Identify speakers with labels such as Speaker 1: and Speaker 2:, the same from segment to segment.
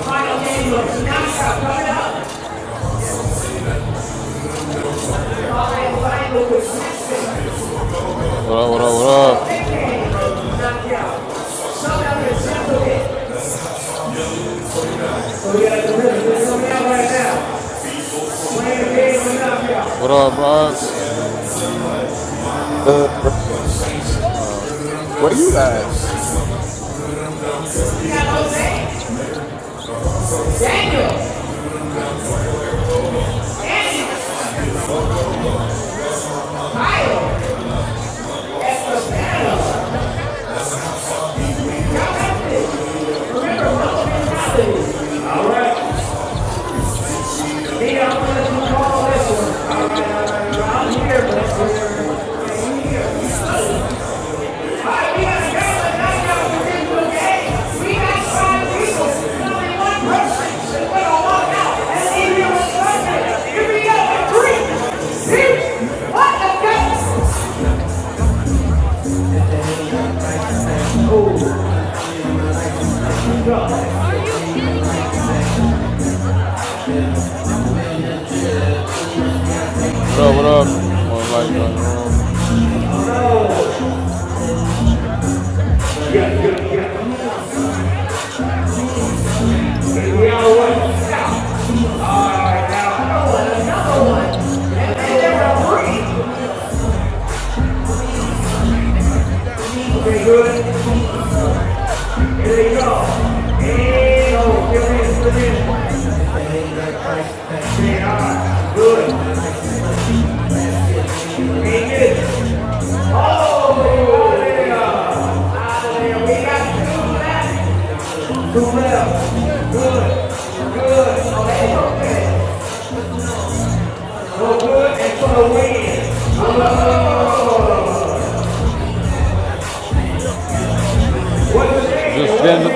Speaker 1: What up, what up, what up? What up, Bronx?
Speaker 2: Uh, bro, where you at?
Speaker 1: What up? What up, what up? More light on We all one. All right, now. Okay, good. Here you go. And oh, give me this, give me this. And all right, good. And this. Oh, yeah. We got two left. Do well, good, good, okay, okay. Go good and for the win. Just getting the,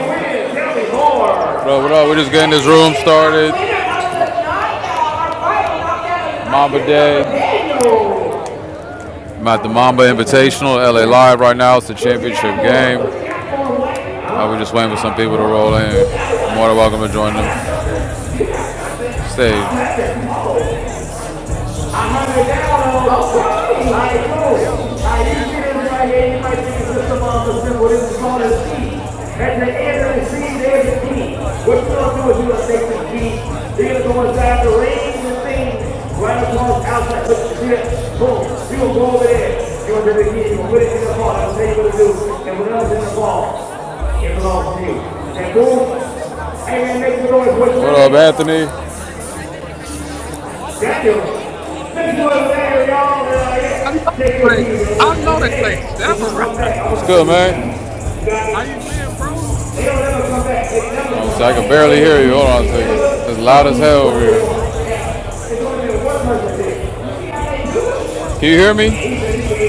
Speaker 1: tell me more. bro, what up? We just getting this room started. Mamba Day. I'm at the Mamba Invitational, LA Live right now. It's the championship game. Uh, we're just waiting for some people to roll in. You're More than welcome to join the stage. What up, Anthony? Daniel, let me go over there, y'all. Uh,
Speaker 3: I know
Speaker 1: yeah. Take your
Speaker 3: they say
Speaker 1: keys,
Speaker 3: I know they say
Speaker 1: hey, when you come
Speaker 3: samurai.
Speaker 1: back, I'm good, man? You got
Speaker 3: How you
Speaker 1: it?
Speaker 3: been, bro?
Speaker 1: They don't ever come back. They never come So I can barely hear you. Hold on a second. It's loud as hell over here.
Speaker 3: Yes, loud as fuck.
Speaker 1: Can you hear me?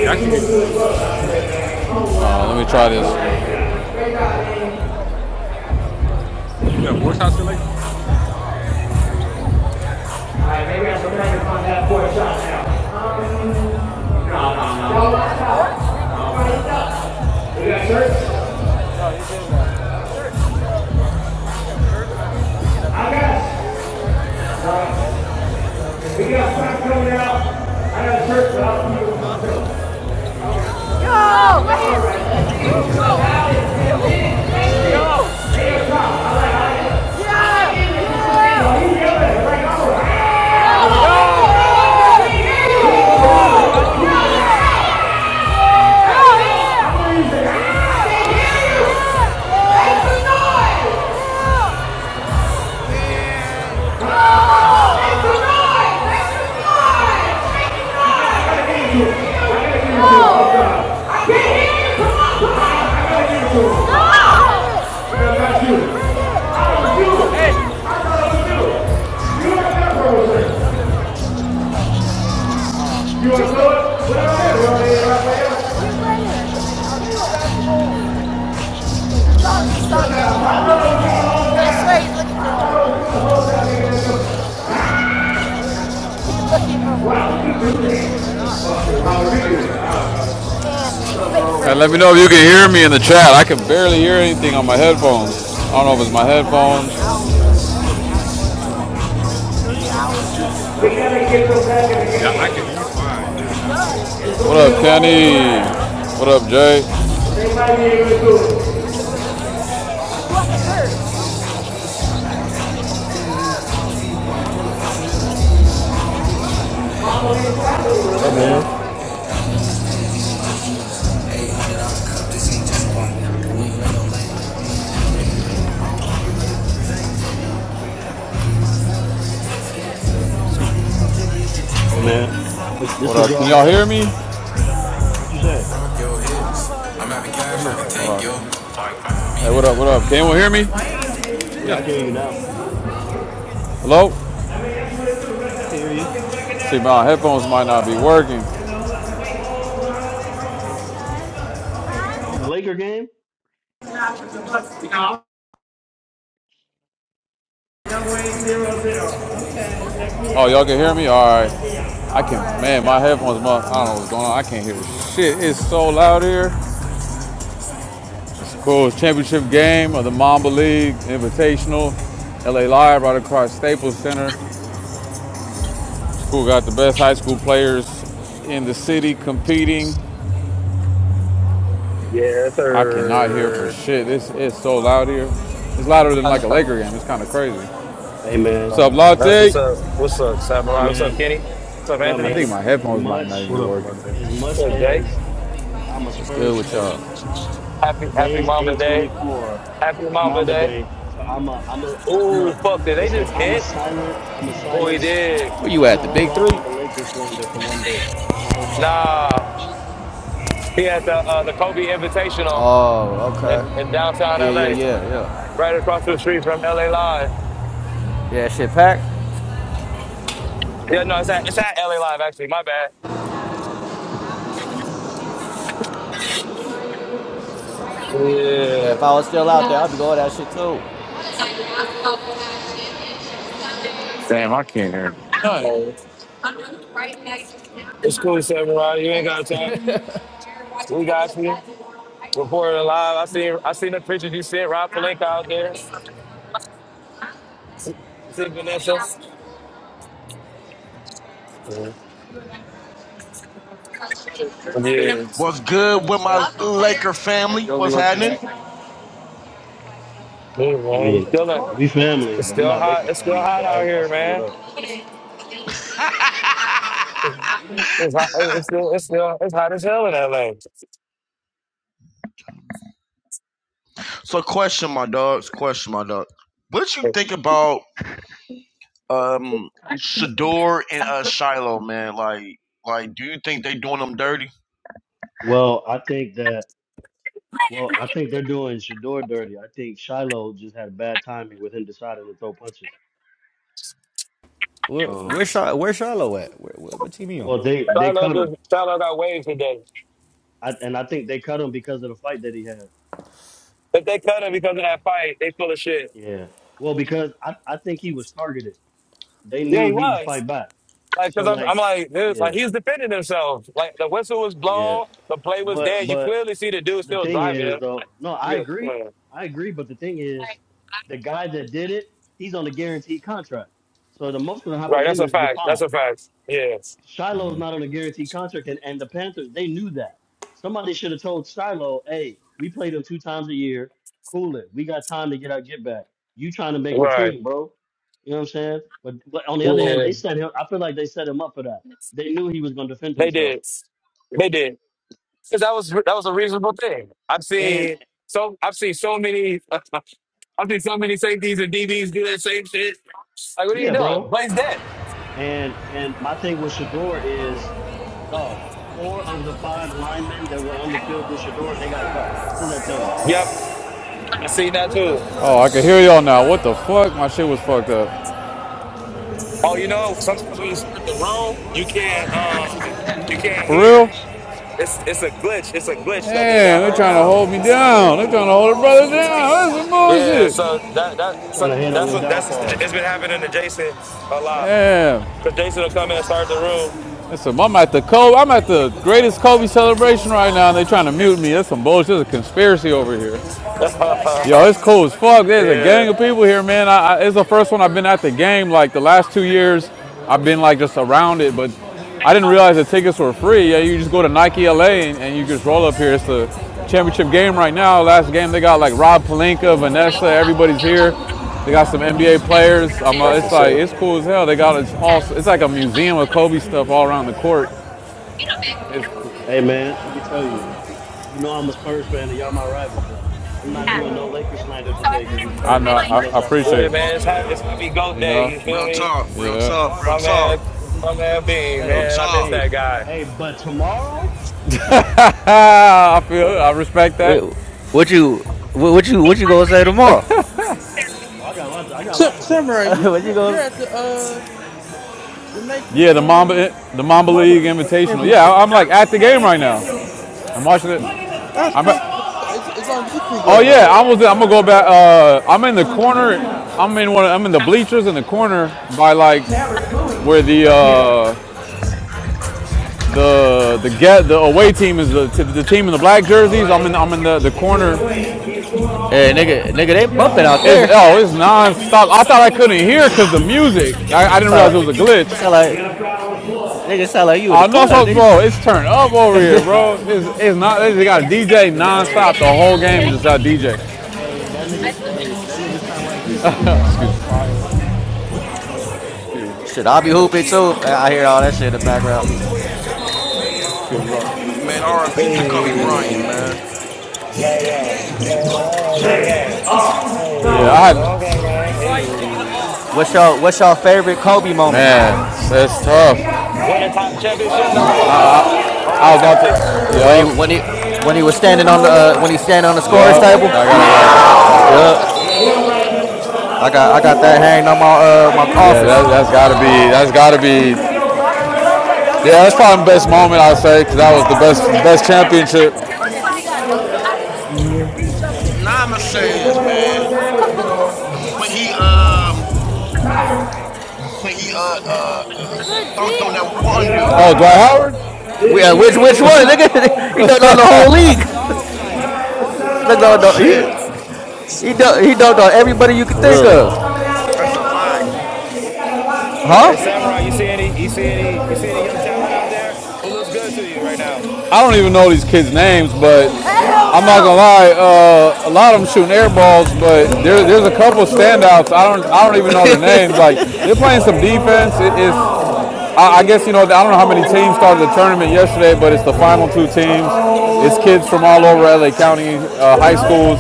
Speaker 3: Yeah, I can hear you.
Speaker 1: Uh, let me try this.
Speaker 3: You got voice isolation?
Speaker 1: All right, maybe I'm trying to find that boy shot now. No, no, no. We got shirts. I got. it. We got shot coming out. I got shirts. but I'll keep Go! You want to know it? What I said, what I said, what I said. Right here. I'll do it. And let me know if you can hear me in the chat. I can barely hear anything on my headphones. I don't know if it's my headphones.
Speaker 3: Yeah, I can hear you fine. It is loud as hell.
Speaker 1: What up, Kenny? What up, Jay?
Speaker 4: What up, man? Hey, man. I'm like,
Speaker 1: What
Speaker 4: this is
Speaker 1: up? Can
Speaker 4: y'all's
Speaker 1: y'all hear
Speaker 4: day.
Speaker 1: me?
Speaker 4: What you say?
Speaker 3: Yeah.
Speaker 1: Hey, what up? What up? Can anyone hear me?
Speaker 4: Yeah,
Speaker 3: Yeah.
Speaker 4: I can hear you now.
Speaker 1: Hello?
Speaker 4: I can hear you.
Speaker 1: See, my headphones might not be working.
Speaker 4: You at the Laker game? Man, that phone's probably
Speaker 1: Oh,
Speaker 4: tripping.
Speaker 1: y'all can hear me? All right. I can. Man, my headphones. I don't know what's going on. I can't hear shit. It's so loud here. Cool. It's championship game of the Mamba League Invitational. LA Live right across Staples Center. School got the best high school players in the city competing.
Speaker 5: Yes,
Speaker 1: I cannot hear for
Speaker 5: sir.
Speaker 1: shit. It's, it's so loud here. It's louder than like a Laker game. It's kind of crazy.
Speaker 4: Hey,
Speaker 1: What's
Speaker 4: man.
Speaker 1: up,
Speaker 4: As
Speaker 5: Um, that's
Speaker 1: Latte?
Speaker 5: what's
Speaker 4: much,
Speaker 5: up. What's up,
Speaker 4: hey,
Speaker 5: Samurai? What's up,
Speaker 4: man.
Speaker 5: Kenny?
Speaker 4: eh,
Speaker 5: What's up,
Speaker 4: What up,
Speaker 1: I
Speaker 5: Anthony?
Speaker 4: man?
Speaker 1: think
Speaker 5: What's
Speaker 1: my
Speaker 4: As
Speaker 1: headphones might not even
Speaker 4: much,
Speaker 1: be
Speaker 3: What up,
Speaker 1: working.
Speaker 3: Alante?
Speaker 4: as much
Speaker 5: up, Jay?
Speaker 4: as I'm a
Speaker 6: What's good
Speaker 4: Spurs
Speaker 6: with y'all?
Speaker 4: fan,
Speaker 5: Happy Happy
Speaker 4: today's
Speaker 5: Mamba Day.
Speaker 4: 8:24.
Speaker 5: Happy
Speaker 4: It's
Speaker 5: Mamba
Speaker 4: Mamba
Speaker 5: Day.
Speaker 4: Day, so I'm a, I'm a, I'm
Speaker 5: Ooh,
Speaker 4: a.
Speaker 5: fuck! Did they
Speaker 4: Listen,
Speaker 5: just
Speaker 4: I'm a
Speaker 5: hit?
Speaker 4: silent. I'm a
Speaker 5: Oh, he
Speaker 4: silence.
Speaker 5: did.
Speaker 6: Where you
Speaker 4: I'm
Speaker 6: at?
Speaker 4: a
Speaker 6: The
Speaker 4: hold
Speaker 6: big
Speaker 4: off
Speaker 6: three?
Speaker 4: on the Lakers slander for one day. I'm a hold off.
Speaker 5: Nah, he had the uh, the Kobe Invitational
Speaker 6: Oh, okay.
Speaker 5: in, in downtown
Speaker 6: Yeah, yeah,
Speaker 5: LA,
Speaker 6: yeah, yeah.
Speaker 5: right across the street from LA Live.
Speaker 6: Yeah, shit packed.
Speaker 5: Yeah, no, it's at it's at LA Live actually. My bad.
Speaker 6: Man,
Speaker 5: Yeah,
Speaker 6: if I was still out there, I'd be going to that shit too.
Speaker 1: Damn, I can't hear. None.
Speaker 5: Oh, it's cool, Samurai. You ain't gotta talk. We got you. Reporting live. I seen I seen the pictures you sent. Rob Palenka out there. See see Vanessa. Mhm. Yeah. Yeah, man.
Speaker 7: What's good with my Laker family? What's happening?
Speaker 4: I
Speaker 5: It's
Speaker 4: mean,
Speaker 5: still
Speaker 4: we family,
Speaker 5: it's
Speaker 4: but we're
Speaker 5: still
Speaker 4: not
Speaker 5: hot.
Speaker 4: Laker
Speaker 5: It's still
Speaker 4: family.
Speaker 5: hot
Speaker 4: But I,
Speaker 5: out
Speaker 4: I
Speaker 5: here,
Speaker 4: say what
Speaker 5: man.
Speaker 4: up.
Speaker 5: It's hot. It's still it's still it's hot as hell in LA.
Speaker 7: So, question, my dogs. Question, my dog. What you think about um Shador and uh Shiloh, man? Like, like, do you think they doing them dirty?
Speaker 4: Well, I think that. Well, I think they're doing Shador dirty. I think Shiloh just had bad timing with him deciding to throw punches.
Speaker 6: Where
Speaker 4: Um,
Speaker 6: where Char- where Charlo at? Where, where, what team you on?
Speaker 4: well, they they
Speaker 5: Shiloh
Speaker 4: cut him,
Speaker 5: just Shiloh got waves today.
Speaker 4: I, and I think they cut him because of the fight that he had.
Speaker 5: If they cut him because of that fight, they full of shit.
Speaker 4: Yeah. Well, because I I think he was targeted. They
Speaker 5: Yeah, he
Speaker 4: knew he would
Speaker 5: was.
Speaker 4: fight back.
Speaker 5: Like,
Speaker 4: So
Speaker 5: cause I'm,
Speaker 4: like,
Speaker 5: I'm like, this, like
Speaker 4: yeah,
Speaker 5: he's defending himself. Like the whistle was
Speaker 4: yeah.
Speaker 5: blown, the play was
Speaker 4: But
Speaker 5: dead. You
Speaker 4: but
Speaker 5: clearly see the dude
Speaker 4: the
Speaker 5: still
Speaker 4: thing
Speaker 5: driving
Speaker 4: is
Speaker 5: him.
Speaker 4: though, no, I
Speaker 5: Yeah,
Speaker 4: agree.
Speaker 5: well.
Speaker 4: I agree, but the thing is, the guy that did it, he's on a guaranteed contract. So the most gonna happen
Speaker 5: Right,
Speaker 4: to
Speaker 5: that's
Speaker 4: him
Speaker 5: a
Speaker 4: is to get
Speaker 5: fact. That's
Speaker 4: fined.
Speaker 5: a fact. Yeah.
Speaker 4: Shiloh's not on a guaranteed contract and, and the Panthers, they knew that. Somebody should have told Shiloh, hey, we played them two times a year. Cool it. We got time to get our get back. You trying to make the
Speaker 5: Right.
Speaker 4: team, bro. You know what I'm saying? But but on the other hand,
Speaker 5: Yeah.
Speaker 4: they set him I feel like they set him up for that. They knew he was gonna defend
Speaker 5: They
Speaker 4: himself.
Speaker 5: did. They did. Because that was that was a reasonable thing. I've
Speaker 4: And
Speaker 5: seen so I've seen so many I've seen so many safeties and DBs do that same shit. Like, what are you
Speaker 4: yeah, bro.
Speaker 5: doing? Play's dead.
Speaker 4: And and my thing with Shador is, dog, four of the five linemen that were on the field with Shador, they got cut. What does that tell you?
Speaker 5: Yep. I've seen that too.
Speaker 1: Oh, I can hear y'all now. What the fuck? My shit was fucked up.
Speaker 5: Oh, you know, sometimes when you start the roll, you can't um you can't
Speaker 1: For
Speaker 5: hear.
Speaker 1: real?
Speaker 5: It's it's a glitch. It's a glitch that they
Speaker 1: Damn,
Speaker 5: got
Speaker 1: they're
Speaker 5: right
Speaker 1: trying to
Speaker 5: now
Speaker 1: hold me down. They're trying to hold a brother down. That's some
Speaker 5: Yeah,
Speaker 1: bullshit.
Speaker 5: so that that so
Speaker 4: Trying to hate on
Speaker 5: that's
Speaker 4: your
Speaker 5: what that's
Speaker 4: downfall.
Speaker 5: it's been happening to Jason a lot
Speaker 1: Damn.
Speaker 5: because Jason will come in and start the room.
Speaker 1: That's some, I'm at the Kobe. I'm at the greatest Kobe celebration right now, and they're trying to mute me. That's some bullshit. There's a conspiracy over here. Yo, it's cool as fuck. There's a
Speaker 5: yeah,
Speaker 1: gang of people here, man. I, I, it's the first one I've been at the game. Like the last two years, I've been like just around it, but I didn't realize the tickets were free. Yeah, you just go to Nike LA and, and you just roll up here. It's the championship game right now. Last game they got like Rob Pelinka, Vanessa, everybody's here. They got some NBA players. i uh,
Speaker 5: that's
Speaker 1: it's
Speaker 5: for
Speaker 1: like
Speaker 5: sure.
Speaker 1: it's cool as hell. They got it's all. It's like a museum of Kobe stuff all around the court. It's,
Speaker 4: Hey man, let me tell you, you know I'm a Spurs fan and y'all my rival, but I'm not doing no Lakers slander today because it's
Speaker 1: I
Speaker 4: Kobe
Speaker 1: know.
Speaker 4: Day. I'm
Speaker 1: I,
Speaker 4: gonna let
Speaker 1: I
Speaker 4: y'all
Speaker 1: appreciate
Speaker 4: slide.
Speaker 5: Yeah,
Speaker 1: it.
Speaker 5: man, it's ha- it's Happy Goat
Speaker 1: You
Speaker 5: Day.
Speaker 1: know.
Speaker 5: You feel
Speaker 7: Real
Speaker 5: me,
Speaker 7: talk, real
Speaker 1: Yeah.
Speaker 7: talk, real
Speaker 5: my
Speaker 7: talk,
Speaker 5: man, my man Bean,
Speaker 7: real
Speaker 4: Hey,
Speaker 5: man. I miss
Speaker 7: talk.
Speaker 4: hey,
Speaker 5: that guy.
Speaker 4: hey, but tomorrow it's home.
Speaker 1: Ah, I feel. I respect that.
Speaker 6: Wait, what you what, what you what you gonna say tomorrow?
Speaker 4: Oh, I got a lot. To, I got a
Speaker 2: Sa-
Speaker 4: lot to say.
Speaker 2: Samurai, you
Speaker 6: what you
Speaker 2: you're, you're
Speaker 6: going to
Speaker 2: at the uh the Nike
Speaker 1: Yeah, the Mamba,
Speaker 2: um
Speaker 1: the Mamba
Speaker 2: Mama
Speaker 1: League
Speaker 2: uh,
Speaker 1: Invitational. Yeah, I- am
Speaker 2: Championships.
Speaker 1: like at the game right now. I'm watching it.
Speaker 2: That's
Speaker 1: I'm
Speaker 2: crazy.
Speaker 1: at,
Speaker 2: It's, it's on YouTube
Speaker 1: oh
Speaker 2: right
Speaker 1: yeah,
Speaker 2: now.
Speaker 1: I was. I'm gonna go back. Uh, I'm in the corner. I'm in one. of- I'm in the bleachers in the corner by like where the uh, the the get the away team is the, the team in the black jerseys. I'm in. I'm in the, the corner.
Speaker 6: Hey, nigga, nigga, they bumping out
Speaker 1: It's
Speaker 6: there.
Speaker 1: oh, it's nonstop. I thought I couldn't hear because the music. I, I didn't realize
Speaker 6: So,
Speaker 1: it was a glitch.
Speaker 6: sound like nigga sound like you at the
Speaker 1: Oh no,
Speaker 6: club,
Speaker 1: so, bro,
Speaker 6: nigga.
Speaker 1: it's turned up over here,
Speaker 4: Oh,
Speaker 1: bro.
Speaker 4: facts.
Speaker 1: It's, it's not. They just got a DJ
Speaker 4: Hey, th- hey,
Speaker 1: nonstop the whole game.
Speaker 4: hey,
Speaker 1: Just out DJ.
Speaker 4: hey, that nigga, hey, that nigga sound like he at the cookout.
Speaker 1: Excuse
Speaker 2: That's
Speaker 1: me.
Speaker 2: fire.
Speaker 6: Shit, I'll be hooping too if I hear all that shit in the background.
Speaker 7: Man, RIP to Kobe
Speaker 5: Hey,
Speaker 7: Bryant, man.
Speaker 5: gang gang, oh, gang gang.
Speaker 1: Yeah, I
Speaker 5: Hey, oh,
Speaker 1: had,
Speaker 5: gang gang. Hey.
Speaker 6: What's your What's your favorite Kobe moment?
Speaker 1: man, that's tough.
Speaker 5: Win a ti- championship number five over the
Speaker 1: I was about
Speaker 5: Celtics.
Speaker 1: to.
Speaker 6: When he when
Speaker 1: Yup,
Speaker 6: he when he was standing on the uh, when he standing on the scores
Speaker 1: yup. I
Speaker 6: table.
Speaker 1: gotta.
Speaker 5: Yeah, that's the
Speaker 6: Yeah,
Speaker 5: one.
Speaker 6: I got I got that hanging on my uh my
Speaker 1: Yeah, that,
Speaker 6: office.
Speaker 1: that's gotta be. That's gotta be. Yeah, that's probably the best moment I'd say because that was the best, best championship.
Speaker 5: Mhm.
Speaker 7: Nah, I'ma say this, man. When he um, when he uh uh dunked on that one dude,
Speaker 1: Oh, Dwight Howard.
Speaker 6: We, uh, which which one? Nigga, he dunked on the whole league. Look on the,
Speaker 7: shit,
Speaker 6: he he dunked, he dunked on everybody you could
Speaker 1: For
Speaker 6: think
Speaker 1: real.
Speaker 6: of.
Speaker 7: that's a fact.
Speaker 6: Huh?
Speaker 5: Hey Samurai, you see any you see any you see any young talent out there who looks good to you right now?
Speaker 1: I don't even know these kids' names, but I'm not gonna lie. Uh, a lot of them shooting air balls, but there, there's a couple standouts. I don't I don't even know their names. Like they're playing some defense. It is. I I guess you know I don't know how many teams started the tournament yesterday, but it's the final two teams. It's kids from all over LA County uh, high schools.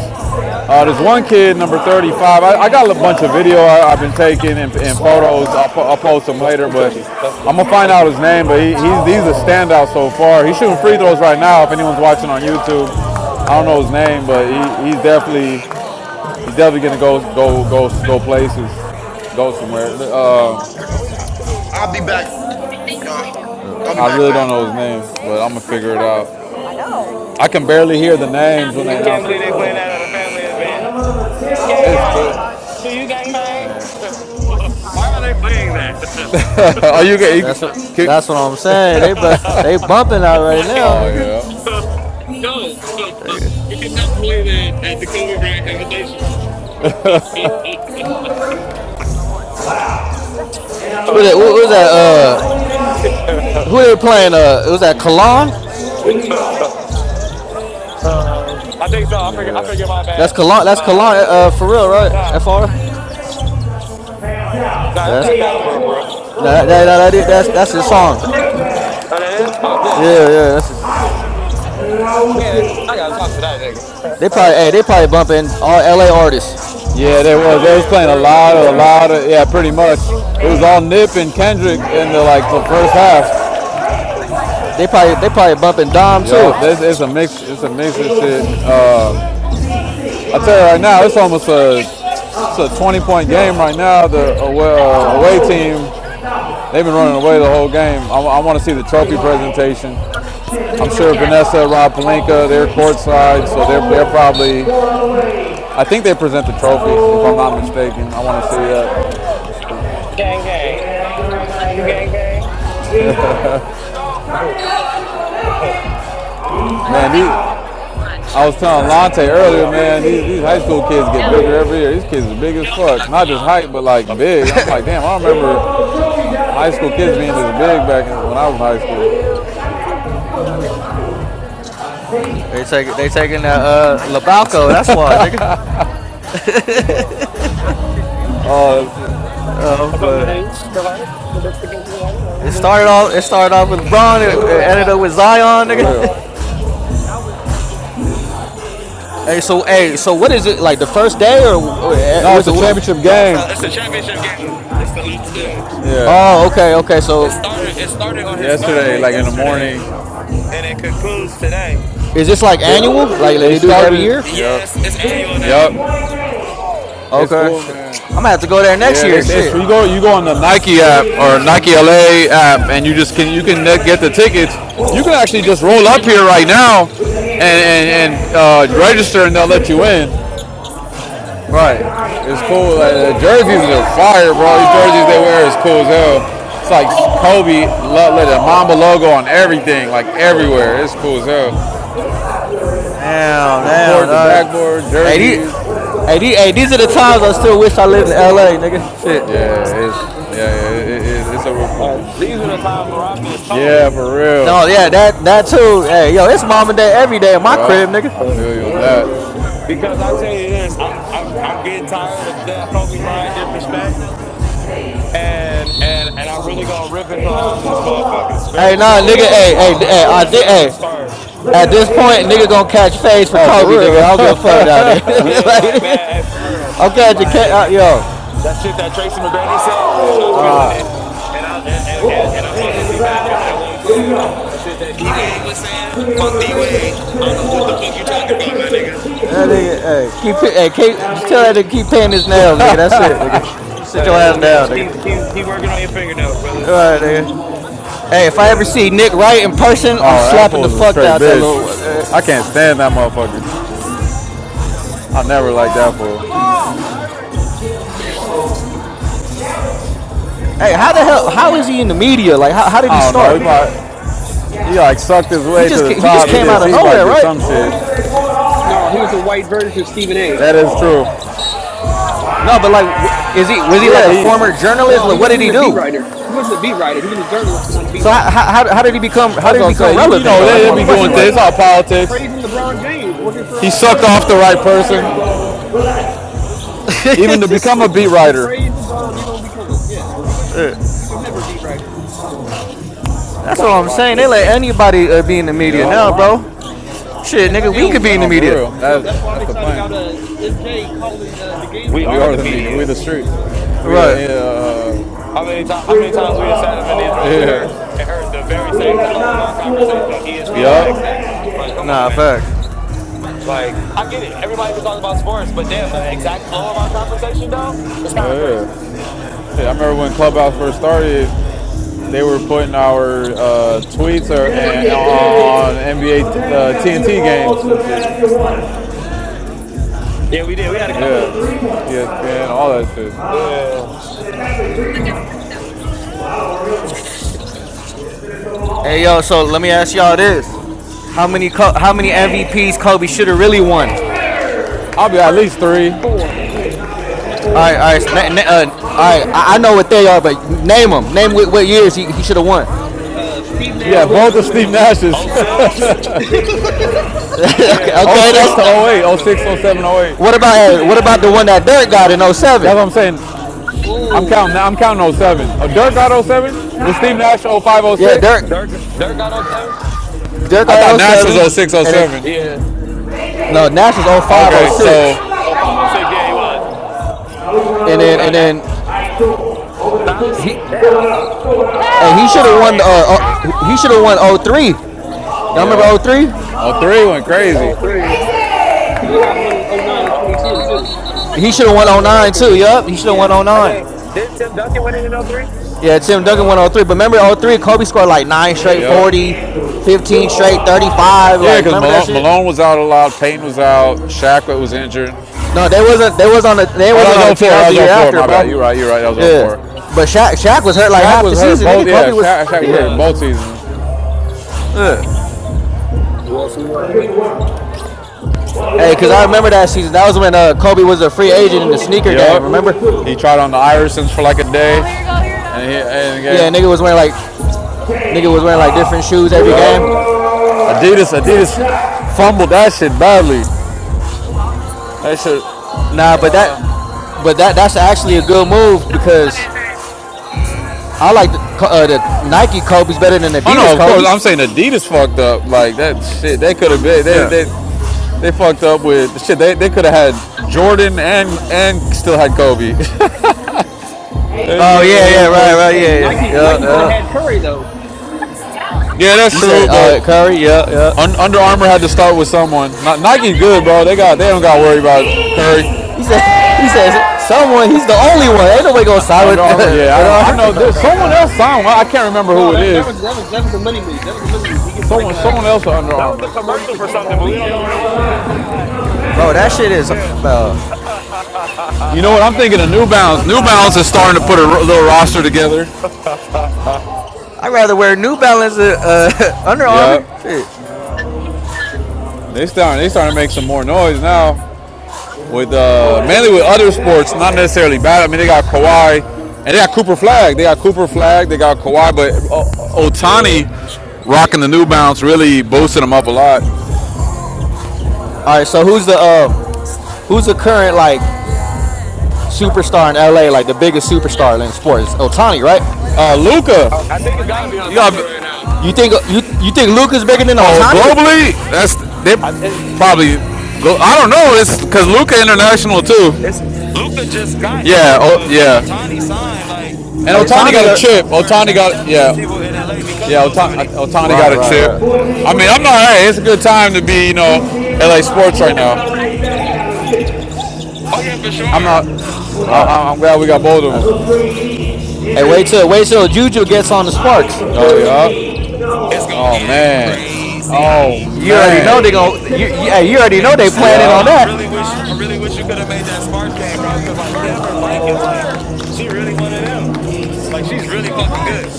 Speaker 1: Uh, there's one kid, number 35. I, I got a bunch of video I, I've been taking and, and photos. I'll, I'll
Speaker 5: Sure.
Speaker 1: post them
Speaker 5: Well, I
Speaker 1: later,
Speaker 5: can coach you.
Speaker 1: but
Speaker 5: That's
Speaker 1: I'm
Speaker 5: good.
Speaker 1: gonna find
Speaker 5: Thank
Speaker 1: out
Speaker 5: you.
Speaker 1: his name, but he, he's he's a standout so far. He's shooting free throws right now. If anyone's watching on YouTube, I don't know his name, but he, he's definitely he's definitely gonna go go go go places, go somewhere. Uh,
Speaker 7: I- I- I'll be back, y'all. I'll be
Speaker 1: I
Speaker 7: back,
Speaker 1: really
Speaker 7: fam.
Speaker 1: don't know his name, but I'm gonna figure it out. I can barely hear the names when they
Speaker 5: Can't
Speaker 1: announce
Speaker 5: believe
Speaker 1: it.
Speaker 5: they playing that at a family event. Gang
Speaker 1: It's
Speaker 5: gang.
Speaker 1: cool.
Speaker 5: Do you gang bang? Why are they playing that?
Speaker 1: Are you get?
Speaker 6: That's what
Speaker 1: you get-
Speaker 6: that's what I'm saying. They bu- they bumping out right
Speaker 5: like
Speaker 6: now,
Speaker 1: Oh
Speaker 6: nigga.
Speaker 1: yeah.
Speaker 5: no, you cannot believe that at the Kobe Bryant invitation. uh,
Speaker 6: Who that? Who,
Speaker 5: I
Speaker 6: who that? Uh, who they playing? Uh, it was that Cologne.
Speaker 5: think so. I forget. I forget my man.
Speaker 6: That's Cologne. That's
Speaker 5: Uh,
Speaker 6: Cologne. Uh, for real, right?
Speaker 5: nah,
Speaker 6: Fr.
Speaker 5: nah,
Speaker 6: Yeah,
Speaker 5: that's
Speaker 6: that's
Speaker 5: not
Speaker 1: They are
Speaker 5: caliper, bro.
Speaker 1: one,
Speaker 6: no, that, that,
Speaker 1: good,
Speaker 6: that, that- that's that's his song.
Speaker 5: Oh, that is. Oh, damn,
Speaker 6: Yeah,
Speaker 5: damn.
Speaker 6: yeah. That's just,
Speaker 5: Man, I gotta talk to that nigga.
Speaker 6: they probably hey they probably bumping all L.A. artists.
Speaker 1: Yeah, they was. They was
Speaker 5: yeah,
Speaker 1: playing a
Speaker 5: bro, that's what
Speaker 1: lot
Speaker 5: it
Speaker 1: of, a
Speaker 5: sound
Speaker 1: lot
Speaker 5: like.
Speaker 1: of, yeah, pretty much. It was
Speaker 5: Mm,
Speaker 1: all Nip and Kendrick in the like the first half.
Speaker 6: They probably they probably bumping Dom
Speaker 1: Yup,
Speaker 6: too.
Speaker 1: this it's a mix. It's a mix of shit. Uh, I tell you right now, it's almost a it's a 20 point game right now. The away, uh, away team, they've been running away the whole game. I, I want to see the trophy presentation. I'm sure Vanessa, Rob Palenka, they're courtside, so they're they're probably. I think they present the trophy, if I'm not mistaken. I want to see that.
Speaker 5: gang, gang. You gang, gang.
Speaker 1: Man, these, I was telling Lante
Speaker 5: How's it
Speaker 1: earlier,
Speaker 5: going, brother?
Speaker 1: man, these, these high school kids get bigger every year. These kids are big as
Speaker 5: Yeah, What the
Speaker 1: fuck.
Speaker 5: heck
Speaker 1: Not
Speaker 5: going
Speaker 1: just height, but like
Speaker 5: on? I'm
Speaker 1: big. I'm like,
Speaker 5: good.
Speaker 1: damn, I remember high school kids being this big back when I was in high school.
Speaker 6: They take they taking that uh Labalco. That's why nigga.
Speaker 5: Yeah.
Speaker 1: Oh,
Speaker 6: Uh,
Speaker 5: What's up,
Speaker 6: but
Speaker 5: ladies? You alright? You been sticking to the right? You
Speaker 6: it
Speaker 5: alright?
Speaker 6: started off
Speaker 5: No,
Speaker 6: it started off with LeBron. It, it ended up with Zion
Speaker 1: for
Speaker 6: nigga.
Speaker 1: real.
Speaker 6: hey, so hey, so what is it like the first day or wh-
Speaker 1: No, it's
Speaker 6: was
Speaker 1: the
Speaker 6: it? wh-
Speaker 1: championship
Speaker 5: it's
Speaker 1: game.
Speaker 5: not. It's the championship game. It's the last game.
Speaker 1: Yeah.
Speaker 6: Oh, okay, okay.
Speaker 5: It
Speaker 6: So
Speaker 5: started. It started on his
Speaker 1: Yesterday,
Speaker 5: birthday
Speaker 1: like in the
Speaker 5: yesterday,
Speaker 1: morning,
Speaker 5: and it concludes today.
Speaker 6: is this like
Speaker 1: they
Speaker 6: annual? Like like
Speaker 1: they
Speaker 6: they do this every
Speaker 1: started. it.
Speaker 6: year?
Speaker 5: Yes,
Speaker 1: Yep.
Speaker 5: it's annual now.
Speaker 1: Yep. It's
Speaker 6: Okay,
Speaker 1: cool,
Speaker 6: shit.
Speaker 1: man.
Speaker 6: I'm gonna have to go there next
Speaker 1: Yeah, they,
Speaker 6: year.
Speaker 1: it's you
Speaker 6: Shit.
Speaker 1: go you go on the Nike app or Nike LA app, and you just can you can get the tickets. You can actually just roll up here right now and and, and uh, register, and they'll let you in.
Speaker 6: Right.
Speaker 1: It's cool. Uh, the jerseys are fire, bro. These jerseys they wear is cool as hell. It's like Kobe, lo- let the Mamba logo on everything, like everywhere. It's cool as hell.
Speaker 6: Damn, damn,
Speaker 1: Court, the
Speaker 6: dog.
Speaker 1: backboard,
Speaker 6: Hey, these,
Speaker 1: jerseys.
Speaker 6: hey, these, hey, these are the times I still wish I lived in LA, nigga. Shit.
Speaker 1: Yeah, it's yeah, it, it, it's a real cool.
Speaker 5: Uh, these are the times where I miss
Speaker 1: Yeah,
Speaker 5: Kobe.
Speaker 1: for real,
Speaker 6: No, yeah, that that too. Hey, yo, it's mama day every day in my
Speaker 1: bro.
Speaker 6: crib, nigga.
Speaker 1: I
Speaker 5: For
Speaker 1: feel you on that.
Speaker 5: real. Because I tell you this, I'm I'm I'm getting tired of damn Kobe Bryant disrespect, and and and I'm really gonna rip into all these motherfuckers
Speaker 6: Hey,
Speaker 5: very
Speaker 6: nah,
Speaker 5: soon,
Speaker 6: nigga, hey, hey,
Speaker 5: right
Speaker 6: hey,
Speaker 5: before
Speaker 6: I
Speaker 5: the
Speaker 6: did,
Speaker 5: season
Speaker 6: hey.
Speaker 5: starts.
Speaker 6: At this point, nigga gonna catch phase for
Speaker 1: Oh, for
Speaker 6: Kobe, nigga. I don't give a fuck now,
Speaker 1: real?
Speaker 6: nigga.
Speaker 5: Yeah,
Speaker 6: like,
Speaker 5: like
Speaker 6: nigga,
Speaker 5: man, hey, for real,
Speaker 6: I'm catching,
Speaker 5: like
Speaker 6: ca- uh, yo.
Speaker 5: that shit that Tracy McGrady said, bro. I'm not feeling it, and I and and, and and I fuck with T Mac, but that wasn't cool. That shit that D Wade was saying, fuck D Wade. I don't know what the fuck you talking about, my nigga.
Speaker 6: That nigga, hey, keep, hey, keep, just tell that nigga keep painting his nails, nigga. That's it, nigga. Just sit your
Speaker 5: Uh,
Speaker 6: ass
Speaker 5: man,
Speaker 6: down,
Speaker 5: just
Speaker 6: nigga.
Speaker 5: keep keep keep working on your fingernails, brother.
Speaker 6: All right, nigga. Hey, if I ever
Speaker 5: Yeah,
Speaker 6: see Nick Wright in person, I'm
Speaker 1: oh, that
Speaker 6: slapping the
Speaker 1: fool's a
Speaker 6: fuck
Speaker 1: straight
Speaker 6: out that
Speaker 1: bitch.
Speaker 6: little. Uh,
Speaker 1: I can't stand that motherfucker. I never liked that fool.
Speaker 6: hey, how the hell? How is he in the media? Like, how, how did he
Speaker 1: I don't know. He
Speaker 6: start?
Speaker 1: probably, he like sucked his
Speaker 6: He
Speaker 1: way to
Speaker 6: just
Speaker 1: the
Speaker 6: he just
Speaker 1: top. He
Speaker 5: yeah.
Speaker 6: came
Speaker 1: did.
Speaker 6: out of
Speaker 1: He probably
Speaker 6: nowhere,
Speaker 1: did
Speaker 6: right?
Speaker 1: some shit.
Speaker 8: No, he was a white version of Stephen A.
Speaker 1: That is true.
Speaker 6: No, but like, is he was he like
Speaker 1: Yeah,
Speaker 6: a former
Speaker 1: he's.
Speaker 6: journalist?
Speaker 8: No, he
Speaker 6: Like, what did
Speaker 8: wasn't
Speaker 6: he
Speaker 8: even a beat
Speaker 6: do?
Speaker 8: writer. He wasn't a beat writer. He was a journalist, but not a beat
Speaker 6: So how,
Speaker 8: writer.
Speaker 6: how, how how did he become how
Speaker 1: That's
Speaker 6: did he
Speaker 1: what I'm
Speaker 6: become
Speaker 1: saying. You, you
Speaker 6: relevant
Speaker 1: know,
Speaker 6: though? That's
Speaker 1: they,
Speaker 6: my
Speaker 1: they be doing
Speaker 6: question. Like,
Speaker 1: things. It's all politics.
Speaker 8: Praising LeBron James, working for
Speaker 1: He
Speaker 8: uh, that
Speaker 1: sucked off the
Speaker 8: network.
Speaker 1: right person.
Speaker 8: Yeah,
Speaker 1: even to
Speaker 6: it's just,
Speaker 1: become a beat
Speaker 8: you
Speaker 1: writer.
Speaker 8: praise LeBron, you're gonna become it. Yeah, he wasn't. He's, he was never a beat writer.
Speaker 6: that's what
Speaker 5: Pop a
Speaker 6: I'm
Speaker 5: lot,
Speaker 6: saying. They let
Speaker 5: pop
Speaker 6: anybody uh, be in the
Speaker 5: a
Speaker 6: media now,
Speaker 1: Yup.
Speaker 5: lot.
Speaker 6: bro. Shit,
Speaker 8: And that
Speaker 6: nigga, we could
Speaker 8: yo,
Speaker 6: be in
Speaker 8: that
Speaker 6: the
Speaker 1: No, for
Speaker 6: media,
Speaker 1: real.
Speaker 8: yo,
Speaker 1: That's
Speaker 8: that's why I'm
Speaker 1: that's the
Speaker 8: excited about
Speaker 1: plan.
Speaker 8: uh MJ calling uh, the games
Speaker 5: We
Speaker 8: on
Speaker 1: We
Speaker 5: are
Speaker 1: are
Speaker 5: the
Speaker 1: the
Speaker 8: NBC.
Speaker 1: media. We
Speaker 5: media.
Speaker 1: the street. We
Speaker 6: right?
Speaker 1: the uh,
Speaker 5: How many times? How
Speaker 1: We
Speaker 5: many
Speaker 1: go
Speaker 5: times we
Speaker 1: up.
Speaker 5: decided up in these
Speaker 1: Oh,
Speaker 5: rooms and heard
Speaker 1: yeah.
Speaker 5: and heard the very
Speaker 1: We
Speaker 5: same
Speaker 1: have
Speaker 5: flow of our
Speaker 1: not
Speaker 5: conversation on
Speaker 1: scored. the
Speaker 5: ESPN the
Speaker 1: Yup. whole
Speaker 5: next day? Like, come on,
Speaker 6: Nah,
Speaker 5: man.
Speaker 6: facts.
Speaker 5: Like, I get it. Everybody can talk about sports, but damn, the exact flow of our conversation though was kind of crazy.
Speaker 1: yeah. Yeah, I remember when Clubhouse first started, they were putting our uh, tweets or, and, on NBA uh, TNT games. Look
Speaker 5: Yeah, we did. We had a
Speaker 1: Yeah,
Speaker 5: couple.
Speaker 1: ESPN, all that shit.
Speaker 5: Yeah,
Speaker 6: Hey yo, so let me ask y'all this: How many how many MVPs Kobe should have really won? All
Speaker 1: I'll be at least
Speaker 5: three,
Speaker 1: three.
Speaker 8: Four, four,
Speaker 6: right, all
Speaker 8: possibly
Speaker 6: right, na- na-
Speaker 8: five.
Speaker 6: uh, all right. I-, I know what they are, but name them. Name what, what years he, he should have won.
Speaker 8: Uh, Steve Nash
Speaker 1: Yeah,
Speaker 8: stole
Speaker 1: both of
Speaker 8: two
Speaker 1: Steve
Speaker 8: from
Speaker 1: Nash's.
Speaker 5: oh six.
Speaker 6: okay,
Speaker 5: Yeah,
Speaker 1: oh
Speaker 6: okay,
Speaker 5: both of
Speaker 1: 06
Speaker 6: that's
Speaker 1: to
Speaker 5: those Chiefs
Speaker 6: the.
Speaker 1: oh 08, oh
Speaker 5: Nationals.
Speaker 1: 06, oh 07, oh
Speaker 6: What
Speaker 1: 08.
Speaker 8: him.
Speaker 6: about uh, what about the one that Dirk got in
Speaker 1: That's
Speaker 6: '07?
Speaker 1: what I'm saying. I'm counting.
Speaker 8: oh,
Speaker 1: I'm counting oh 07. Oh,
Speaker 8: oh,
Speaker 1: Dirk got oh 07. Was Steve Nash oh 05,
Speaker 6: Yeah,
Speaker 1: 06?
Speaker 6: Dirk
Speaker 5: Dirk, Dirk got up seven.
Speaker 6: Dirk
Speaker 1: I
Speaker 6: got
Speaker 1: thought
Speaker 6: in
Speaker 1: Nash was oh
Speaker 6: '07,
Speaker 1: 06, oh
Speaker 6: and then
Speaker 1: 07.
Speaker 5: Yeah,
Speaker 6: no Nash was oh 05, oh
Speaker 1: Okay,
Speaker 6: 06.
Speaker 1: so
Speaker 5: oh five, oh six. Yeah, he was.
Speaker 6: and then
Speaker 5: Nah,
Speaker 6: and
Speaker 5: that.
Speaker 6: then
Speaker 5: Nah, I was
Speaker 6: he
Speaker 5: damn. Uh,
Speaker 6: hey
Speaker 5: Dirk
Speaker 6: he should
Speaker 5: was
Speaker 6: have won uh,
Speaker 5: crazy that
Speaker 6: uh
Speaker 5: year.
Speaker 6: he should have won '03. you Y'all remember
Speaker 1: yeah,
Speaker 6: '03?
Speaker 1: oh 03 went
Speaker 8: he should have oh
Speaker 1: crazy.
Speaker 5: Oh
Speaker 8: 03.
Speaker 5: three.
Speaker 8: He, should- he should have got one in oh nine or 2010
Speaker 5: Uh,
Speaker 8: too.
Speaker 6: He should
Speaker 5: who
Speaker 6: have won
Speaker 5: got it in oh
Speaker 6: '09 too.
Speaker 5: three?
Speaker 6: Yup, he should have won
Speaker 8: Yeah.
Speaker 5: I
Speaker 6: '09.
Speaker 5: think did Tim Duncan win it in oh three?
Speaker 6: Yeah, Tim Duncan went
Speaker 1: Yeah,
Speaker 6: on three. But remember, on three, Kobe scored like nine straight,
Speaker 1: yeah,
Speaker 6: 40, 15 straight, 35.
Speaker 1: yeah.
Speaker 6: Like,
Speaker 1: Because
Speaker 6: remember that
Speaker 1: Malone,
Speaker 6: shit?
Speaker 1: Malone was out a lot. Payton was out. Shaq was injured.
Speaker 6: No, they wasn't. They was on the. They wasn't
Speaker 1: Oh, that was
Speaker 6: on the
Speaker 1: oh 04.
Speaker 6: team. That
Speaker 1: That
Speaker 6: was the
Speaker 1: was
Speaker 6: year
Speaker 1: oh 04.
Speaker 6: after,
Speaker 1: My bad.
Speaker 6: bro.
Speaker 1: You're right. You're right. That was oh
Speaker 6: Yeah,
Speaker 1: 04.
Speaker 6: but Shaq, Shaq was hurt like
Speaker 1: Shaq
Speaker 6: half
Speaker 1: was
Speaker 6: the
Speaker 1: hurt
Speaker 6: season.
Speaker 1: both.
Speaker 6: Nigga,
Speaker 1: Yeah,
Speaker 6: Kobe was.
Speaker 1: Shaq, Shaq
Speaker 5: He
Speaker 1: was
Speaker 6: Yeah,
Speaker 1: hurt
Speaker 5: was.
Speaker 1: both seasons.
Speaker 6: yeah.
Speaker 5: Yes, he was.
Speaker 6: Hey, cause I remember that season. That was when uh, Kobe was a free agent in the sneaker game.
Speaker 1: Yup.
Speaker 6: Remember?
Speaker 1: He tried on the Irisons for like a day, and he
Speaker 6: Yeah, nigga
Speaker 1: ended the
Speaker 6: was wearing like
Speaker 1: game.
Speaker 6: nigga was wearing like different shoes every
Speaker 1: Yup.
Speaker 6: game.
Speaker 1: Adidas, Adidas fumbled that shit badly. That shit.
Speaker 6: Nah, but
Speaker 5: Uh,
Speaker 6: that, but that that's actually a good move because I like the uh, the Nike Kobe's better than
Speaker 1: Oh
Speaker 6: Adidas
Speaker 1: no, of course
Speaker 6: Kobe's.
Speaker 1: I'm saying Adidas fucked up. Like that shit, they could have been. They
Speaker 6: Yeah.
Speaker 1: they they fucked up with shit. They they could have had Jordan and and still had Kobe. They
Speaker 6: Oh yeah,
Speaker 1: they
Speaker 6: yeah, right, right,
Speaker 1: fucked-
Speaker 8: Hey,
Speaker 6: yeah, yeah,
Speaker 8: Nike
Speaker 6: yeah,
Speaker 8: Nike could have had
Speaker 6: yeah.
Speaker 8: Curry though.
Speaker 1: Yeah, that's
Speaker 6: You said
Speaker 1: true,
Speaker 6: uh,
Speaker 1: but.
Speaker 6: Curry, yeah, yeah.
Speaker 1: Un- Under Armour had to start with someone. Ni- Nike good, bro. They got they don't got to worry about Curry.
Speaker 6: He said, he says someone. He's the only one. Ain't nobody gonna side with
Speaker 1: Under Armour, yeah. I
Speaker 6: Under
Speaker 1: don't. I
Speaker 6: Armour.
Speaker 1: know there's someone else signed.
Speaker 5: that
Speaker 1: I can't remember who
Speaker 8: No,
Speaker 1: it
Speaker 8: that that
Speaker 1: is.
Speaker 8: was that was that was a money move. That was a money move. He gets like
Speaker 1: Someone, someone
Speaker 8: uh
Speaker 1: else at Under
Speaker 5: was a
Speaker 1: Armour.
Speaker 8: like forty
Speaker 5: commercial for
Speaker 8: percent of
Speaker 5: something,
Speaker 8: all
Speaker 5: but
Speaker 8: they
Speaker 5: we don't know
Speaker 8: sales or
Speaker 5: what it
Speaker 8: some
Speaker 5: was.
Speaker 8: shit.
Speaker 5: It was just like,
Speaker 6: Bro, that shit
Speaker 5: yeah,
Speaker 6: is.
Speaker 5: yeah.
Speaker 6: Bro,
Speaker 1: You know what? I'm thinking of New Balance. New Balance is starting to put a little roster together.
Speaker 6: I'd rather wear New Balance than uh, Under Armour.
Speaker 1: Yeah,
Speaker 6: Shit.
Speaker 1: They starting. They starting to make some more noise now. With uh, mainly with other sports, not necessarily bad. I mean, they got Kawhi, and they got Cooper Flag. They got Cooper Flag. They got Kawhi, but
Speaker 5: yeah.
Speaker 1: Otani rocking the New Balance really boosted them up a lot.
Speaker 6: All right, so who's the um, who's the current like superstar in LA? Like the biggest superstar in sports? Otani, right?
Speaker 1: Uh, Luca.
Speaker 5: I I think it's got to be
Speaker 1: You got
Speaker 5: Otani right now.
Speaker 6: You think you you think Luca's bigger than
Speaker 1: oh
Speaker 6: Otani?
Speaker 1: globally, that's they
Speaker 5: I, it,
Speaker 1: probably. Go, I don't know. It's because Luca international too.
Speaker 5: it's Luca just got
Speaker 1: Yeah.
Speaker 5: here,
Speaker 1: Oh
Speaker 5: but when
Speaker 1: yeah.
Speaker 5: Otani signed, like
Speaker 1: And
Speaker 5: it's been
Speaker 1: Otani
Speaker 5: a
Speaker 6: Otani,
Speaker 1: got a
Speaker 6: uh,
Speaker 5: shit ton
Speaker 1: chip.
Speaker 5: more
Speaker 1: Otani
Speaker 5: Jap-
Speaker 1: got yeah,
Speaker 5: Japanese people in LA because of
Speaker 1: yeah. Otani,
Speaker 5: Otani.
Speaker 1: Otani
Speaker 6: right,
Speaker 1: got a
Speaker 6: right,
Speaker 1: chip.
Speaker 6: right,
Speaker 1: I mean, I'm not. Hey, it's a good time to be you know LA sports right now.
Speaker 5: Oh yeah, for
Speaker 1: I'm
Speaker 5: sure.
Speaker 1: not.
Speaker 6: right.
Speaker 1: I, I'm glad we got both
Speaker 6: That's
Speaker 1: of them.
Speaker 6: Hey, wait till wait till Juju gets on the Sparks.
Speaker 1: Oh yeah.
Speaker 5: It's gonna
Speaker 1: Oh
Speaker 5: get
Speaker 1: man. Oh
Speaker 5: crazy.
Speaker 6: You already
Speaker 1: man.
Speaker 6: know they gonna. You, you, hey, you already know
Speaker 5: Hey,
Speaker 6: they planning
Speaker 5: Samurai,
Speaker 6: on
Speaker 5: I really
Speaker 6: that.
Speaker 5: wish I
Speaker 1: Yeah.
Speaker 5: really wish you could have made that Sparks game,
Speaker 1: Hell
Speaker 5: bro. Cause like Cameron Brink is like, she really one of them. Like she's really fucking good.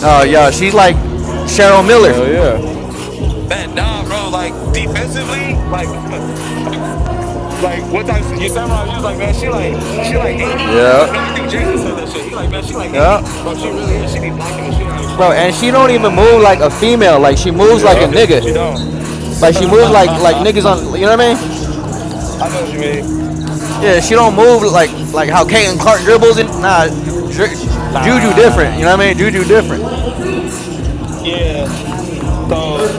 Speaker 6: Oh uh, yeah, she's like Cheryl Miller.
Speaker 1: yeah.
Speaker 5: Man, nah, bro. Like defensively, like like what type of you Samurai, you was like, man, she like she like AD.
Speaker 1: Yeah.
Speaker 5: Like, no, I think Jason said that shit. He like, man, she like
Speaker 6: Yeah,
Speaker 5: AD. Bro, she really is. She be blocking the shit out of
Speaker 6: bro,
Speaker 5: shot.
Speaker 6: and she don't even move like a female. Like she moves like a
Speaker 5: She
Speaker 1: Yeah.
Speaker 5: do, she
Speaker 6: nigga.
Speaker 5: don't.
Speaker 6: Like she
Speaker 5: I
Speaker 6: moves like like niggas on. You know what I mean?
Speaker 5: know what you mean.
Speaker 6: Yeah, she don't move like like how Caitlin Clark dribbles and nah, Ju-
Speaker 5: Nah,
Speaker 6: Juju
Speaker 5: nah, nah, nah,
Speaker 6: different. You know
Speaker 5: nah.
Speaker 6: what I mean? Juju different.
Speaker 5: Yeah. So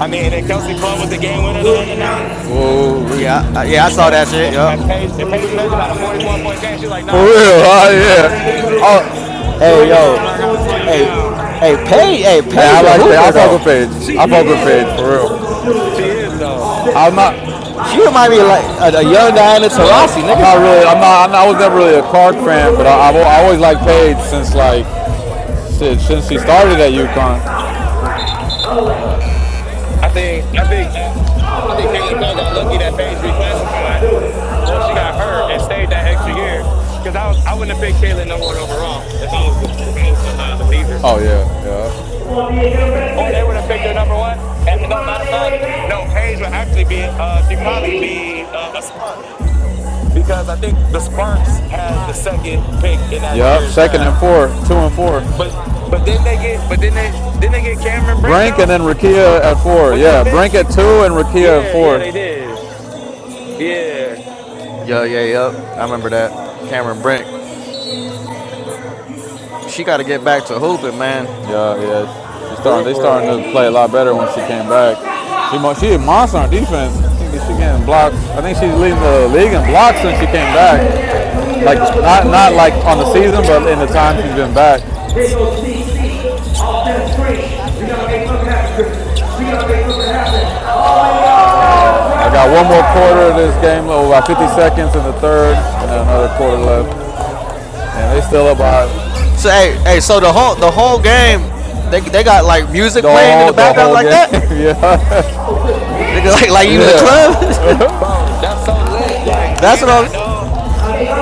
Speaker 5: I mean, and then Kelsey Plum with the game winner the other night.
Speaker 1: Whoa.
Speaker 6: Yeah, I, yeah, I saw
Speaker 5: And,
Speaker 6: that shit.
Speaker 5: and,
Speaker 6: Yup.
Speaker 5: and Paige, and Paige Beckers had a 44 point game. She's like,
Speaker 1: For
Speaker 5: nah, Rook, I
Speaker 1: real.
Speaker 5: got to
Speaker 1: Oh
Speaker 5: slow you
Speaker 1: yeah.
Speaker 5: down just a little bit.
Speaker 1: Oh,
Speaker 5: She's
Speaker 6: Hey
Speaker 5: like, nah,
Speaker 6: yo,
Speaker 5: Rook, I got to slow you
Speaker 6: hey,
Speaker 5: down.
Speaker 6: hey, pay, hey,
Speaker 1: hey, I
Speaker 6: Paige a
Speaker 1: like that. I
Speaker 6: hooper
Speaker 1: fuck with
Speaker 6: though.
Speaker 1: Paige. I
Speaker 5: She
Speaker 1: fuck with
Speaker 5: is.
Speaker 1: Paige for real.
Speaker 5: She is, though.
Speaker 1: I'm not.
Speaker 6: She remind me of like a, a young Diana
Speaker 1: Yeah.
Speaker 6: Taurasi,
Speaker 1: I'm
Speaker 6: nigga.
Speaker 1: not really. I'm not. I'm not I was never really a Clark fan, but I, I've I always liked Paige since like shit, since she started at UConn.
Speaker 5: I think, I think, uh, I think Caitlin Cole got lucky that Paige reclassified. Well, she got hurt and stayed that extra year because I, was- I wouldn't have picked Caitlin number one overall if I was, the- if I was the, uh, the Fever.
Speaker 1: Oh yeah. Yeah.
Speaker 5: Or they would have picked her
Speaker 1: Hey,
Speaker 5: number one. And, no, matter of fact, no, Paige would actually be, uh, she'd probably be uh, a spark. because I think the Sparks had the second pick in that
Speaker 1: Yep,
Speaker 5: year's
Speaker 1: second and
Speaker 5: draft.
Speaker 1: four, two and four.
Speaker 5: But but then they get but then they then they get Cameron Brink
Speaker 1: Brink
Speaker 5: though
Speaker 1: and then Rakia at four.
Speaker 5: with that
Speaker 1: Yeah,
Speaker 5: pick.
Speaker 1: Brink at two and Rakia at
Speaker 5: Yeah,
Speaker 1: four.
Speaker 5: yeah, they did. Yeah,
Speaker 6: Yeah, yeah, yep. I remember that. Cameron Brink. She got to get back to hooping, man.
Speaker 1: Yeah, yeah. She's
Speaker 5: the
Speaker 1: starting. They starting
Speaker 5: Ripper,
Speaker 1: to play a lot better when she came back. She she a monster on defense. I think she getting blocks. I think she's leading the league in blocks since she came back. Like not not like on the season, but in the time she's been back. I got one more quarter of this game, oh, about 50 seconds in the third, and then another quarter left, and they still about
Speaker 6: So hey, hey, so the whole the whole game, they they got like music
Speaker 1: the
Speaker 6: playing in the
Speaker 1: whole the
Speaker 6: background
Speaker 1: whole
Speaker 6: like
Speaker 1: game.
Speaker 6: that.
Speaker 1: yeah.
Speaker 6: Nigga, like like you in the club.
Speaker 1: Yeah.
Speaker 5: bro, that's so lit. Like, do
Speaker 6: That's
Speaker 5: you
Speaker 6: what I
Speaker 5: not
Speaker 6: was.
Speaker 5: know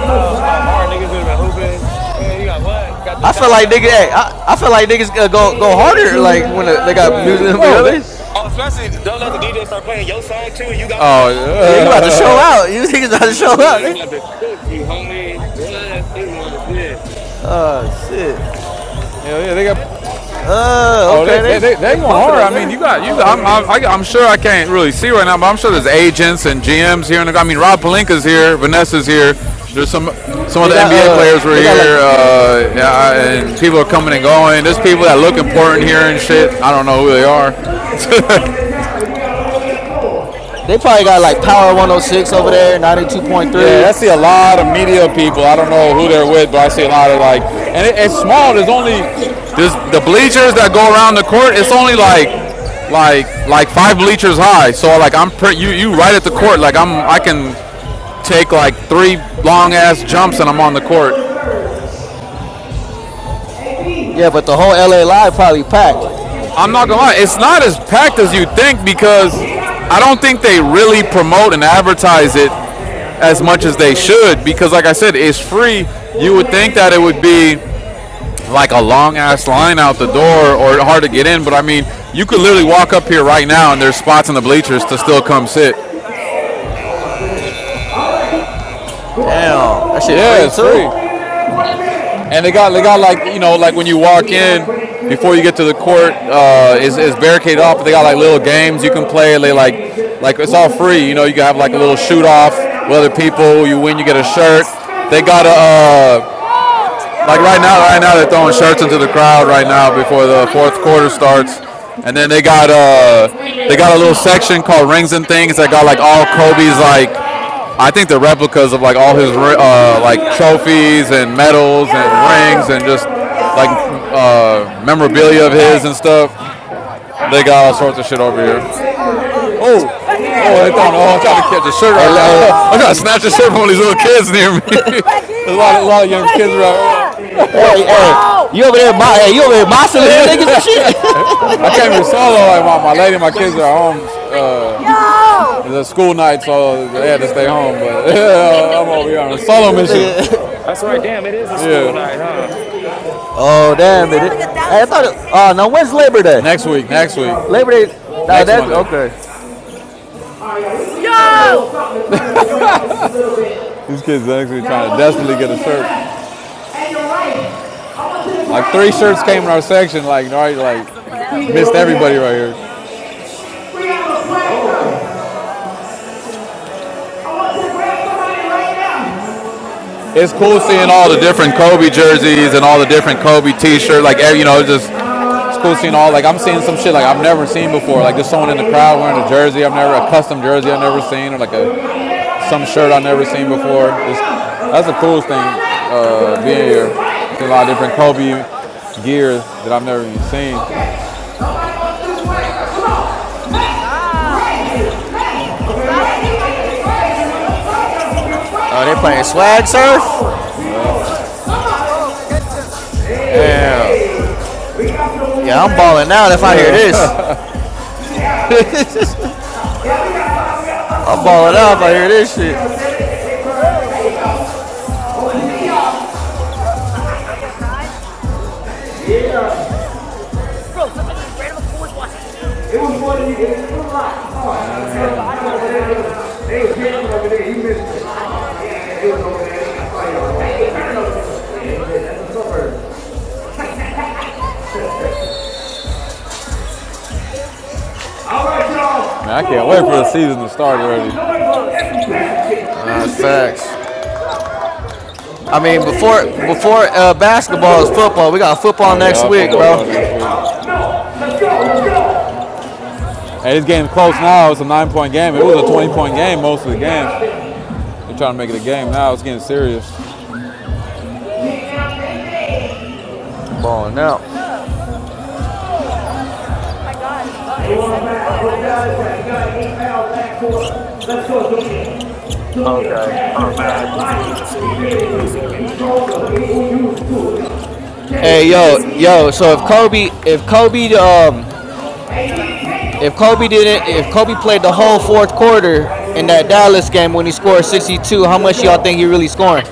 Speaker 5: how how hard niggas would have been hooping? Man, you got what? Got the
Speaker 6: I feel like
Speaker 5: soundtrack
Speaker 6: nigga, hey,
Speaker 5: going,
Speaker 6: I, I feel like niggas going go go harder like when the, they got music.
Speaker 5: right?
Speaker 6: You
Speaker 1: oh,
Speaker 6: know what I
Speaker 1: they,
Speaker 6: mean?
Speaker 5: Oh, especially don't let the DJ start playing your song too, and you got the
Speaker 1: oh,
Speaker 5: ball. You're
Speaker 6: Yeah,
Speaker 5: like,
Speaker 6: you
Speaker 5: oh
Speaker 6: about to show
Speaker 5: shit.
Speaker 1: yeah,
Speaker 6: out. You niggas about
Speaker 5: I'm
Speaker 6: to
Speaker 5: like,
Speaker 6: show out.
Speaker 5: what? I'm
Speaker 6: They,
Speaker 5: about to cook you, homie. What? This one shit.
Speaker 6: oh shit.
Speaker 1: yeah, they got.
Speaker 6: Uh,
Speaker 1: Oh, they
Speaker 6: okay, they
Speaker 1: they they, they
Speaker 6: they
Speaker 1: going
Speaker 6: bumping
Speaker 1: hard.
Speaker 6: over
Speaker 1: I mean, you
Speaker 6: there.
Speaker 1: got you. I'm I'm, I, am i am i am sure I can't really see right now, but I'm sure there's agents and GMs here. And I mean, Rob Palinka's here, Vanessa's here. There's some some of
Speaker 6: They
Speaker 1: the
Speaker 6: got
Speaker 1: NBA
Speaker 6: uh
Speaker 1: players were
Speaker 6: they got like
Speaker 1: here, uh, yeah, and people are coming and going. There's people that look important here and shit. I don't know who they are.
Speaker 6: they probably got like Power 106 over there,
Speaker 1: Yeah, I
Speaker 6: 92.3.
Speaker 1: see a lot of media people. I don't know who they're with, but I see a lot of like, and it, it's small. There's only there's the bleachers that go around the court. It's only like like like five bleachers high. So like I'm pretty you you right at the court. Like I'm I can take like three long ass jumps and I'm on the court.
Speaker 6: Yeah, but the whole LA live probably packed.
Speaker 1: I'm not gonna lie, it's not as packed as you think because I don't think they really promote and advertise it as much as they should because like I said, it's free. You would think that it would be like a long ass line out the door or hard to get in. But I mean, you could literally walk up here right now and there's spots in the bleachers to still come sit.
Speaker 6: Damn, that shit
Speaker 1: Yeah,
Speaker 6: free
Speaker 1: it's free.
Speaker 6: too?
Speaker 1: And they got they got like you know like when you walk in before you get to the court uh, is is barricaded off. But they got like little games you can play. They like like it's all free. You know you can have like a little shoot off with other people. You win, you get a shirt. They got a. Uh, Like right now, right now they're throwing shirts into the crowd right now before the fourth quarter starts, and then they got
Speaker 6: Bro.
Speaker 1: uh they got a little section called rings and things that got like all Kobe's like I think the replicas of like all his uh like trophies and medals and rings and just like uh memorabilia of his and stuff. They got all sorts of shit over here. Oh, oh, they throwing, oh, I'm trying to catch a shirt
Speaker 6: Hey,
Speaker 1: right
Speaker 6: hey,
Speaker 1: now. I'm trying to snatch a shirt from one these little kids near me. There's a lot, a lot of young kids around.
Speaker 6: hey, hey, you over there,
Speaker 1: Back
Speaker 6: mo- hey, you over there, mossing little niggas and shit.
Speaker 1: I came here solo. Like my, my lady, and my kids are home. Uh, it's a school night, so they had to stay home. But yeah, I'm over here on a solo mission.
Speaker 6: this nigga.
Speaker 5: That's right. Damn, it is a school night,
Speaker 1: Yeah.
Speaker 5: huh?
Speaker 6: Oh
Speaker 1: Did he
Speaker 6: damn it!
Speaker 1: have like
Speaker 6: it-
Speaker 1: a
Speaker 6: Hey,
Speaker 1: thousand
Speaker 6: I
Speaker 1: socks
Speaker 6: thought.
Speaker 1: in
Speaker 6: It,
Speaker 1: his hands?
Speaker 6: oh no, when's
Speaker 1: Oh, he's right
Speaker 6: Labor
Speaker 1: there.
Speaker 6: Day?
Speaker 1: Next week. Next week.
Speaker 6: Labor Day. No,
Speaker 1: Next
Speaker 6: that's
Speaker 1: Monday.
Speaker 6: okay.
Speaker 1: These kids are actually trying to desperately get a shirt. Like three shirts came in our section. Like all right, like missed everybody right here. It's cool seeing all the different Kobe jerseys and all the different Kobe t shirts Like you know, it's just it's cool seeing all. Like I'm seeing some shit like I've never seen before. Like there's someone in the crowd wearing a jersey I've never a custom jersey I've never seen or like a some shirt I've never seen before. It's, that's the coolest thing uh, being here. Seeing a lot of different Kobe gear that I've never even seen.
Speaker 6: Oh, they playing swag surf. Damn. Yeah, I'm balling out if I hear this.
Speaker 1: Yeah.
Speaker 6: I'm balling out if I hear this shit.
Speaker 1: All right, y'all. Man, I can't wait for the season to start already.
Speaker 6: Uh, that's facts. I mean, before before uh, basketball is football. We got football
Speaker 1: Oh
Speaker 6: next
Speaker 1: yeah,
Speaker 6: week,
Speaker 1: football
Speaker 6: bro.
Speaker 1: starts next week. No, Hey, this game's close now. It's a nine-point game. It was a 20-point game most of the game. They're trying to make it a game now. It's getting serious.
Speaker 6: They're balling out.
Speaker 1: Let's go, Junior. Junior,
Speaker 5: Okay. Oh man, I'm not seeing dance for a second.
Speaker 6: Hey, yo,
Speaker 1: we need
Speaker 6: yo.
Speaker 1: that.
Speaker 6: So if Kobe, if Kobe, um, if Kobe didn't, if Kobe played the whole fourth quarter in that Dallas game when he scored sixty-two, how much y'all think he really scoring?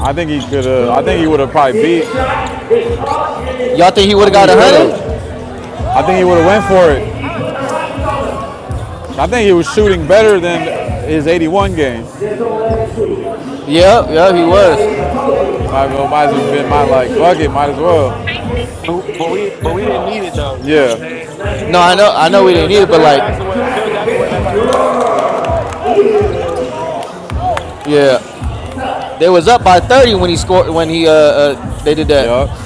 Speaker 1: I think he could have. I think he would have probably beat.
Speaker 6: Y'all think he would
Speaker 1: I
Speaker 6: have got
Speaker 1: think he
Speaker 6: a
Speaker 1: could
Speaker 6: hundred?
Speaker 1: have. I think he would have went for it. I think he was shooting better than his 81 game.
Speaker 6: Yeah, yeah, he was.
Speaker 1: Might, as well- might as well been
Speaker 5: Yeah.
Speaker 1: my like fuck it. Might as well.
Speaker 5: But but we but we didn't need it though. You know what
Speaker 1: Yeah.
Speaker 5: I'm saying? Like
Speaker 6: No, I know, I know, we didn't
Speaker 5: Phil
Speaker 6: need it,
Speaker 5: Jack,
Speaker 6: but
Speaker 5: Phil
Speaker 6: like,
Speaker 5: Jackson went Phil Jackson wasn't that type of coach.
Speaker 6: yeah, they was up by thirty when he scored when he uh, uh they did that.
Speaker 1: Yup.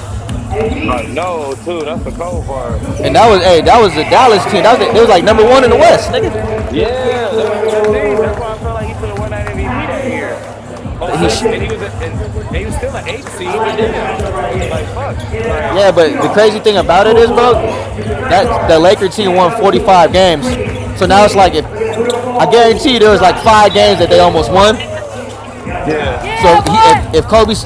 Speaker 5: Uh, no, too. That's the cold part.
Speaker 6: And that was hey, that was the Dallas team. That was they, they was like number one in the West, nigga.
Speaker 5: Yeah, that was a good team. That's why I felt like he should have won that MVP that year. Oh
Speaker 6: He, sh-
Speaker 5: six, and he
Speaker 1: Yup.
Speaker 5: was a, and, and he was still an eight
Speaker 1: I
Speaker 5: seed. But
Speaker 1: like this
Speaker 5: damn,
Speaker 1: matchup right
Speaker 5: like fuck,
Speaker 1: here. In and
Speaker 5: like.
Speaker 6: yeah,
Speaker 1: out, get
Speaker 6: but the crazy thing
Speaker 1: off. it. I
Speaker 6: about it
Speaker 1: told
Speaker 6: is,
Speaker 1: you
Speaker 6: bro,
Speaker 1: earlier, if you're not
Speaker 6: that the
Speaker 1: guarding,
Speaker 6: Laker team
Speaker 1: hand
Speaker 6: won
Speaker 1: double
Speaker 6: forty
Speaker 1: to
Speaker 6: five
Speaker 1: me.
Speaker 6: games.
Speaker 1: Swing it,
Speaker 6: So
Speaker 1: swing
Speaker 6: now it's like
Speaker 1: it.
Speaker 6: if
Speaker 1: Look at that real
Speaker 6: I
Speaker 1: ball
Speaker 6: guarantee you
Speaker 1: move.
Speaker 6: there was like
Speaker 1: Drive
Speaker 6: five
Speaker 1: it.
Speaker 6: games that they almost won.
Speaker 5: Yeah,
Speaker 1: Yeah,
Speaker 6: So he if
Speaker 1: boy.
Speaker 6: if Kobe's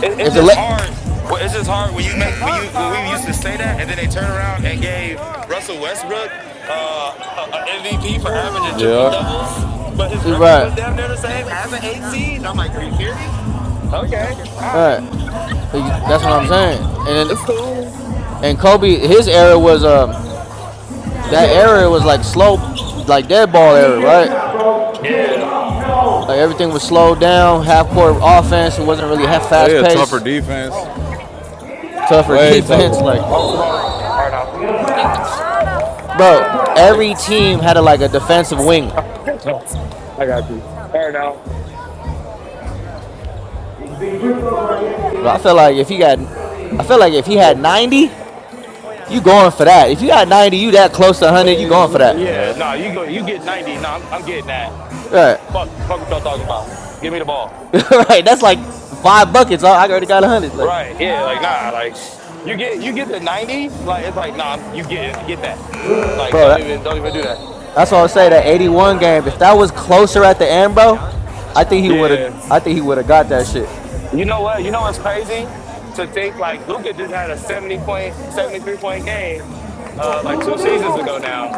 Speaker 5: it,
Speaker 6: if
Speaker 5: it's
Speaker 6: the
Speaker 5: just
Speaker 6: Le-
Speaker 5: hard. Well, it's just hard when you make when you when we used to say that, and then they turn around and gave Russell Westbrook uh, a, MVP for averaging triple
Speaker 1: Yeah.
Speaker 5: doubles, but his record
Speaker 6: right
Speaker 5: was damn near the same as an eight seed. I'm like, are you serious? Okay, all right,
Speaker 6: right ex- that's what I'm saying. And then,
Speaker 5: it's cool.
Speaker 6: and Kobe his era was um that era was like slow like dead ball
Speaker 1: I
Speaker 6: era
Speaker 1: need that
Speaker 6: right.
Speaker 1: shot, bro. Take
Speaker 5: Yeah,
Speaker 1: off,
Speaker 6: Like
Speaker 1: no.
Speaker 6: everything was slowed down, half court offense. It wasn't really half
Speaker 1: Yeah,
Speaker 6: fast
Speaker 1: yeah,
Speaker 6: pace.
Speaker 1: tougher defense.
Speaker 6: tougher
Speaker 1: Way
Speaker 6: defense.
Speaker 5: cool.
Speaker 1: tougher.
Speaker 6: Like,
Speaker 5: All right, Simone. All right, now.
Speaker 6: bro, every
Speaker 5: It's,
Speaker 6: team had a, like a defensive wing.
Speaker 5: I got you. All right, now.
Speaker 6: But I feel like if he got, I feel like if he had ninety, you going for that. If you got ninety, you that close to one hundred, you going for that.
Speaker 5: Yeah, no, nah, you go. You get ninety. No, nah, I'm, I'm getting that.
Speaker 6: Right,
Speaker 5: Fuck, fuck what y'all talking about. Give me the ball.
Speaker 6: right. That's like five buckets. Oh, I already got one hundred. Like,
Speaker 5: Right. Yeah. Like, nah. Like, you get you get the ninety. Like, it's like, nah. You get get that. Like,
Speaker 6: bro,
Speaker 5: don't
Speaker 6: that,
Speaker 5: even don't even do that.
Speaker 6: that's all I say. That eighty-one game. If that was closer at the end, bro, I think he would have.
Speaker 5: Yeah.
Speaker 6: I think he would have got that shit.
Speaker 5: You know what? You know what's crazy to think like Luca just had a seventy point, seventy three point game, uh, like two seasons ago now.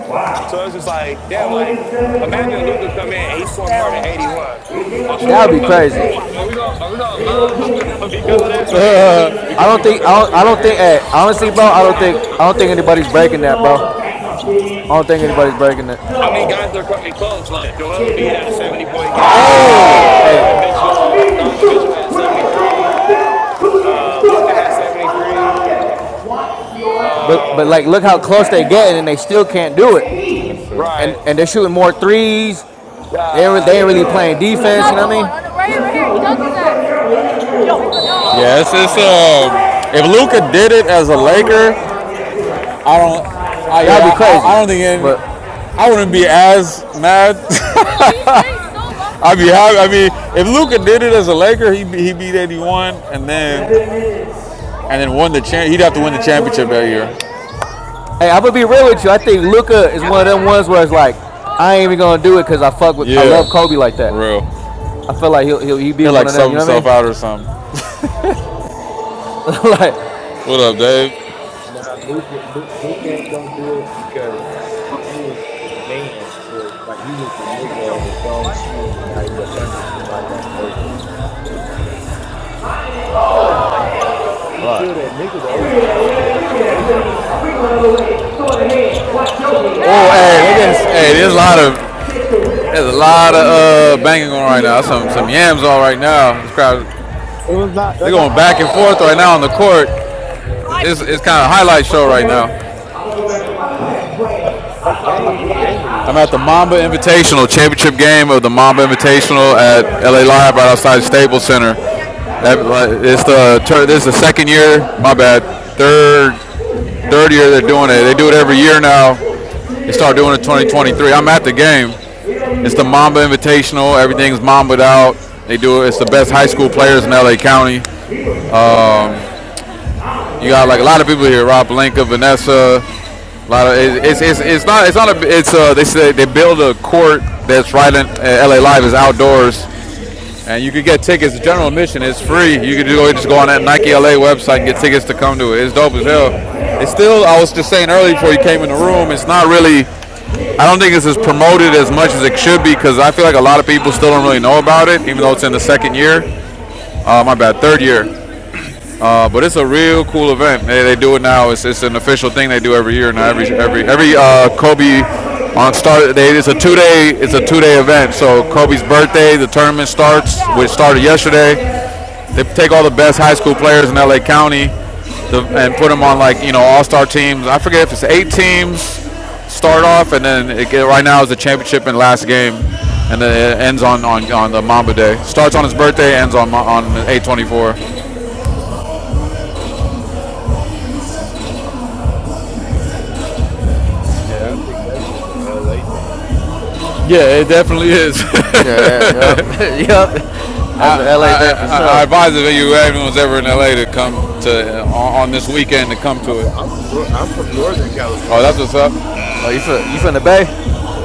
Speaker 5: So
Speaker 1: Wow.
Speaker 5: it's just like, damn.
Speaker 1: Only in
Speaker 5: Like,
Speaker 1: seven win
Speaker 5: imagine Luca come
Speaker 1: game.
Speaker 5: in and he scored more than eighty one.
Speaker 1: We can't
Speaker 5: Are
Speaker 6: That would
Speaker 1: afford
Speaker 6: be
Speaker 1: any
Speaker 6: crazy.
Speaker 1: mistakes.
Speaker 5: we gonna are we gonna
Speaker 1: They go
Speaker 5: love
Speaker 1: to me.
Speaker 5: Luca because of that or hate
Speaker 1: Oh,
Speaker 5: him
Speaker 6: I
Speaker 5: because he
Speaker 6: don't think.
Speaker 5: broke a
Speaker 6: I don't.
Speaker 5: Kobe
Speaker 6: I don't think.
Speaker 5: record?
Speaker 6: Hey,
Speaker 1: No,
Speaker 6: honestly, bro, I don't think. I don't think anybody's breaking that, bro. I don't think anybody's breaking it.
Speaker 5: I mean, guys are coming close. Like Joel
Speaker 1: get
Speaker 5: Embiid
Speaker 1: that
Speaker 5: had a
Speaker 1: boy.
Speaker 5: 70 point game.
Speaker 6: Hey,
Speaker 5: Donovan
Speaker 1: I don't
Speaker 5: Mitchell,
Speaker 1: need to
Speaker 5: Donovan Mitchell
Speaker 1: shoot
Speaker 5: had
Speaker 1: when I was going
Speaker 5: 73.
Speaker 1: like that. Who that?
Speaker 5: Uh,
Speaker 1: Who
Speaker 5: Luca had
Speaker 1: that? I don't
Speaker 5: 73.
Speaker 1: know yet.
Speaker 6: but but
Speaker 5: Um,
Speaker 6: like look how close they
Speaker 1: If
Speaker 6: getting and they still can't do it.
Speaker 1: I need.
Speaker 5: right.
Speaker 6: And and they're shooting more threes. They ain't,
Speaker 5: God
Speaker 6: they ain't really playing
Speaker 5: damn.
Speaker 6: defense. You know what I mean?
Speaker 1: Yes, it's um. If Luca did it as a Laker, I don't. I
Speaker 6: That would
Speaker 1: yeah.
Speaker 6: be
Speaker 1: I, I
Speaker 6: crazy.
Speaker 1: don't think any.
Speaker 6: But
Speaker 1: I wouldn't be as mad.
Speaker 5: Thank you. Thank
Speaker 1: I'd be happy. I mean, if Luca did it as a Laker, he he beat 81 and
Speaker 5: you.
Speaker 1: then and then won the champ. He'd have to win the championship that year.
Speaker 6: hey, I'm gonna be real with you. I think Luka is
Speaker 5: Yes.
Speaker 6: one of them ones where it's
Speaker 5: Thank
Speaker 6: like I ain't even gonna do it because I fuck
Speaker 5: you.
Speaker 6: with I
Speaker 1: Yeah,
Speaker 6: love Kobe like
Speaker 1: for
Speaker 6: that.
Speaker 1: real.
Speaker 6: I feel like he'll he'll he be
Speaker 1: He'll
Speaker 6: one
Speaker 1: like
Speaker 6: of them.
Speaker 1: sub
Speaker 6: You know what I
Speaker 1: himself out or something.
Speaker 6: mean? like
Speaker 1: What up, Dave?
Speaker 9: Nah, Luke, Luke, Luke ain't gonna do it because he was the man for it. Like he was the nigga on his own team, and now he up under somebody out of nowhere. He's
Speaker 6: Right.
Speaker 9: still that nigga though. I don't take nothing away from him,
Speaker 1: Oh,
Speaker 9: but
Speaker 1: hey, look it is, hey,
Speaker 9: he
Speaker 1: there's
Speaker 5: And
Speaker 9: got
Speaker 1: a lot
Speaker 5: um,
Speaker 9: traded to
Speaker 1: of
Speaker 9: he, he got
Speaker 1: there's a
Speaker 9: traded up
Speaker 1: lot of
Speaker 9: under somebody
Speaker 1: uh, banging
Speaker 9: else.
Speaker 1: on right now. Some some
Speaker 6: Yep.
Speaker 1: yams on right now. This crowd, they're going back and forth right now on the court. It's it's kind of a highlight show
Speaker 5: The
Speaker 1: right
Speaker 5: Bucks?
Speaker 1: now.
Speaker 9: What game? What game are you
Speaker 1: I'm at the
Speaker 9: watching?
Speaker 1: Mamba Invitational, championship game of the Mamba Invitational at LA Live right outside Staples Center. it's the tur- this is the second year, my bad, third third year they're doing it. They do it every year now. They start doing it 2023. I'm at the game. It's the Mamba Invitational. Everything's mamba'd out. They do it. It's the best high school players in LA County. You got like a lot of people here: Rob Blanca, Vanessa. A lot of it, it's, it's it's not it's not a it's uh they say they build a court that's right in uh, LA Live is outdoors, and you could get tickets. The general admission is free. You could go just go on that Nike LA website and get tickets to come to it. It's dope as hell. It's still I was just saying earlier before you came in the room. It's not really. I don't think it's as promoted as much as it should be because I feel like a lot of people still don't really know about it, even though it's in the second year. Uh, my bad, third year. Uh, but it's a real cool event. They, they do it now. It's, it's an official thing they do every year now. Every every every uh, Kobe on start. They, it's a two day. It's a two day event. So Kobe's birthday, the tournament starts. Which started yesterday. They take all the best high school players in LA County, to, and put them on like you know all star teams. I forget if it's eight teams start off, and then it, right now is the championship and last game, and then it ends on, on, on the Mamba Day. Starts on his birthday, ends on Ma- on eight twenty four.
Speaker 9: Yeah, I think that's just an LA thing.
Speaker 1: Yeah, it definitely is.
Speaker 6: Yeah. yeah, Yep. yep.
Speaker 1: I,
Speaker 6: That's an LA thing for
Speaker 1: I, I
Speaker 6: sure.
Speaker 1: advise if you everyone's ever in LA to come to on, on this weekend to come
Speaker 9: I'm
Speaker 1: to
Speaker 9: from
Speaker 1: it.
Speaker 9: I'm from Nor- I'm from Northern
Speaker 1: Oh, that's
Speaker 9: California.
Speaker 1: what's up.
Speaker 6: Oh, you from you from the Bay?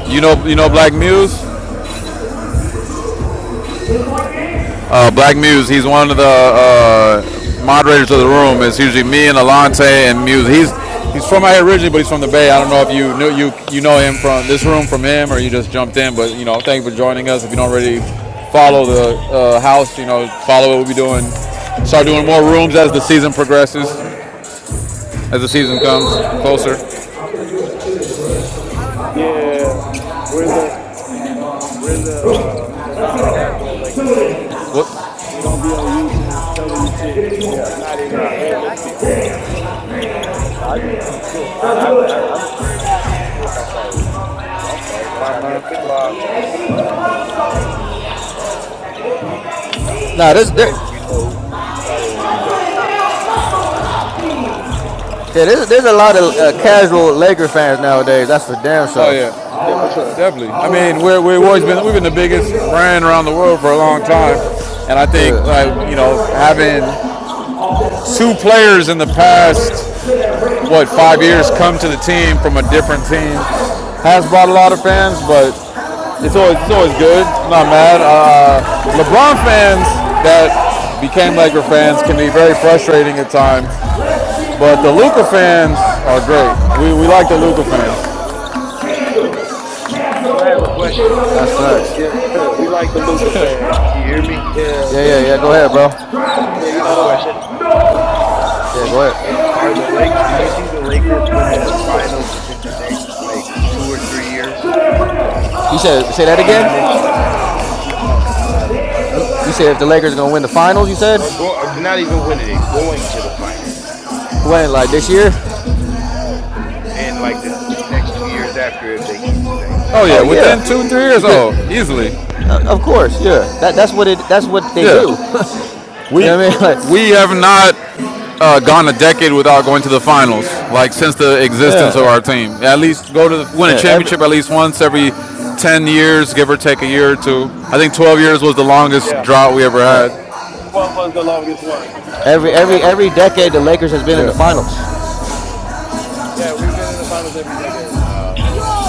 Speaker 1: You know, you know
Speaker 9: Yeah.
Speaker 1: Black Muse.
Speaker 9: Who?
Speaker 1: Uh, Black Muse. He's one of the uh, moderators of the room. It's usually me and Alante and Muse. He's he's from out here originally, but he's from the Bay. I don't know if you knew you you know him from this room from him or you just jumped in. But you know, thank you for joining us. If you don't already follow the uh, house, you know, follow what we'll be doing. Start doing more rooms as the season progresses. as the season comes closer.
Speaker 5: Yeah, we're the we're the uh the non-casual Laker fans.
Speaker 1: What?
Speaker 5: We don't be on YouTube telling you shit
Speaker 9: Yeah.
Speaker 5: that's not
Speaker 9: Nah.
Speaker 5: even gonna
Speaker 9: Um.
Speaker 5: realistic. We
Speaker 9: Nah, I just seen the group. I I
Speaker 5: like to
Speaker 9: I
Speaker 5: report
Speaker 9: am
Speaker 5: this
Speaker 9: Who am I following? Oh, I don't follow
Speaker 5: by
Speaker 9: nobody up
Speaker 5: nine
Speaker 9: in this
Speaker 5: o'clock.
Speaker 9: motherfucker.
Speaker 6: nah,
Speaker 9: That's
Speaker 6: this,
Speaker 9: crazy.
Speaker 6: this
Speaker 9: You know who, who you follow and who you don't follow.
Speaker 6: Yeah, there's, there's a lot of uh, casual Laker fans nowadays. That's for damn
Speaker 1: Oh
Speaker 6: sure.
Speaker 1: yeah,
Speaker 5: Yeah, for sure.
Speaker 1: definitely. I mean, we're, we've always been we've been the biggest brand around the world for a long time, and I think
Speaker 6: Yeah,
Speaker 1: like you know having two
Speaker 9: So
Speaker 1: players in
Speaker 9: with
Speaker 1: the
Speaker 9: it.
Speaker 1: past what five years come to the team from a
Speaker 9: Huh?
Speaker 1: different team has brought a lot of fans,
Speaker 9: Wow.
Speaker 1: but it's always it's always good. I'm not mad. Uh, LeBron fans that became Laker fans can be very frustrating at times, but the Luca fans are great. We, we like the Luca fans.
Speaker 9: So I have a question.
Speaker 6: that's facts.
Speaker 5: Yeah, we like the Luca fans.
Speaker 9: Can you hear me?
Speaker 5: Yeah,
Speaker 6: Yeah, yeah,
Speaker 5: the
Speaker 6: yeah. Go
Speaker 5: the
Speaker 6: ahead, bro.
Speaker 5: yeah,
Speaker 9: I
Speaker 5: you
Speaker 9: have
Speaker 5: know
Speaker 9: a
Speaker 5: the, the
Speaker 9: question.
Speaker 6: Yeah,
Speaker 9: Do
Speaker 6: go ahead.
Speaker 9: it, are the Lake? Do you see the Lakers winning the finals within the next like two or three years,
Speaker 6: You said say
Speaker 9: or
Speaker 6: that
Speaker 9: even
Speaker 6: again.
Speaker 9: this year, even this season coming up,
Speaker 6: You, you said if the Lakers are gonna win the finals, you
Speaker 9: or
Speaker 6: said
Speaker 9: go? Or not even winning it, going to the finals
Speaker 6: when like this year.
Speaker 9: in like the t- next two years after if they keep the same team.
Speaker 1: Oh yeah,
Speaker 6: Oh
Speaker 1: within
Speaker 6: yeah,
Speaker 1: two three years.
Speaker 6: because
Speaker 1: Oh, easily.
Speaker 6: uh, of course, yeah. That that's what it. That's what they
Speaker 1: Yeah,
Speaker 6: do. you
Speaker 1: we
Speaker 6: know what I mean? Like
Speaker 1: we have
Speaker 5: yeah,
Speaker 1: not uh, gone a decade without going to the finals. Like since the
Speaker 6: yeah,
Speaker 1: existence of our
Speaker 6: that-
Speaker 1: team, at least go to the, win a
Speaker 6: yeah. Every
Speaker 1: championship at least once every ten years, give or take a year or two. I think twelve years was the longest
Speaker 5: yeah.
Speaker 1: drought we ever
Speaker 6: yeah,
Speaker 1: had.
Speaker 5: Twelve was the longest one
Speaker 6: every
Speaker 5: from
Speaker 9: Huh?
Speaker 6: every
Speaker 5: seven,
Speaker 6: every decade
Speaker 5: but
Speaker 6: the
Speaker 5: no,
Speaker 6: Lakers has been in the
Speaker 1: Yeah,
Speaker 6: finals
Speaker 5: yeah, we've been in the finals every decade.
Speaker 9: Uh,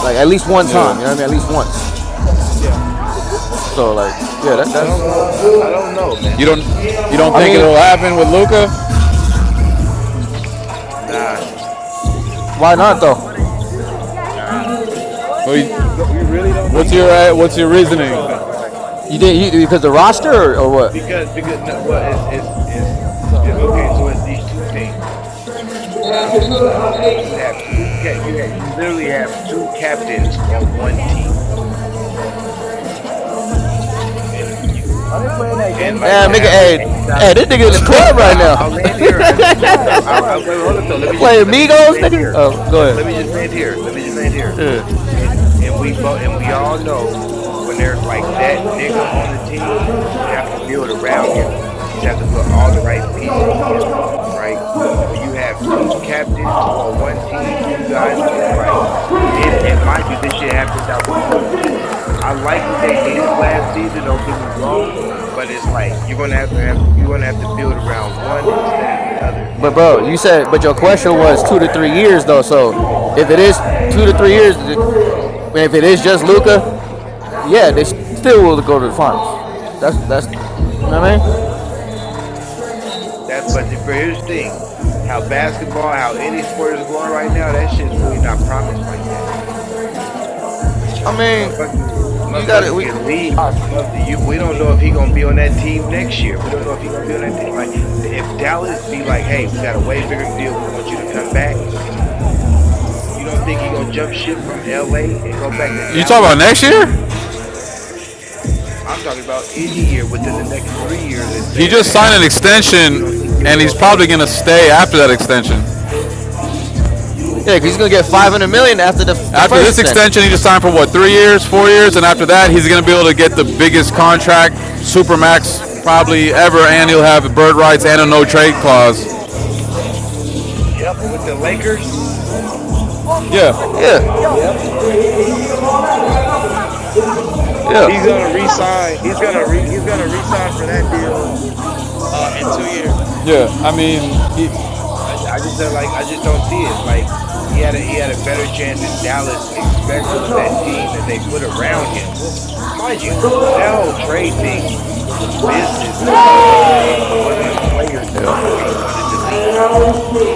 Speaker 6: like at least one time. You know what I
Speaker 1: yeah.
Speaker 6: mean? At least once.
Speaker 5: Yeah,
Speaker 6: So like,
Speaker 9: I
Speaker 6: yeah,
Speaker 9: don't-
Speaker 6: that,
Speaker 9: I don't
Speaker 6: that's.
Speaker 9: know. I, I don't know,
Speaker 1: You
Speaker 9: man.
Speaker 1: don't you don't
Speaker 6: I
Speaker 1: think
Speaker 6: mean,
Speaker 1: it'll happen with Luca?
Speaker 9: Nah,
Speaker 6: Why not though?
Speaker 9: nah,
Speaker 5: you don't, you really don't
Speaker 1: What's
Speaker 5: think
Speaker 1: your
Speaker 5: so?
Speaker 1: uh, what's your
Speaker 5: Are you
Speaker 1: reasoning?
Speaker 9: I
Speaker 5: trolling?
Speaker 9: don't.
Speaker 6: You did you because the roster or, or what?
Speaker 9: Because because no, well, it's it's it's
Speaker 5: What's up,
Speaker 9: it,
Speaker 5: Boogie?
Speaker 9: okay. So it's these two things. Um, you have two cat. You have you literally have two captains on one team. You and you
Speaker 5: Are they playing that
Speaker 9: and
Speaker 5: gangbang
Speaker 9: like
Speaker 6: Damn
Speaker 9: to
Speaker 6: nigga,
Speaker 5: song
Speaker 9: have like
Speaker 5: again?
Speaker 6: hey,
Speaker 9: a
Speaker 6: hey,
Speaker 9: solid.
Speaker 6: this nigga in the
Speaker 9: Hold up though.
Speaker 6: club
Speaker 9: I,
Speaker 6: right
Speaker 9: I'll,
Speaker 6: now.
Speaker 9: I'll land here. I can check.
Speaker 5: Right.
Speaker 9: I'll,
Speaker 5: I'm
Speaker 9: I'll,
Speaker 5: like,
Speaker 9: I'll wait. Hold up though. Let
Speaker 6: they
Speaker 9: me just
Speaker 6: playing
Speaker 9: let me just
Speaker 6: Migos,
Speaker 9: land
Speaker 6: nigga.
Speaker 9: here.
Speaker 6: Oh, go
Speaker 9: Let,
Speaker 5: I'm
Speaker 6: ahead.
Speaker 9: let me
Speaker 5: like,
Speaker 9: just land
Speaker 5: what?
Speaker 9: here. Let me just land here.
Speaker 6: Yeah.
Speaker 9: and and we both and we all know when there's like that nigga on the team, you have to build around him. You just have to put all the right pieces together, right? When you have two captains on one team, two guys, it's like, and and mind you, this shit happened out the blue too. I like what they did last season. Don't get me wrong, but it's like you're gonna have to have you're gonna have to build around one instead of the other,
Speaker 6: But
Speaker 9: and
Speaker 6: bro,
Speaker 9: one is
Speaker 6: you
Speaker 9: gonna
Speaker 6: said,
Speaker 9: have to
Speaker 6: but your
Speaker 9: play his
Speaker 6: question
Speaker 9: role.
Speaker 6: was two to three years though. So if it is two to three years, it- if it is just Luca, yeah, they still will go to the finals. That's that's you know what I mean.
Speaker 9: That, but if- but here's the thing: how basketball, how any sport is going right now, that shit's really not promised like that.
Speaker 6: I mean,
Speaker 9: Motherfucker,
Speaker 6: you got it.
Speaker 9: motherfucker
Speaker 6: We
Speaker 9: can leave. Mother, you, we don't know if he gonna be on that team next year. We don't know if he gonna be on that. Team. Like, if Dallas be like, "Hey, we got a way bigger deal. We want you to come back." You don't think he gonna jump ship from L.A. and go back to
Speaker 1: You talk about
Speaker 9: Dallas?
Speaker 1: next year?
Speaker 9: I'm talking about any year within the next three years, and
Speaker 1: He
Speaker 9: say that
Speaker 1: just signed an
Speaker 9: happens. You
Speaker 1: extension,
Speaker 9: don't think he'll
Speaker 1: and he's
Speaker 9: go back
Speaker 1: probably going to stay after that extension.
Speaker 6: yeah, 'cause he's gonna get five hundred million after the the
Speaker 1: After
Speaker 6: first
Speaker 1: this
Speaker 6: extension.
Speaker 1: extension, he just signed for what three years, four years, and after that, he's going to be able to get the biggest contract, supermax probably ever, and he'll have bird rights and a no trade clause.
Speaker 9: with the Lakers?
Speaker 1: Yeah,
Speaker 6: Yeah,
Speaker 5: Yep.
Speaker 6: yeah,
Speaker 5: He's
Speaker 9: I
Speaker 5: gonna resign. He's
Speaker 9: I don't
Speaker 5: gonna
Speaker 9: know,
Speaker 5: re.
Speaker 9: man.
Speaker 5: He's gonna resign for that
Speaker 9: I don't
Speaker 5: deal
Speaker 9: know.
Speaker 5: uh, in two years.
Speaker 1: yeah. I mean, he,
Speaker 9: I, I just don't like I just don't see it. Like he had a he had a better chance in Dallas, especially with that team that they put around
Speaker 5: No.
Speaker 9: him.
Speaker 5: What,
Speaker 9: Mind
Speaker 5: what,
Speaker 9: you,
Speaker 5: we're, what we're
Speaker 9: that
Speaker 5: saying,
Speaker 9: whole
Speaker 5: what we're
Speaker 9: trade
Speaker 5: saying
Speaker 9: thing
Speaker 5: is
Speaker 9: was a business move. It wasn't a it wasn't a player thing
Speaker 6: yeah.
Speaker 9: to where he wanted to leave.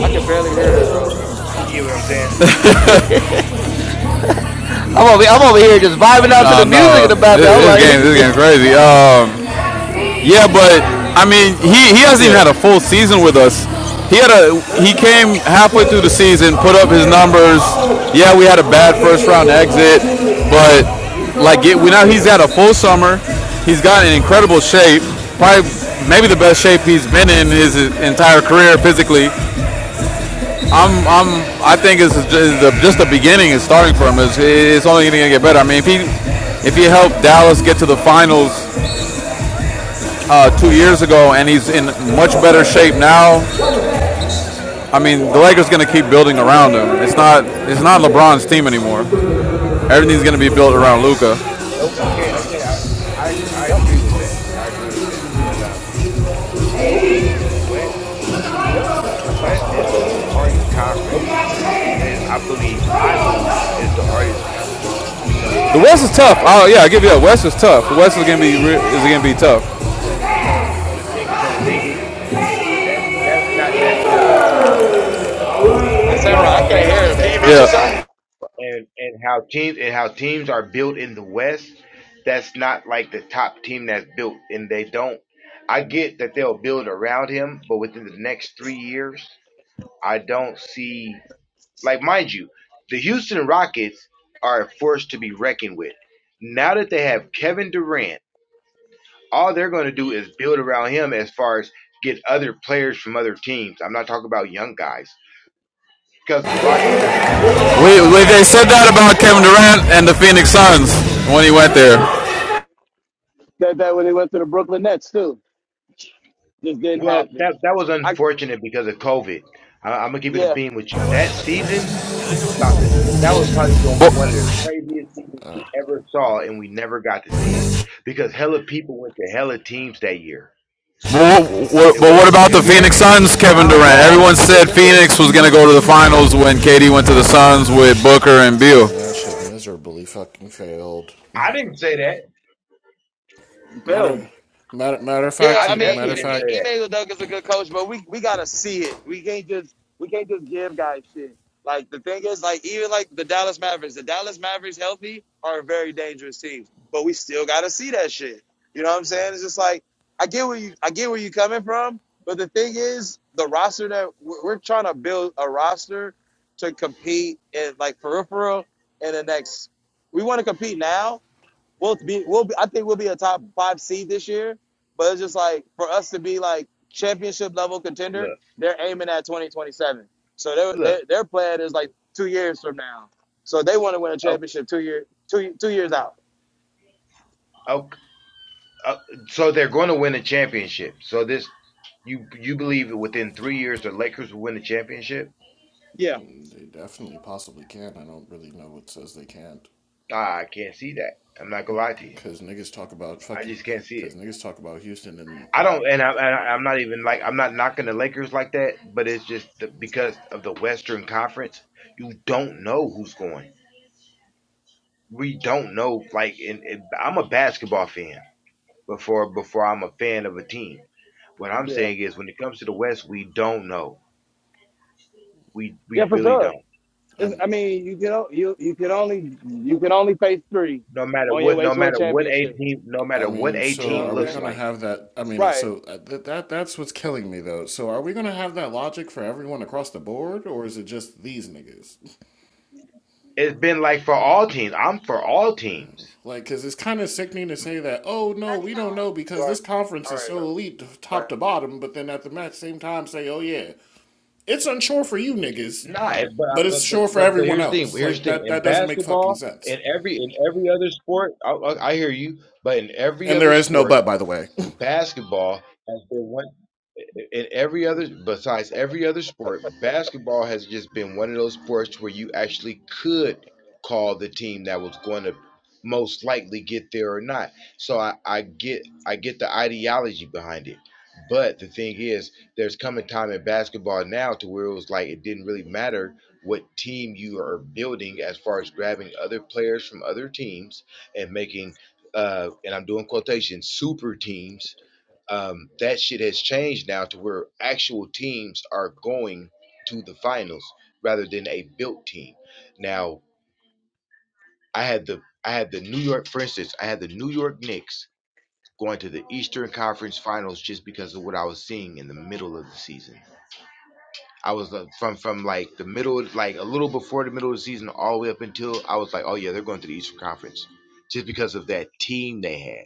Speaker 5: I could barely hear him, bro.
Speaker 9: You get what I'm saying?
Speaker 6: I'm over, I'm over here just vibing out to
Speaker 1: Uh,
Speaker 6: the music in
Speaker 1: no,
Speaker 6: the background. I'm
Speaker 1: this,
Speaker 6: like,
Speaker 1: game,
Speaker 6: niggas,
Speaker 1: this game's crazy. Um, yeah, but I mean, he, he hasn't even had
Speaker 6: yeah,
Speaker 1: a full season with us. He had a he came halfway through the season, put up his numbers. Yeah, we had a bad first round exit, but like it, we now he's had a full summer. He's got an incredible shape, probably maybe the best shape he's been in his entire career physically. I'm, I'm, I think it's just the, beginning. It's starting from. It's, it's only going to get better. I mean, if he, if he helped Dallas get to the finals uh, two years ago, and he's in much better shape now. I mean, the Lakers going to keep building around him. It's not, it's not LeBron's team anymore. Everything's going to be built around Luka.
Speaker 5: Nope.
Speaker 9: Okay, okay, I I ag- I
Speaker 5: Yep.
Speaker 9: agree with that. I agree with that. But um,
Speaker 5: Nope.
Speaker 9: the West, the West,
Speaker 5: Yep.
Speaker 9: the West is the hardest conference. eh, I believe I believe is the hardest conference when it comes to the
Speaker 1: The West is tough.
Speaker 9: playoffs.
Speaker 1: Oh yeah, I give you that. West is tough. The West is going to be is going to be tough.
Speaker 9: So, so, so the thing, so the thing is that that's not necessarily promised.
Speaker 5: Hey,
Speaker 9: I get what
Speaker 5: Samurai, I
Speaker 9: you're
Speaker 5: can't
Speaker 9: saying,
Speaker 5: hear
Speaker 9: but
Speaker 5: him. Can
Speaker 9: that's
Speaker 5: you
Speaker 9: not
Speaker 5: mute
Speaker 1: Yeah.
Speaker 5: yourself?
Speaker 9: promised. And and how teams and how teams are built in the West, that's not like the top team that's built, and they don't. I get that they'll build around him, but within the next three years, I don't see. Like, mind you, the Houston Rockets are a force to be reckoned with. Now that they have Kevin Durant all they're going to do is build around him as far as get other players from other teams. I'm not talking about young guys because the Rockets have the money. The
Speaker 1: We,
Speaker 9: Rockets
Speaker 1: we
Speaker 9: have
Speaker 1: they
Speaker 9: the
Speaker 1: said
Speaker 9: money
Speaker 1: that
Speaker 9: for that.
Speaker 1: about Kevin Durant and the Phoenix Suns when he went there.
Speaker 5: that that when they went to the Brooklyn Nets too. Just didn't
Speaker 9: Well,
Speaker 5: happen.
Speaker 9: that that was
Speaker 5: I
Speaker 9: unfortunate because of COVID. I, I'm gonna give it a
Speaker 5: Yeah.
Speaker 9: beam with you. That season was about to. That was probably going
Speaker 1: But
Speaker 9: to be one of the craziest seasons
Speaker 10: Uh,
Speaker 9: we ever saw, and we never got to see it because hella people went to hella teams that year.
Speaker 1: Well,
Speaker 9: It
Speaker 1: but what
Speaker 9: wasn't just
Speaker 1: about the
Speaker 5: the
Speaker 9: Kevin
Speaker 5: year
Speaker 1: Phoenix
Speaker 9: Durant.
Speaker 1: Suns, Kevin
Speaker 9: John
Speaker 1: Durant?
Speaker 9: Wall,
Speaker 1: Everyone said
Speaker 9: remember,
Speaker 1: Phoenix was going to go to the finals when KD went to the Suns with Booker and
Speaker 10: okay,
Speaker 1: Beal.
Speaker 10: And that shit miserably fucking failed.
Speaker 9: I didn't say that.
Speaker 5: Failed.
Speaker 10: Matter, matter, matter of
Speaker 5: Yeah,
Speaker 10: fact,
Speaker 9: I
Speaker 5: I
Speaker 10: he,
Speaker 5: mean,
Speaker 10: matter
Speaker 9: definitely
Speaker 10: of
Speaker 5: and
Speaker 9: didn't say
Speaker 10: fact,
Speaker 5: E-
Speaker 9: that.
Speaker 5: Emmanuel Douglas is a good coach, but we we gotta see it. We can't just we can't just give guys shit. Like the thing is, like even like the Dallas Mavericks, the Dallas Mavericks healthy are a very dangerous team, but we still gotta see that shit. You know what I'm saying? It's just like I get where you I get where you coming from, but the thing is, the roster that we're, we're trying to build a roster to compete in like peripheral in the next. We want to compete now, we'll be we'll be I think we'll be a top five seed this year. But it's just like for us to be like championship level
Speaker 9: Look.
Speaker 5: contender, they're aiming at twenty twenty seven. So their their
Speaker 9: Look,
Speaker 5: their plan is like two years from now. So they want to win a
Speaker 9: oh,
Speaker 5: championship two year two two years out.
Speaker 9: oh, oh, so they're going to win a championship. So this, you you believe that within three years the Lakers will win the championship?
Speaker 5: Yeah,
Speaker 10: they definitely possibly can. I don't really know what says they can't,
Speaker 9: Ah, I can't see that. I'm not gonna lie to you.
Speaker 10: because niggas talk about
Speaker 9: I
Speaker 10: fucking,
Speaker 9: just can't see
Speaker 10: because
Speaker 9: it.
Speaker 10: niggas talk about Houston, and
Speaker 9: I don't, and, I, and I- I'm not even like I'm not knocking the Lakers like that, but it's just the, because of the Western Conference, you don't know who's going. We don't know. Like, and, and I'm a basketball fan before before I'm a fan of a team. What I'm
Speaker 5: yeah,
Speaker 9: saying is, when it comes to the West, we don't know. We we
Speaker 5: yeah, for
Speaker 9: really don't.
Speaker 5: sure. It's,
Speaker 10: I'm,
Speaker 5: I mean, you can o- you you can only you can only face three
Speaker 9: no matter
Speaker 5: on your
Speaker 9: what,
Speaker 5: way
Speaker 9: no
Speaker 5: to a
Speaker 9: matter what a
Speaker 5: championship.
Speaker 9: team, no
Speaker 10: I
Speaker 9: matter what
Speaker 10: mean,
Speaker 9: a
Speaker 5: You
Speaker 10: so
Speaker 5: know what
Speaker 9: team
Speaker 5: I'm
Speaker 10: are we
Speaker 9: looks
Speaker 5: saying?
Speaker 10: gonna
Speaker 9: like.
Speaker 10: have that? I mean, uh,
Speaker 5: Right.
Speaker 10: so uh, that that that's what's killing me though. So are we gonna have that logic for everyone across the board, or is it just these niggas?
Speaker 9: It's been like for all teams. I'm for all teams.
Speaker 10: Like, because it's kind of sickening to say that, oh no, we don't know
Speaker 5: All
Speaker 10: because
Speaker 5: Right.
Speaker 10: this conference
Speaker 5: All
Speaker 10: is
Speaker 5: right.
Speaker 10: so
Speaker 5: All
Speaker 10: elite
Speaker 5: right.
Speaker 10: top to bottom, but then at the same time say, oh yeah, it's unsure for you niggas,
Speaker 9: Nah, it- but
Speaker 10: but it's
Speaker 9: but but
Speaker 10: sure for
Speaker 9: but, but
Speaker 10: everyone
Speaker 9: here's the thing.
Speaker 10: else.
Speaker 9: Here's
Speaker 10: Like,
Speaker 9: the thing.
Speaker 10: that,
Speaker 9: In
Speaker 10: that doesn't make fucking
Speaker 9: basketball, in
Speaker 10: sense.
Speaker 9: every in every other sport, I, I I hear you. But in every
Speaker 10: And there
Speaker 9: other
Speaker 10: is no
Speaker 9: sport,
Speaker 10: but, by the way.
Speaker 9: Basketball has been one in every other besides every other sport, basketball has just been one of those sports where you actually could call the team that was going to most likely get there or not. So I, I get I get the ideology behind it. But the thing is, there's coming time in basketball now to where it was like it didn't really matter what team you are building as far as grabbing other players from other teams and making uh and I'm doing quotation super teams um, that shit has changed now to where actual teams are going to the finals rather than a built team. Now, I had the I had the New York, for instance, I had the New York Knicks going to the Eastern Conference Finals just because of what I was seeing in the middle of the season. I was uh, from from like the middle, like a little before the middle of the season, all the way up until I was like, oh yeah, they're going to the Eastern Conference, just because of that team they had.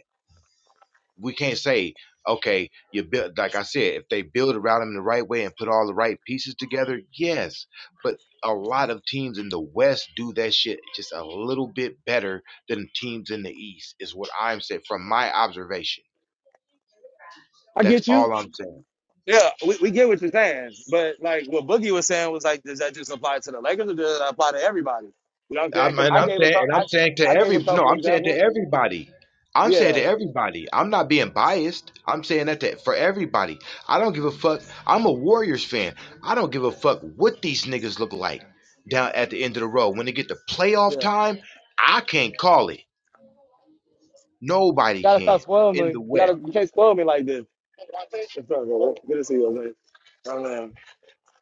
Speaker 9: we can't say okay you build like i said if they build around him the right way and put all the right pieces together yes but a lot of teams in the west do that shit just a little bit better than teams in the east is what i'm saying from my observation that's all i'm saying
Speaker 5: Yeah, we, we get what you're saying, but like what Boogie was saying was like, does that just apply to the Lakers or does that apply to everybody? You know what I'm saying?
Speaker 9: I'm,
Speaker 5: Because
Speaker 9: and
Speaker 5: I
Speaker 9: I'm
Speaker 5: gave a
Speaker 9: saying,
Speaker 5: couple,
Speaker 9: and
Speaker 5: I,
Speaker 9: I'm saying to
Speaker 5: I gave
Speaker 9: every
Speaker 5: a
Speaker 9: no,
Speaker 5: couple
Speaker 9: I'm saying to
Speaker 5: examples.
Speaker 9: everybody. I'm saying to
Speaker 5: Yeah,
Speaker 9: everybody. I'm not being biased. I'm saying that to, for everybody. I don't give a fuck. I'm a Warriors fan. I don't give a fuck what these niggas look like down at the end of the road. When they get to playoff
Speaker 5: yeah.
Speaker 9: time, I can't call it. Nobody
Speaker 5: Gotta stop
Speaker 9: can
Speaker 5: spoiling me.
Speaker 9: in the
Speaker 5: You
Speaker 9: West.
Speaker 5: gotta, you can't spoil me like this. It's all good. Good to see you, man.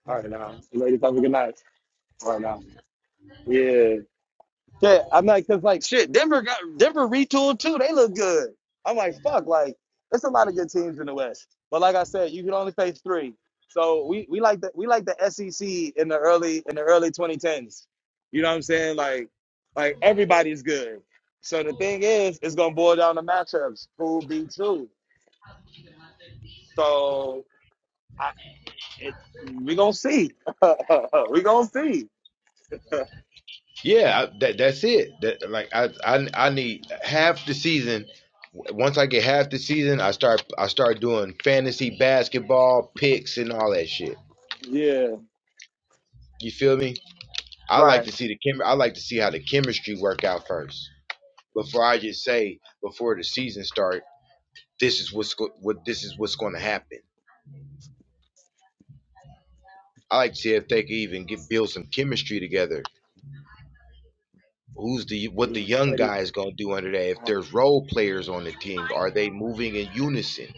Speaker 5: All right, now. You ready to talk? Good night. All right, now. Yeah. Shit, I'm like, cause like shit, Denver got Denver retooled too. They look good. I'm like, fuck, like there's a lot of good teams in the West. But like I said, you can only face three. So we we like the we like the SEC in the early in the early 2010s. You know what I'm saying? Like like everybody's good. So the thing is, it's gonna boil down to matchups. Who beats who? So I, it, we gonna see. we gonna see.
Speaker 9: Yeah, I- that that's it. That like I I I need half the season. W- Once I get half the season, I start I start doing fantasy basketball picks and all that shit.
Speaker 5: Yeah.
Speaker 9: You feel me? I like
Speaker 5: Right.
Speaker 9: to see the chem. I like to see how the chemistry work out first before I just say before the season start. This is what's go- what this is what's going to happen. I like to see if they can even get build some chemistry together. Who's the what the young
Speaker 5: Sorry.
Speaker 9: guy is going to do under that? If there's role players on the team, are they moving in unison?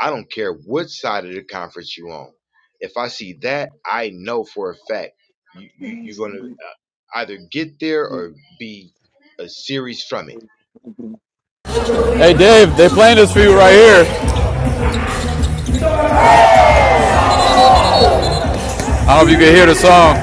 Speaker 9: I don't care what side of the conference you're on. If I see that, I know for a fact you, you, you're going to
Speaker 5: dude.
Speaker 9: either get there or be a series from
Speaker 5: Come
Speaker 9: it.
Speaker 5: on
Speaker 1: Hey, Dave, they playing this for you right here.
Speaker 9: Huh?
Speaker 1: I don't know if you can hear the song.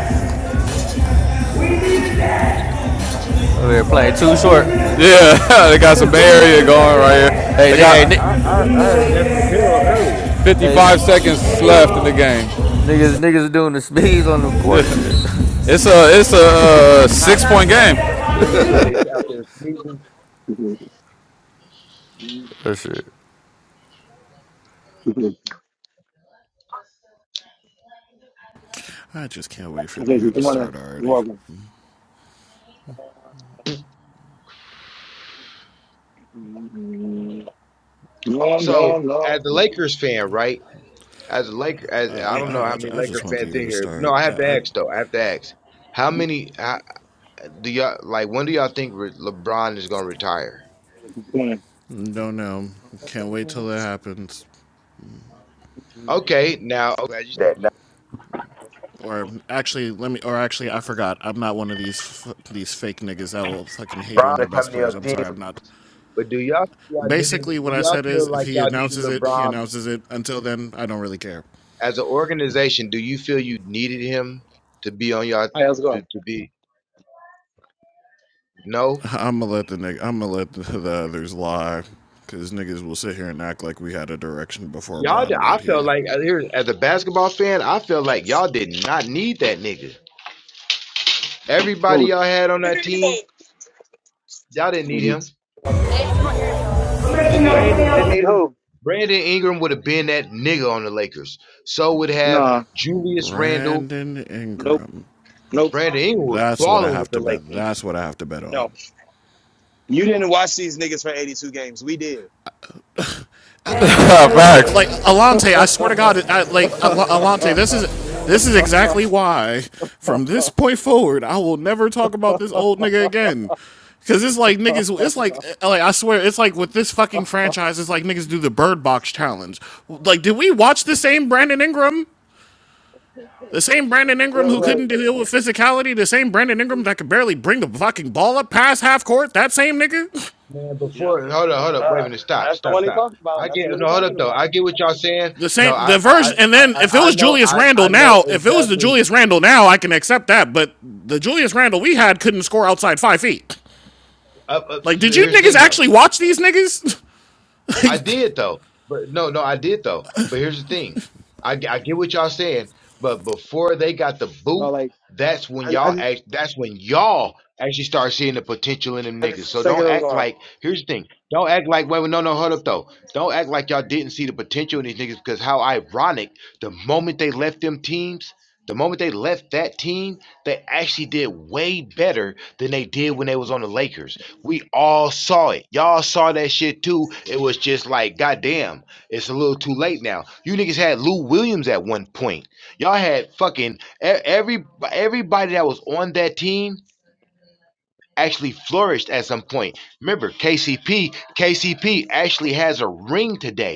Speaker 6: over here playing too short.
Speaker 1: Yeah, they got some Bay Area going right here.
Speaker 6: Hey,
Speaker 1: They
Speaker 9: No,
Speaker 6: nigga, hey,
Speaker 9: I
Speaker 6: ni-
Speaker 1: got
Speaker 9: I, I heard Ned Papillo earlier.
Speaker 6: hey,
Speaker 1: 55 seconds left in the game.
Speaker 6: niggas, niggas doing the sneeze on the court shit.
Speaker 1: It's a it's a uh, six point game.
Speaker 6: that shit.
Speaker 5: in.
Speaker 10: I just can't wait for the year to
Speaker 5: You're
Speaker 10: start already.
Speaker 5: welcome. No, no,
Speaker 9: So, as
Speaker 5: no.
Speaker 9: a
Speaker 5: Come
Speaker 9: Lakers fan, right? As a Laker,
Speaker 10: I
Speaker 9: as I don't
Speaker 10: I,
Speaker 9: know
Speaker 10: I,
Speaker 9: how many
Speaker 10: I just
Speaker 9: Laker
Speaker 10: want the
Speaker 9: fans
Speaker 10: year
Speaker 9: in
Speaker 10: to
Speaker 9: here. No,
Speaker 10: start.
Speaker 9: I have to
Speaker 10: I, I
Speaker 9: ask though. I have to ask. How many how, do y'all like? When do y'all think re- LeBron is going to retire?
Speaker 5: on
Speaker 10: don't know. Can't wait till it happens.
Speaker 9: Okay, now I'm glad you said that.
Speaker 10: Or actually, let me. Or actually, I forgot. I'm not one of these f- these fake niggas that will fucking hate on
Speaker 9: LeBron
Speaker 10: their
Speaker 9: is
Speaker 10: best
Speaker 9: coming to your
Speaker 10: players. I'm
Speaker 9: team.
Speaker 10: sorry. I'm not.
Speaker 9: But do y'all y'all needed
Speaker 10: Basically,
Speaker 9: do
Speaker 10: what I
Speaker 9: y'all
Speaker 10: said is,
Speaker 9: feel
Speaker 10: if
Speaker 9: like
Speaker 10: he
Speaker 9: y'all needed
Speaker 10: announces it, he
Speaker 9: LeBron
Speaker 10: announces it. Until then, I don't really care.
Speaker 9: as an organization? Do you feel you needed him to be on y'all
Speaker 5: Hey, how's it
Speaker 9: to,
Speaker 5: going?
Speaker 9: to be no?
Speaker 10: I'm gonna let the nigga, I'm gonna let the, the others lie, because niggas will sit here and act like we had a direction before
Speaker 9: Y'all, d-
Speaker 10: Bron
Speaker 9: I
Speaker 10: got
Speaker 9: felt
Speaker 10: here.
Speaker 9: like uh, here as a basketball fan, I felt like y'all did not need that nigga. Everybody
Speaker 5: Cool.
Speaker 9: y'all had on that team, y'all didn't need
Speaker 5: Maybe.
Speaker 9: him. Brandon Ingram, Brandon Ingram would have been that nigga on the Lakers. So would have Julius Randle.
Speaker 10: Brandon
Speaker 5: Nope,
Speaker 10: Ingram.
Speaker 5: nope,
Speaker 9: Brandon Ingram was
Speaker 10: That's what I
Speaker 9: balling
Speaker 10: have
Speaker 9: with the
Speaker 10: to bet.
Speaker 9: Lakers.
Speaker 10: That's what I have to bet on.
Speaker 5: no. You didn't watch these niggas for 82 games. We did.
Speaker 10: I, I,
Speaker 9: Man,
Speaker 10: I-
Speaker 1: Facts.
Speaker 10: like Alante, I swear to God, I, like Alante, this is this is exactly why from this point forward, I will never talk about this old nigga again. Cause it's like niggas, it's like like I swear, it's like with this fucking franchise, it's like niggas do the Bird Box challenge. Like, did we watch the same Brandon Ingram? The same Brandon
Speaker 9: I
Speaker 10: Ingram who
Speaker 9: did.
Speaker 5: Like,
Speaker 10: couldn't deal with physicality, the same Brandon Ingram that could barely bring the fucking ball up past half court, that same nigga?
Speaker 9: Man,
Speaker 5: yep.
Speaker 9: before hold up, hold up, wait a
Speaker 5: Uh,
Speaker 9: minute, stop,
Speaker 5: that's the
Speaker 9: stop,
Speaker 5: one he
Speaker 9: stop.
Speaker 5: talked about.
Speaker 9: I
Speaker 5: That's the
Speaker 9: get
Speaker 5: one he
Speaker 9: no, hold up
Speaker 5: talking
Speaker 9: though.
Speaker 5: about.
Speaker 9: I get what y'all saying.
Speaker 10: The
Speaker 9: No,
Speaker 10: same the
Speaker 9: I, I,
Speaker 10: version and
Speaker 9: I,
Speaker 10: then if it
Speaker 9: I I
Speaker 10: was
Speaker 9: know,
Speaker 10: Julius
Speaker 9: I,
Speaker 10: Randle
Speaker 9: I know
Speaker 10: now, if it was the
Speaker 9: exactly.
Speaker 10: Julius Randle now, I can accept that, but the Julius Randle we had couldn't score outside five feet.
Speaker 9: Up, up.
Speaker 10: Like, did you
Speaker 9: Here's the
Speaker 10: niggas
Speaker 9: thing though.
Speaker 10: actually watch these niggas? Like,
Speaker 9: I did though, but no, no, I did though. But here's the thing, I, I get what y'all saying, but before they got the
Speaker 5: But,
Speaker 9: boot,
Speaker 5: like,
Speaker 9: that's when
Speaker 5: I, I
Speaker 9: y'all
Speaker 5: just
Speaker 9: act. That's when y'all actually start seeing the potential in them
Speaker 5: had his
Speaker 9: niggas. So don't
Speaker 5: second
Speaker 9: act
Speaker 5: alarm.
Speaker 9: like. Here's the thing, don't act like. Wait, wait, no, no, hold up though. Don't act like y'all didn't see the potential in these niggas because how ironic. The moment they left them teams. The moment they left that team, they actually did way better than they did when they was on the Lakers. We all saw it. Y'all saw that shit too. It was just like, goddamn, it's a little too late now. You niggas had Lou Williams at one point. Y'all had fucking e- every everybody that was on that team actually flourished at some point. Remember, KCP, KCP actually has a ring today.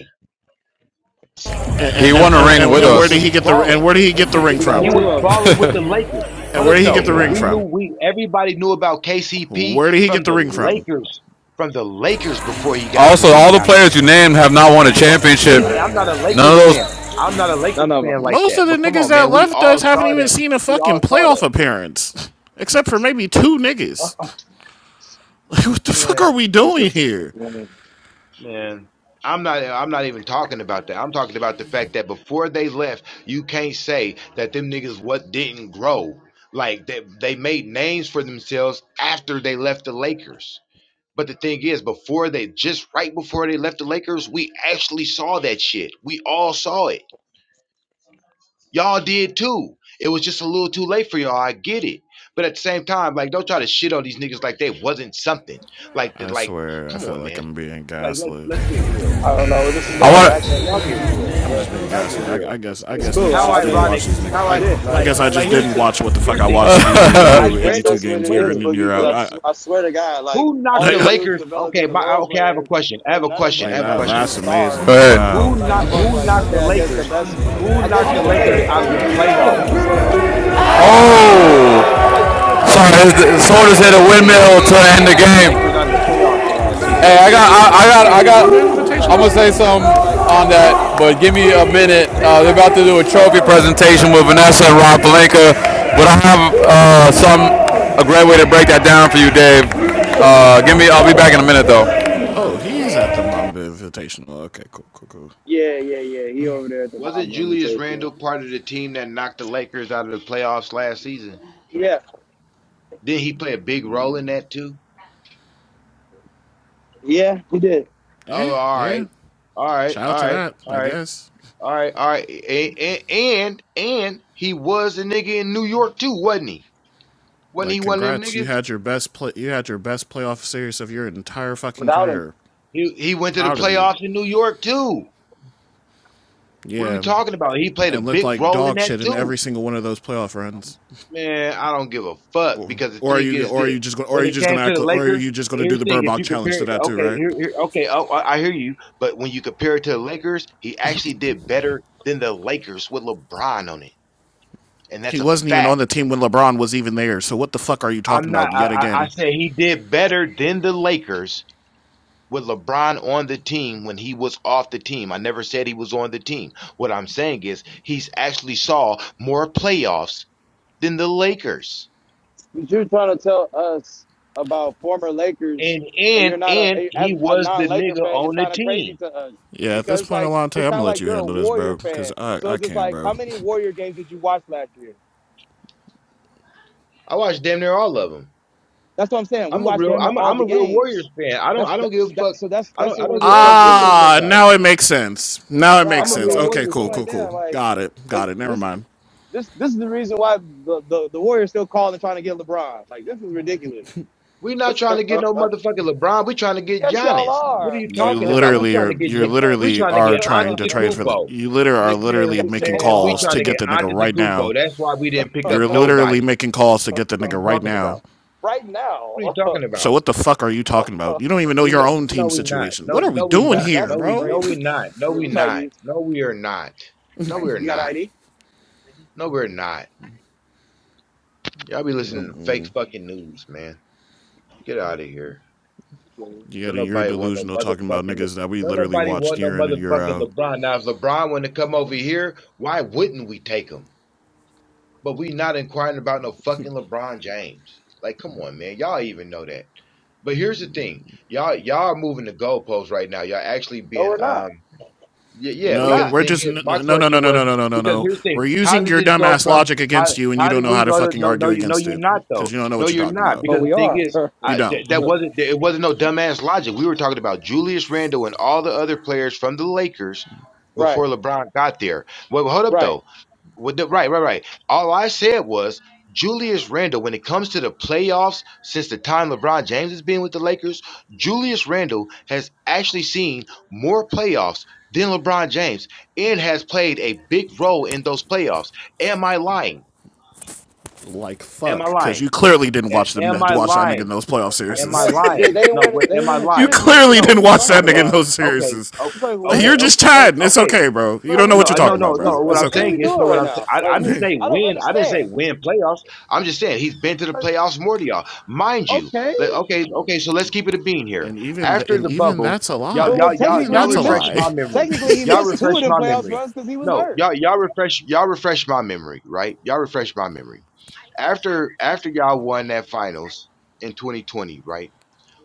Speaker 10: And,
Speaker 1: He
Speaker 10: and
Speaker 1: won a
Speaker 10: and
Speaker 9: Like
Speaker 1: ring
Speaker 10: and
Speaker 1: with
Speaker 10: and
Speaker 9: niggas
Speaker 10: where
Speaker 1: us.
Speaker 10: did
Speaker 9: was
Speaker 10: he get the and
Speaker 9: balling.
Speaker 10: where did he
Speaker 9: Uh,
Speaker 10: get the
Speaker 9: n-
Speaker 10: ring
Speaker 5: He
Speaker 9: n-
Speaker 5: got
Speaker 9: He
Speaker 10: from?
Speaker 5: two
Speaker 9: was
Speaker 5: of them.
Speaker 9: balling with the Lakers.
Speaker 10: And
Speaker 9: Hold
Speaker 10: where
Speaker 9: up
Speaker 10: did he get the
Speaker 9: though.
Speaker 10: ring
Speaker 9: We knew
Speaker 10: from?
Speaker 9: we everybody knew about KCP
Speaker 10: Where did he
Speaker 9: from
Speaker 10: get the
Speaker 9: the
Speaker 10: ring from?
Speaker 9: Lakers, from the Lakers before he got to
Speaker 1: Also,
Speaker 9: where he
Speaker 1: all the
Speaker 9: got
Speaker 1: players
Speaker 9: to.
Speaker 1: you named have not
Speaker 9: So
Speaker 1: won a
Speaker 9: come on.
Speaker 1: championship.
Speaker 9: And I'm not a
Speaker 1: None of
Speaker 9: Lakers fan.
Speaker 1: those.
Speaker 9: I'm not a
Speaker 5: None
Speaker 9: Lakers
Speaker 5: of them.
Speaker 9: fan like
Speaker 10: most
Speaker 9: that.
Speaker 10: of the
Speaker 9: But come
Speaker 10: niggas
Speaker 9: on,
Speaker 10: that
Speaker 9: man. We
Speaker 10: left
Speaker 9: all
Speaker 10: us haven't
Speaker 9: saw
Speaker 10: even
Speaker 9: that.
Speaker 10: seen a
Speaker 9: We
Speaker 10: fucking
Speaker 9: all saw
Speaker 10: playoff appearance. Except for maybe two niggas.
Speaker 5: Uh-uh.
Speaker 10: Like, what the
Speaker 9: that.
Speaker 10: fuck are we
Speaker 5: He
Speaker 10: doing
Speaker 5: said,
Speaker 10: here?
Speaker 9: Man, I'm not. I'm not even talking about that. I'm talking about the fact that before they left, you can't say that them niggas what didn't grow. Like they they made names for themselves after they left the Lakers. But the thing is, before they just right before they left the Lakers, we actually saw that shit. We all saw it. Y'all did too. It was just a little too late for y'all. I get it. But at the same time, like don't try to shit on these niggas like they wasn't something. Like that.
Speaker 10: I
Speaker 9: Like
Speaker 10: swear, I
Speaker 9: come
Speaker 10: feel
Speaker 9: on,
Speaker 10: like
Speaker 9: man
Speaker 10: I'm being
Speaker 9: like let's
Speaker 10: gaslit.
Speaker 9: let's get real.
Speaker 5: I don't know where
Speaker 9: Let's
Speaker 5: this
Speaker 9: get
Speaker 5: is
Speaker 1: I
Speaker 9: real.
Speaker 5: going,
Speaker 1: want.
Speaker 9: Like man,
Speaker 1: to.
Speaker 5: actually.
Speaker 9: y'all get real.
Speaker 10: I'm
Speaker 5: But
Speaker 10: just being
Speaker 9: Y'all get
Speaker 10: gaslit. I, I
Speaker 9: real.
Speaker 10: guess
Speaker 5: it's,
Speaker 10: I
Speaker 5: it's
Speaker 10: guess
Speaker 5: cool.
Speaker 10: niggas
Speaker 9: How
Speaker 5: I, I
Speaker 10: just didn't
Speaker 5: mean,
Speaker 9: ironic.
Speaker 10: watch these niggas.
Speaker 9: How
Speaker 10: I
Speaker 9: I
Speaker 5: shit.
Speaker 10: I
Speaker 5: like.
Speaker 9: like
Speaker 10: guess I
Speaker 9: like
Speaker 10: just
Speaker 9: here's
Speaker 10: didn't
Speaker 9: the thing.
Speaker 10: watch what the fuck
Speaker 9: Here's
Speaker 10: I
Speaker 9: the thing.
Speaker 10: watched these
Speaker 9: This
Speaker 10: niggas
Speaker 5: I
Speaker 9: Julius
Speaker 10: do
Speaker 5: guess
Speaker 10: 82
Speaker 9: Randle.
Speaker 5: that's what
Speaker 10: games
Speaker 5: it
Speaker 9: Wait a
Speaker 10: year
Speaker 5: is,
Speaker 10: in
Speaker 9: minute.
Speaker 10: and
Speaker 5: Boogie.
Speaker 10: year
Speaker 5: Because
Speaker 10: out.
Speaker 5: I,
Speaker 9: This
Speaker 10: I
Speaker 5: sw- I swear to God, like
Speaker 9: who knocked
Speaker 5: all
Speaker 9: the
Speaker 10: like,
Speaker 5: these dudes
Speaker 9: Lakers?
Speaker 5: developed
Speaker 9: Okay,
Speaker 5: into
Speaker 9: my
Speaker 5: role
Speaker 9: okay. I have a
Speaker 5: players,
Speaker 9: question. I
Speaker 5: but
Speaker 9: have a
Speaker 5: none of
Speaker 9: question.
Speaker 5: them
Speaker 10: like
Speaker 9: I have a
Speaker 10: that
Speaker 5: developed
Speaker 9: question.
Speaker 10: that's
Speaker 5: into
Speaker 1: Go
Speaker 10: amazing.
Speaker 5: stars.
Speaker 1: ahead.
Speaker 10: Wow.
Speaker 9: Who
Speaker 5: Like
Speaker 9: knocked
Speaker 5: fuck,
Speaker 9: who
Speaker 5: like
Speaker 9: knocked
Speaker 5: okay,
Speaker 9: the
Speaker 5: I guess the
Speaker 9: Lakers?
Speaker 5: best.
Speaker 9: Who
Speaker 5: I guess
Speaker 9: knocked
Speaker 5: you
Speaker 9: the
Speaker 5: can take
Speaker 9: Lakers
Speaker 5: the
Speaker 9: out of the
Speaker 5: statement back
Speaker 9: playoffs
Speaker 5: when you
Speaker 9: this
Speaker 5: said like
Speaker 9: season?
Speaker 5: none of them like turned into anything.
Speaker 1: Oh,
Speaker 5: I'm like Julius
Speaker 1: sorry.
Speaker 5: Randle did make
Speaker 9: Who
Speaker 5: the
Speaker 9: knocked the
Speaker 1: Soldiers hit
Speaker 5: playoffs a
Speaker 1: a
Speaker 9: Lakers?
Speaker 5: couple
Speaker 1: windmill to
Speaker 5: years.
Speaker 1: end
Speaker 9: Who
Speaker 1: the
Speaker 9: knocked the
Speaker 1: game.
Speaker 5: You know
Speaker 9: Lakers
Speaker 5: what I'm
Speaker 9: out of the
Speaker 5: saying? He
Speaker 9: playoffs the
Speaker 5: did just
Speaker 9: last
Speaker 5: make the
Speaker 9: season?
Speaker 1: Hey, I
Speaker 5: Western
Speaker 1: got, I,
Speaker 5: Conference
Speaker 1: I
Speaker 10: Is
Speaker 1: got,
Speaker 5: Finals.
Speaker 10: somebody
Speaker 1: I
Speaker 10: at the
Speaker 1: got.
Speaker 10: Mamba
Speaker 5: So it's like,
Speaker 1: I'm
Speaker 10: Invitational?
Speaker 1: gonna
Speaker 5: oh
Speaker 1: say
Speaker 5: yeah,
Speaker 1: something
Speaker 5: shit. But like, come
Speaker 1: on
Speaker 5: on.
Speaker 1: that, but give me a minute. Uh, they're about to do a trophy presentation with Vanessa and Rob Palenka, but I have uh, some a great way to break that down for you, Dave. Uh, give me, I'll be back in a minute though.
Speaker 10: Oh, he's at the Mamba Invitational. Okay, cool, cool, cool.
Speaker 5: Yeah, yeah, yeah. He over there at the
Speaker 9: Wasn't
Speaker 5: Mount Vernon
Speaker 9: Julius Randle
Speaker 5: Invitational.
Speaker 9: part of the team that knocked the Lakers out of the playoffs last season?
Speaker 5: Yeah,
Speaker 9: Did he play a big role in that too?
Speaker 5: yeah, he did.
Speaker 9: Oh,
Speaker 10: Yeah,
Speaker 9: all
Speaker 10: yeah.
Speaker 9: right, all right,
Speaker 10: Shout out
Speaker 9: all
Speaker 10: to
Speaker 9: right,
Speaker 10: that,
Speaker 9: all
Speaker 10: I
Speaker 9: right,
Speaker 10: guess.
Speaker 9: all right, all right. And and, and he was a nigga in New York too, wasn't he? Wasn't
Speaker 10: Like
Speaker 9: he one of them
Speaker 10: congrats, you
Speaker 9: niggas?
Speaker 10: had your best play you had your best playoff series of your entire fucking
Speaker 5: Without
Speaker 10: career.
Speaker 5: him.
Speaker 9: He he went to the
Speaker 10: Proud of you.
Speaker 9: playoffs in New York too. What are we
Speaker 10: Yeah.
Speaker 9: talking about? He played a
Speaker 10: And looked
Speaker 9: big
Speaker 10: like
Speaker 9: role in
Speaker 10: dog
Speaker 9: that
Speaker 10: shit in
Speaker 9: too.
Speaker 10: every single one of those playoff runs.
Speaker 9: Man, I don't give a fuck
Speaker 10: Or,
Speaker 9: because the
Speaker 10: or are
Speaker 9: thing
Speaker 10: you
Speaker 9: is
Speaker 10: or are
Speaker 9: this:
Speaker 10: you just or are
Speaker 9: when
Speaker 10: you
Speaker 9: it
Speaker 10: just going
Speaker 9: came
Speaker 10: to
Speaker 9: to
Speaker 10: act
Speaker 9: the
Speaker 10: or are
Speaker 9: Lakers,
Speaker 10: you just
Speaker 9: but
Speaker 10: going to do
Speaker 9: here's
Speaker 10: the
Speaker 9: the thing: if
Speaker 10: Burbach
Speaker 9: you
Speaker 10: challenge
Speaker 9: compare
Speaker 10: to
Speaker 9: it,
Speaker 10: that too,
Speaker 9: okay,
Speaker 10: right?
Speaker 9: here, here, okay, oh, I I hear you. But when you compare it to the Lakers, he actually did better than the Lakers with LeBron on it. and
Speaker 10: He
Speaker 9: that's a
Speaker 10: wasn't even on
Speaker 9: fact.
Speaker 10: the team when LeBron was even there. So what the fuck are you talking
Speaker 9: I'm not.
Speaker 10: about
Speaker 9: I,
Speaker 10: yet
Speaker 9: I I
Speaker 10: again?
Speaker 9: say he did better than the Lakers with LeBron on the team when he was off the team. I never said he was on the team. What I'm saying is he's actually saw more playoffs than the Lakers,
Speaker 5: But You're trying to tell us about former Lakers,
Speaker 9: and
Speaker 5: and you're
Speaker 9: and
Speaker 5: not a
Speaker 9: and
Speaker 5: as
Speaker 9: he
Speaker 5: a
Speaker 9: was the
Speaker 5: non-Laker
Speaker 9: nigga
Speaker 5: fan. It's
Speaker 9: on the
Speaker 5: kind of crazy
Speaker 9: team.
Speaker 5: to us
Speaker 10: Yeah, at this
Speaker 5: because
Speaker 10: point,
Speaker 5: like
Speaker 10: Alante,
Speaker 5: it's
Speaker 10: I'm
Speaker 5: kind
Speaker 10: gonna
Speaker 5: of
Speaker 10: let
Speaker 5: like
Speaker 10: you
Speaker 5: you're a
Speaker 10: handle this,
Speaker 5: Warrior
Speaker 10: bro, because
Speaker 5: fan.
Speaker 10: I
Speaker 5: So
Speaker 10: I
Speaker 5: it's just
Speaker 10: can't,
Speaker 5: like how
Speaker 10: bro.
Speaker 5: many Warrior games did you watch last year?
Speaker 9: I watched damn near all of them.
Speaker 5: That's what I'm saying. We
Speaker 9: I'm a
Speaker 5: watched
Speaker 9: real.
Speaker 5: damn near
Speaker 9: I'm a,
Speaker 5: all
Speaker 9: I'm
Speaker 5: the
Speaker 9: a real
Speaker 5: games.
Speaker 9: Warriors fan. I don't.
Speaker 5: That's
Speaker 9: I don't
Speaker 5: that,
Speaker 9: give a
Speaker 5: so, that,
Speaker 9: fuck.
Speaker 5: so that's
Speaker 9: I
Speaker 5: that's
Speaker 9: don't. I
Speaker 5: what we're
Speaker 9: don't give a fuck
Speaker 5: saying to
Speaker 9: what they
Speaker 5: you,
Speaker 9: look
Speaker 10: Ah,
Speaker 9: like.
Speaker 10: now it makes sense. Now it
Speaker 5: right?
Speaker 10: makes
Speaker 9: I'm a
Speaker 10: sense.
Speaker 9: real
Speaker 5: Okay.
Speaker 10: Okay,
Speaker 9: Warriors
Speaker 5: I'm
Speaker 10: cool,
Speaker 9: fan.
Speaker 5: like,
Speaker 10: cool, cool.
Speaker 5: damn, like
Speaker 10: Got it, got
Speaker 5: it's-
Speaker 10: it. Never
Speaker 5: this
Speaker 10: mind.
Speaker 5: this this is the reason why the the, the Warriors still calling and trying to get LeBron. Like this is ridiculous.
Speaker 9: We're not trying to get no motherfucking LeBron. We're trying to get
Speaker 5: Yes, y'all
Speaker 9: Giannis. What are
Speaker 5: are.
Speaker 9: you
Speaker 10: You
Speaker 9: talking about? We're
Speaker 10: literally
Speaker 9: trying to
Speaker 10: are
Speaker 9: get
Speaker 10: you
Speaker 9: you. We're
Speaker 10: literally
Speaker 9: trying to
Speaker 10: are
Speaker 9: get
Speaker 10: trying to trade for the
Speaker 9: Antetokounmpo.
Speaker 10: you literally are
Speaker 9: Look, man,
Speaker 10: literally
Speaker 9: we,
Speaker 5: Yes,
Speaker 10: making
Speaker 5: y'all
Speaker 9: man, we
Speaker 10: calls
Speaker 5: are.
Speaker 10: to
Speaker 9: trying to
Speaker 10: get
Speaker 9: get
Speaker 10: the nigga right now.
Speaker 9: Antetokounmpo. That's why we didn't pick up
Speaker 10: You're literally
Speaker 9: nobody.
Speaker 10: making calls to get the
Speaker 9: What are you
Speaker 10: nigga right
Speaker 9: talking
Speaker 10: now.
Speaker 9: about? What are you talking
Speaker 10: So
Speaker 9: about?
Speaker 10: what the fuck are you talking about? You don't even know
Speaker 9: We no,
Speaker 10: your own
Speaker 9: no
Speaker 10: team
Speaker 9: we not.
Speaker 10: situation. What
Speaker 9: No,
Speaker 10: are we
Speaker 9: no, we
Speaker 10: doing
Speaker 5: That
Speaker 9: not.
Speaker 10: here,
Speaker 5: that's
Speaker 9: No, we
Speaker 5: crazy.
Speaker 10: bro?
Speaker 9: no, we not. No,
Speaker 5: Because
Speaker 9: we
Speaker 5: it's
Speaker 9: not. No, we are not. No,
Speaker 5: like,
Speaker 9: we're
Speaker 5: You got
Speaker 9: not.
Speaker 5: ID?
Speaker 9: No, we're not. Y'all be listening to fake fucking news, man. Get out of here.
Speaker 5: No,
Speaker 10: Yeah,
Speaker 9: Don't
Speaker 10: and you're
Speaker 9: nobody want no
Speaker 10: delusional talking about
Speaker 9: motherfucking. Le-
Speaker 10: niggas that we
Speaker 9: Don't
Speaker 10: literally
Speaker 9: nobody
Speaker 10: watched
Speaker 9: want no
Speaker 10: year in and year
Speaker 9: motherfucking
Speaker 10: out.
Speaker 9: LeBron. Now, if LeBron wanted to come over here, why wouldn't we take him? But we not inquiring about no fucking LeBron James. Like, come on, man. Y'all even know that. But here's the thing, y'all y'all are moving the goalposts right now. Y'all actually being
Speaker 5: we're not.
Speaker 9: um yeah, yeah,
Speaker 5: We're
Speaker 10: No,
Speaker 9: because
Speaker 5: not.
Speaker 9: the
Speaker 10: we're
Speaker 9: thing
Speaker 10: just
Speaker 9: is,
Speaker 10: no,
Speaker 9: my
Speaker 10: no, no, no,
Speaker 9: question
Speaker 10: no,
Speaker 9: was
Speaker 10: no, no, no,
Speaker 9: because
Speaker 10: no.
Speaker 9: here's the thing:
Speaker 10: We're
Speaker 9: how
Speaker 10: using
Speaker 9: did
Speaker 10: your
Speaker 9: this go
Speaker 10: dumbass
Speaker 9: from
Speaker 10: logic
Speaker 9: how
Speaker 10: against you, and you
Speaker 9: how
Speaker 10: don't
Speaker 9: did
Speaker 10: know how
Speaker 9: we
Speaker 10: to
Speaker 9: go to
Speaker 10: fucking
Speaker 9: no no
Speaker 10: argue
Speaker 9: you no
Speaker 10: against
Speaker 9: you're
Speaker 10: it
Speaker 9: not
Speaker 10: because
Speaker 9: though
Speaker 10: you don't know
Speaker 9: no
Speaker 10: what you're
Speaker 9: you're
Speaker 10: talking
Speaker 9: not
Speaker 10: about.
Speaker 9: because the thing is
Speaker 10: You
Speaker 9: I, th- that
Speaker 10: don't.
Speaker 9: wasn't it wasn't no dumbass logic. We were talking about Julius Randle and all the other players from the Lakers before LeBron got there. Well, hold up though. With the, right, right, right. All I said was Julius Randle, when it comes to the playoffs, since the time LeBron James has been with the Lakers, Julius Randle has actually seen more playoffs than LeBron James and has played a big role in those playoffs. Am I lying?
Speaker 10: Like
Speaker 9: Am
Speaker 10: fuck,
Speaker 9: I
Speaker 10: because
Speaker 9: lying?
Speaker 10: you clearly didn't watch
Speaker 9: A-
Speaker 10: them
Speaker 9: am I
Speaker 10: watch that nigga in
Speaker 9: lying?
Speaker 10: those playoff series.
Speaker 9: Am I
Speaker 5: Yes, but they,
Speaker 9: lying?
Speaker 5: they didn't
Speaker 9: No,
Speaker 5: win.
Speaker 9: wait,
Speaker 5: They didn't
Speaker 9: am I
Speaker 5: win a
Speaker 10: you
Speaker 9: lying?
Speaker 5: championship.
Speaker 10: clearly
Speaker 5: What are
Speaker 9: No.
Speaker 10: didn't
Speaker 5: we
Speaker 10: watch that
Speaker 5: talking
Speaker 10: nigga in
Speaker 9: Okay,
Speaker 5: about?
Speaker 10: those
Speaker 9: okay,
Speaker 10: series.
Speaker 9: o-
Speaker 5: It's like what?
Speaker 9: okay, okay,
Speaker 10: You're just
Speaker 5: Like
Speaker 10: chatting. It's
Speaker 9: okay.
Speaker 10: okay, bro. You
Speaker 9: I,
Speaker 5: like
Speaker 10: don't know
Speaker 5: what?
Speaker 9: no,
Speaker 10: what you're
Speaker 9: I-
Speaker 5: are-
Speaker 9: no,
Speaker 10: talking
Speaker 5: Like
Speaker 10: about,
Speaker 5: what?
Speaker 9: no,
Speaker 5: What's,
Speaker 10: bro.
Speaker 9: no.
Speaker 5: what?
Speaker 9: What
Speaker 10: It's
Speaker 5: are-
Speaker 9: I'm
Speaker 5: What are
Speaker 10: okay.
Speaker 9: saying
Speaker 5: we
Speaker 9: is, no.
Speaker 5: doing
Speaker 9: What
Speaker 5: right
Speaker 9: I'm saying,
Speaker 5: now?
Speaker 9: I
Speaker 5: Like
Speaker 9: didn't say
Speaker 5: I don't
Speaker 9: win. I didn't
Speaker 5: understand.
Speaker 9: say win playoffs. I'm just saying he's been to the
Speaker 5: Like
Speaker 9: playoffs more than y'all, mind you.
Speaker 5: okay,
Speaker 9: Let, okay, okay. So let's keep it a bean here.
Speaker 10: and even th-
Speaker 9: After
Speaker 10: and
Speaker 9: the
Speaker 10: even
Speaker 9: bubble,
Speaker 10: that's a
Speaker 9: y'all,
Speaker 5: but
Speaker 10: lie.
Speaker 5: well,
Speaker 9: y'all, y'all,
Speaker 10: Even
Speaker 5: technically
Speaker 9: y'all
Speaker 10: that's
Speaker 5: he
Speaker 10: a
Speaker 5: missed.
Speaker 9: refresh
Speaker 10: lie.
Speaker 9: my memory.
Speaker 5: Technically he
Speaker 9: Y'all
Speaker 5: missed two
Speaker 9: refresh
Speaker 5: of them
Speaker 9: my
Speaker 5: playoffs
Speaker 9: memory.
Speaker 5: runs because he was
Speaker 9: No,
Speaker 5: hurt.
Speaker 9: y'all, y'all refresh, y'all refresh my memory. Right? Y'all refresh my memory. After, after y'all won that finals in 2020, right?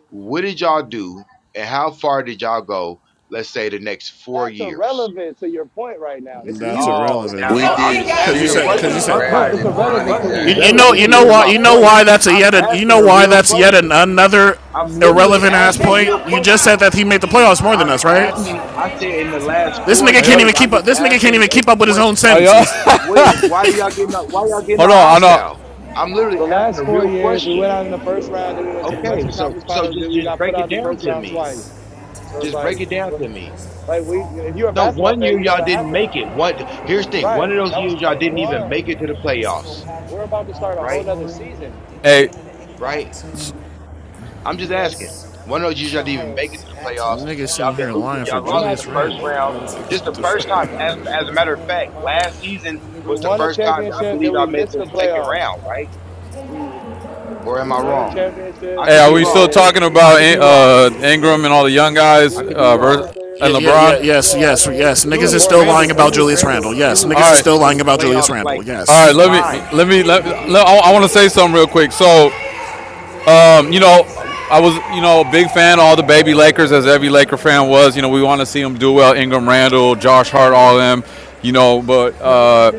Speaker 9: What did y'all do, and how far did y'all go? Let's say the next four
Speaker 5: That's
Speaker 9: years.
Speaker 5: irrelevant to your point right now. It's
Speaker 10: That's
Speaker 5: mute.
Speaker 9: Oh, now
Speaker 11: We
Speaker 9: oh,
Speaker 10: irrelevant.
Speaker 9: I'm
Speaker 1: we
Speaker 11: did
Speaker 9: just
Speaker 1: got
Speaker 10: Cause you
Speaker 9: asking a
Speaker 11: shit
Speaker 10: said,
Speaker 11: and
Speaker 10: cause
Speaker 1: Jada.
Speaker 9: question.
Speaker 10: you
Speaker 11: we
Speaker 10: said,
Speaker 9: Fuck
Speaker 5: No,
Speaker 9: my,
Speaker 5: it's
Speaker 11: drafted
Speaker 5: irrelevant
Speaker 9: fuck
Speaker 11: Bronny
Speaker 5: to
Speaker 9: the
Speaker 10: you,
Speaker 5: it's
Speaker 10: you
Speaker 11: James.
Speaker 10: know, you
Speaker 5: irrelevant
Speaker 9: irrelevancy
Speaker 5: to
Speaker 10: know
Speaker 9: to
Speaker 5: what you're
Speaker 10: why,
Speaker 9: my
Speaker 10: you know
Speaker 5: saying.
Speaker 9: point.
Speaker 10: why that's a
Speaker 9: I'm
Speaker 10: yet, an, you
Speaker 9: asking
Speaker 10: know
Speaker 9: a
Speaker 10: why
Speaker 9: real
Speaker 10: that's yet an,
Speaker 9: question.
Speaker 10: another
Speaker 9: I'm literally
Speaker 10: irrelevant ass
Speaker 9: asking a
Speaker 1: Next
Speaker 9: real
Speaker 1: up,
Speaker 10: point. You
Speaker 1: we
Speaker 10: just
Speaker 1: got
Speaker 9: question.
Speaker 10: said that he made the playoffs more than
Speaker 9: I'm
Speaker 10: us,
Speaker 1: Ivana
Speaker 10: right?
Speaker 9: asking.
Speaker 1: Wilson
Speaker 9: I said in the last
Speaker 10: This
Speaker 9: four
Speaker 1: Maniata.
Speaker 10: nigga
Speaker 1: Are you?
Speaker 10: can't
Speaker 9: years,
Speaker 10: even
Speaker 9: I'm
Speaker 10: keep up.
Speaker 9: just
Speaker 10: This nigga can't
Speaker 9: asking
Speaker 10: even
Speaker 9: a
Speaker 10: keep up with his own
Speaker 9: question.
Speaker 1: Are you?
Speaker 10: sentences.
Speaker 9: What is? Why do y'all getting? all- Why y'all getting
Speaker 1: Hold
Speaker 9: all
Speaker 1: on, I know.
Speaker 9: hostile? I'm literally
Speaker 5: The
Speaker 9: asking
Speaker 5: last
Speaker 9: a
Speaker 5: four
Speaker 9: real
Speaker 5: years, we
Speaker 9: question.
Speaker 5: went out in the first round, then we went to the
Speaker 9: Okay,
Speaker 5: Western
Speaker 9: so
Speaker 5: Conference
Speaker 9: so
Speaker 5: Finals, then
Speaker 9: just
Speaker 5: we
Speaker 9: just
Speaker 5: got put
Speaker 9: break
Speaker 5: out
Speaker 9: it
Speaker 5: in the
Speaker 9: down
Speaker 5: first
Speaker 9: to
Speaker 5: round
Speaker 9: me.
Speaker 5: twice. So it's
Speaker 9: Just break
Speaker 5: like,
Speaker 9: it down to me.
Speaker 5: well, like we, if you're a
Speaker 9: No,
Speaker 5: basketball
Speaker 9: one
Speaker 5: fan,
Speaker 9: year
Speaker 5: you know
Speaker 9: y'all
Speaker 5: what
Speaker 9: didn't make
Speaker 5: happened,
Speaker 9: it. One here's the thing.
Speaker 5: right?
Speaker 9: One of those
Speaker 5: That was
Speaker 9: years y'all didn't even make
Speaker 5: 21.
Speaker 9: it to the playoffs,
Speaker 5: We're about to start a whole
Speaker 9: right?
Speaker 5: nother season.
Speaker 1: Hey.
Speaker 9: right? I'm just asking. One of those years y'all didn't even make it to the playoffs.
Speaker 10: Nigga sitting
Speaker 9: Y'all been
Speaker 10: here
Speaker 9: losing.
Speaker 10: lying for
Speaker 9: Y'all
Speaker 5: We're
Speaker 9: lost in the
Speaker 5: not.
Speaker 10: Julius
Speaker 9: first
Speaker 10: Randle,
Speaker 9: round.
Speaker 10: bro. Like
Speaker 9: This is
Speaker 10: what
Speaker 9: the
Speaker 10: the fuck?
Speaker 9: first time, as as a matter of fact, last season
Speaker 5: We
Speaker 9: was the
Speaker 5: won a
Speaker 9: first time I
Speaker 5: championship,
Speaker 9: believe
Speaker 5: then we
Speaker 9: I made it
Speaker 5: missed
Speaker 9: to
Speaker 5: the
Speaker 9: the second
Speaker 5: playoffs.
Speaker 9: round, right?
Speaker 5: We
Speaker 9: Or am
Speaker 5: we
Speaker 9: I
Speaker 5: won a
Speaker 9: wrong? I
Speaker 5: championship,
Speaker 1: Hey,
Speaker 9: could
Speaker 1: are
Speaker 9: be
Speaker 1: we
Speaker 5: and
Speaker 1: still
Speaker 9: wrong.
Speaker 1: talking
Speaker 5: then
Speaker 9: I
Speaker 1: about
Speaker 9: could be wrong.
Speaker 1: uh, Ingram and all the young
Speaker 5: did
Speaker 1: guys
Speaker 9: I
Speaker 5: we
Speaker 9: could be
Speaker 5: miss
Speaker 1: uh,
Speaker 5: the
Speaker 9: wrong.
Speaker 1: vers-
Speaker 5: playoffs there?
Speaker 10: Yeah,
Speaker 1: and
Speaker 10: yeah, yeah,
Speaker 1: LeBron?
Speaker 10: yes,
Speaker 5: Yeah, I
Speaker 10: yes,
Speaker 5: mean, it's,
Speaker 10: yes.
Speaker 5: this is a
Speaker 10: Niggas is
Speaker 9: Julius
Speaker 10: still
Speaker 5: boring
Speaker 10: lying
Speaker 9: Randle,
Speaker 10: about
Speaker 9: Julius
Speaker 5: conversation.
Speaker 10: Julius Randle.
Speaker 9: Randle,
Speaker 10: Yes,
Speaker 1: All
Speaker 9: Julius
Speaker 10: niggas is
Speaker 9: Randle
Speaker 1: right,
Speaker 10: still
Speaker 9: been to
Speaker 10: lying
Speaker 9: the
Speaker 10: about Julius
Speaker 9: playoffs
Speaker 10: Randle.
Speaker 9: like
Speaker 1: all right.
Speaker 10: Yes.
Speaker 9: three
Speaker 1: Let me, let
Speaker 9: times.
Speaker 1: me, let.
Speaker 9: He-
Speaker 1: let I, I
Speaker 9: Come
Speaker 1: want to
Speaker 9: on
Speaker 1: say
Speaker 9: now.
Speaker 1: something real quick. So, Um, you know, I was, you know, a big fan of all the baby Lakers, as every Laker fan was. You know, we want to see them do well. Ingram Randall, Josh Hart, all of them. You know, but uh,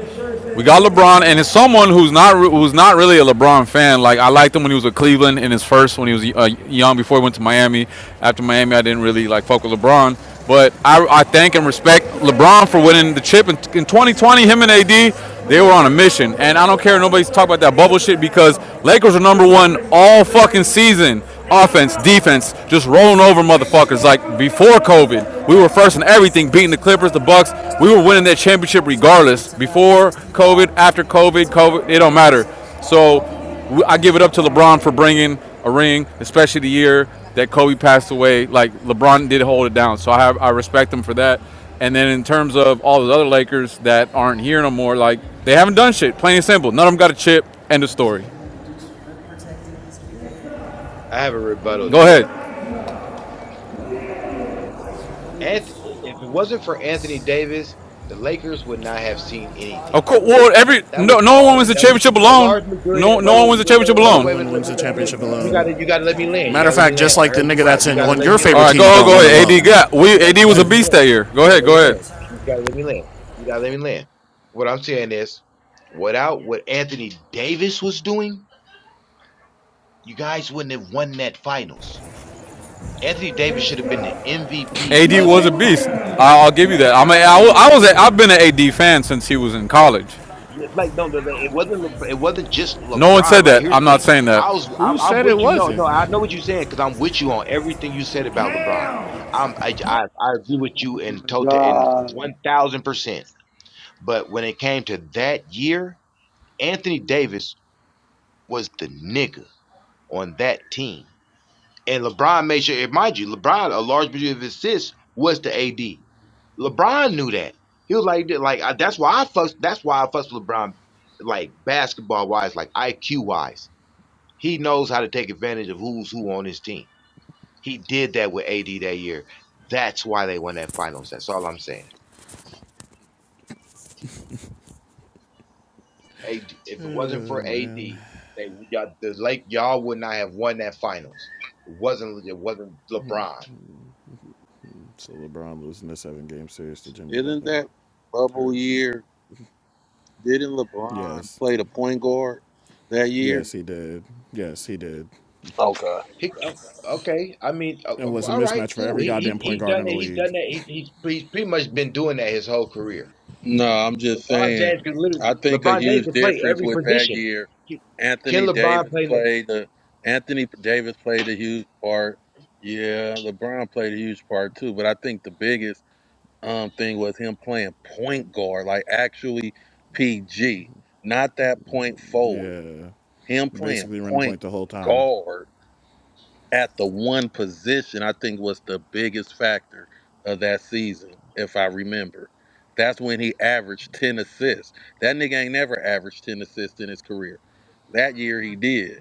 Speaker 1: we got LeBron, and it's someone who's not re- who's not really a LeBron fan. Like I liked him when he was with Cleveland in his first, when he was uh, young before he went to Miami. After Miami, I didn't really like fuck with LeBron. But I, I thank and respect
Speaker 9: Okay,
Speaker 1: LeBron for winning the chip in, in 2020. Him and AD, they were on a mission, and I don't care if nobody's talking about that bubble shit because Lakers are number one all fucking season. Offense, defense, just rolling over motherfuckers. Like before COVID, we were first in everything, beating the Clippers, the Bucks. We were winning that championship regardless. Before COVID, after COVID, COVID, it don't matter. So I give it up to LeBron for bringing a ring, especially the year that Kobe passed away. Like LeBron did hold it down, so I have, I respect him for that. And then in terms of all those other Lakers that aren't here no more, like they haven't done shit. Plain and simple, none of them got a chip. End of story.
Speaker 9: I have a rebuttal
Speaker 1: Go
Speaker 9: to
Speaker 1: ahead.
Speaker 9: that. Anth- if it wasn't for Anthony Davis, the Lakers would not have seen
Speaker 1: Of
Speaker 9: anything
Speaker 1: course, well, every
Speaker 9: That
Speaker 1: no,
Speaker 9: was
Speaker 1: no
Speaker 9: all.
Speaker 1: one wins the
Speaker 9: That was
Speaker 1: championship
Speaker 9: a
Speaker 1: alone.
Speaker 9: large majority.
Speaker 1: No,
Speaker 9: That
Speaker 1: no
Speaker 9: wait,
Speaker 1: one
Speaker 9: wait,
Speaker 1: wins the
Speaker 9: wait,
Speaker 1: championship
Speaker 9: wait, hold up,
Speaker 10: No
Speaker 1: alone.
Speaker 9: wait a
Speaker 10: one
Speaker 9: minute. Let
Speaker 10: wins
Speaker 9: me,
Speaker 10: the
Speaker 9: let me,
Speaker 10: championship
Speaker 9: let- you
Speaker 10: alone.
Speaker 9: gotta, you gotta let me land. You
Speaker 10: Matter of
Speaker 9: gotta let me
Speaker 10: fact, just
Speaker 9: land. I
Speaker 10: like the
Speaker 9: heard
Speaker 10: nigga
Speaker 9: you out.
Speaker 10: that's
Speaker 9: You
Speaker 10: in
Speaker 9: gotta
Speaker 10: on
Speaker 9: let
Speaker 10: your
Speaker 9: me
Speaker 1: All
Speaker 10: favorite
Speaker 1: right,
Speaker 9: land.
Speaker 10: team
Speaker 9: You
Speaker 1: go
Speaker 9: gotta
Speaker 10: don't
Speaker 1: go
Speaker 9: let
Speaker 10: win
Speaker 9: me
Speaker 1: ahead.
Speaker 9: land.
Speaker 1: AD
Speaker 10: alone.
Speaker 1: got
Speaker 9: Uh,
Speaker 1: we
Speaker 9: You gotta,
Speaker 1: AD
Speaker 9: you
Speaker 1: was
Speaker 9: gotta
Speaker 1: a
Speaker 9: let me
Speaker 1: beast
Speaker 9: land.
Speaker 1: that year. Go
Speaker 9: You gotta
Speaker 1: ahead,
Speaker 9: let
Speaker 1: go
Speaker 9: me
Speaker 1: ahead.
Speaker 9: land. You just gotta let me land. You gotta let me land. What I'm saying is, without what Anthony Davis was doing, you guys wouldn't have won that finals. Anthony Davis should have been the MVP
Speaker 1: AD
Speaker 9: of
Speaker 1: was a
Speaker 9: that finals.
Speaker 1: beast. I- will give you that. I'm a, I, mean, I am was a, I've been an AD fan since he was in college.
Speaker 9: Yeah, like no, no, no, it wasn't. Lebr- It wasn't just
Speaker 1: No one
Speaker 9: LeBron.
Speaker 1: said
Speaker 9: Like
Speaker 1: that.
Speaker 9: here's the
Speaker 1: I'm not
Speaker 9: thing.
Speaker 1: saying that.
Speaker 9: I was.
Speaker 10: Who
Speaker 9: I'm, I'm
Speaker 10: said
Speaker 9: with
Speaker 10: it
Speaker 9: you. No, no,
Speaker 10: wasn't?
Speaker 9: I know what you're saying because I'm with you on everything you said about LeBron. I'm. I. I, I agree with you
Speaker 5: Oh
Speaker 9: in
Speaker 5: my
Speaker 9: total in
Speaker 5: God.
Speaker 9: one thousand percent. But when it came to that year, Anthony Davis was the nigga on that team. And LeBron made sure, mind you, LeBron, a large majority of his assists was to AD. LeBron knew that. He was like, like I- that's why I fuss. That's why I fuss with LeBron, like basketball wise, like IQ wise. He knows how to take advantage of who's who on his team. He did that with AD that year. That's why they won that finals. That's all I'm saying. AD, if it wasn't
Speaker 10: Oh
Speaker 9: for AD,
Speaker 10: man.
Speaker 9: they y'all, the Lake y'all would not have won that finals. It wasn't. It wasn't LeBron.
Speaker 10: So LeBron losing the seven game series to Jimmy
Speaker 11: Isn't
Speaker 10: Butler.
Speaker 11: that bubble
Speaker 10: Heard you.
Speaker 11: year? Didn't LeBron
Speaker 10: Yes.
Speaker 11: play the point guard that
Speaker 10: Yes,
Speaker 11: year?
Speaker 10: he did. Yes, he did.
Speaker 11: Okay.
Speaker 9: He, oh, okay. I mean, uh,
Speaker 10: It
Speaker 9: uh,
Speaker 10: was a
Speaker 9: all right,
Speaker 10: mismatch for
Speaker 9: cool.
Speaker 10: every
Speaker 9: He, he
Speaker 10: goddamn point
Speaker 9: he's
Speaker 10: guard
Speaker 9: done
Speaker 10: in the
Speaker 9: that. He's done
Speaker 10: league.
Speaker 9: that. He's, he's he's pretty much been doing that his whole career.
Speaker 11: No, I'm just
Speaker 9: LeBron
Speaker 11: saying.
Speaker 9: James can literally.
Speaker 11: I think a
Speaker 9: LeBron James
Speaker 11: huge
Speaker 9: can play
Speaker 11: difference
Speaker 9: every
Speaker 11: with that
Speaker 9: position.
Speaker 11: year,
Speaker 9: He- Can
Speaker 11: Anthony
Speaker 9: LeBron
Speaker 11: Davis
Speaker 9: play? le-
Speaker 11: played the Anthony Davis played a huge part. Yeah, LeBron played a huge part too, but I think the biggest um thing was him playing point guard, like actually PG, not that point forward.
Speaker 10: Yeah.
Speaker 11: Him playing
Speaker 10: Basically running
Speaker 11: point
Speaker 10: point the whole time.
Speaker 11: guard at the one position, I think, was the biggest factor of that season, if I remember. That's when he averaged 10 assists. That nigga ain't never averaged 10 assists in his career. That year he did.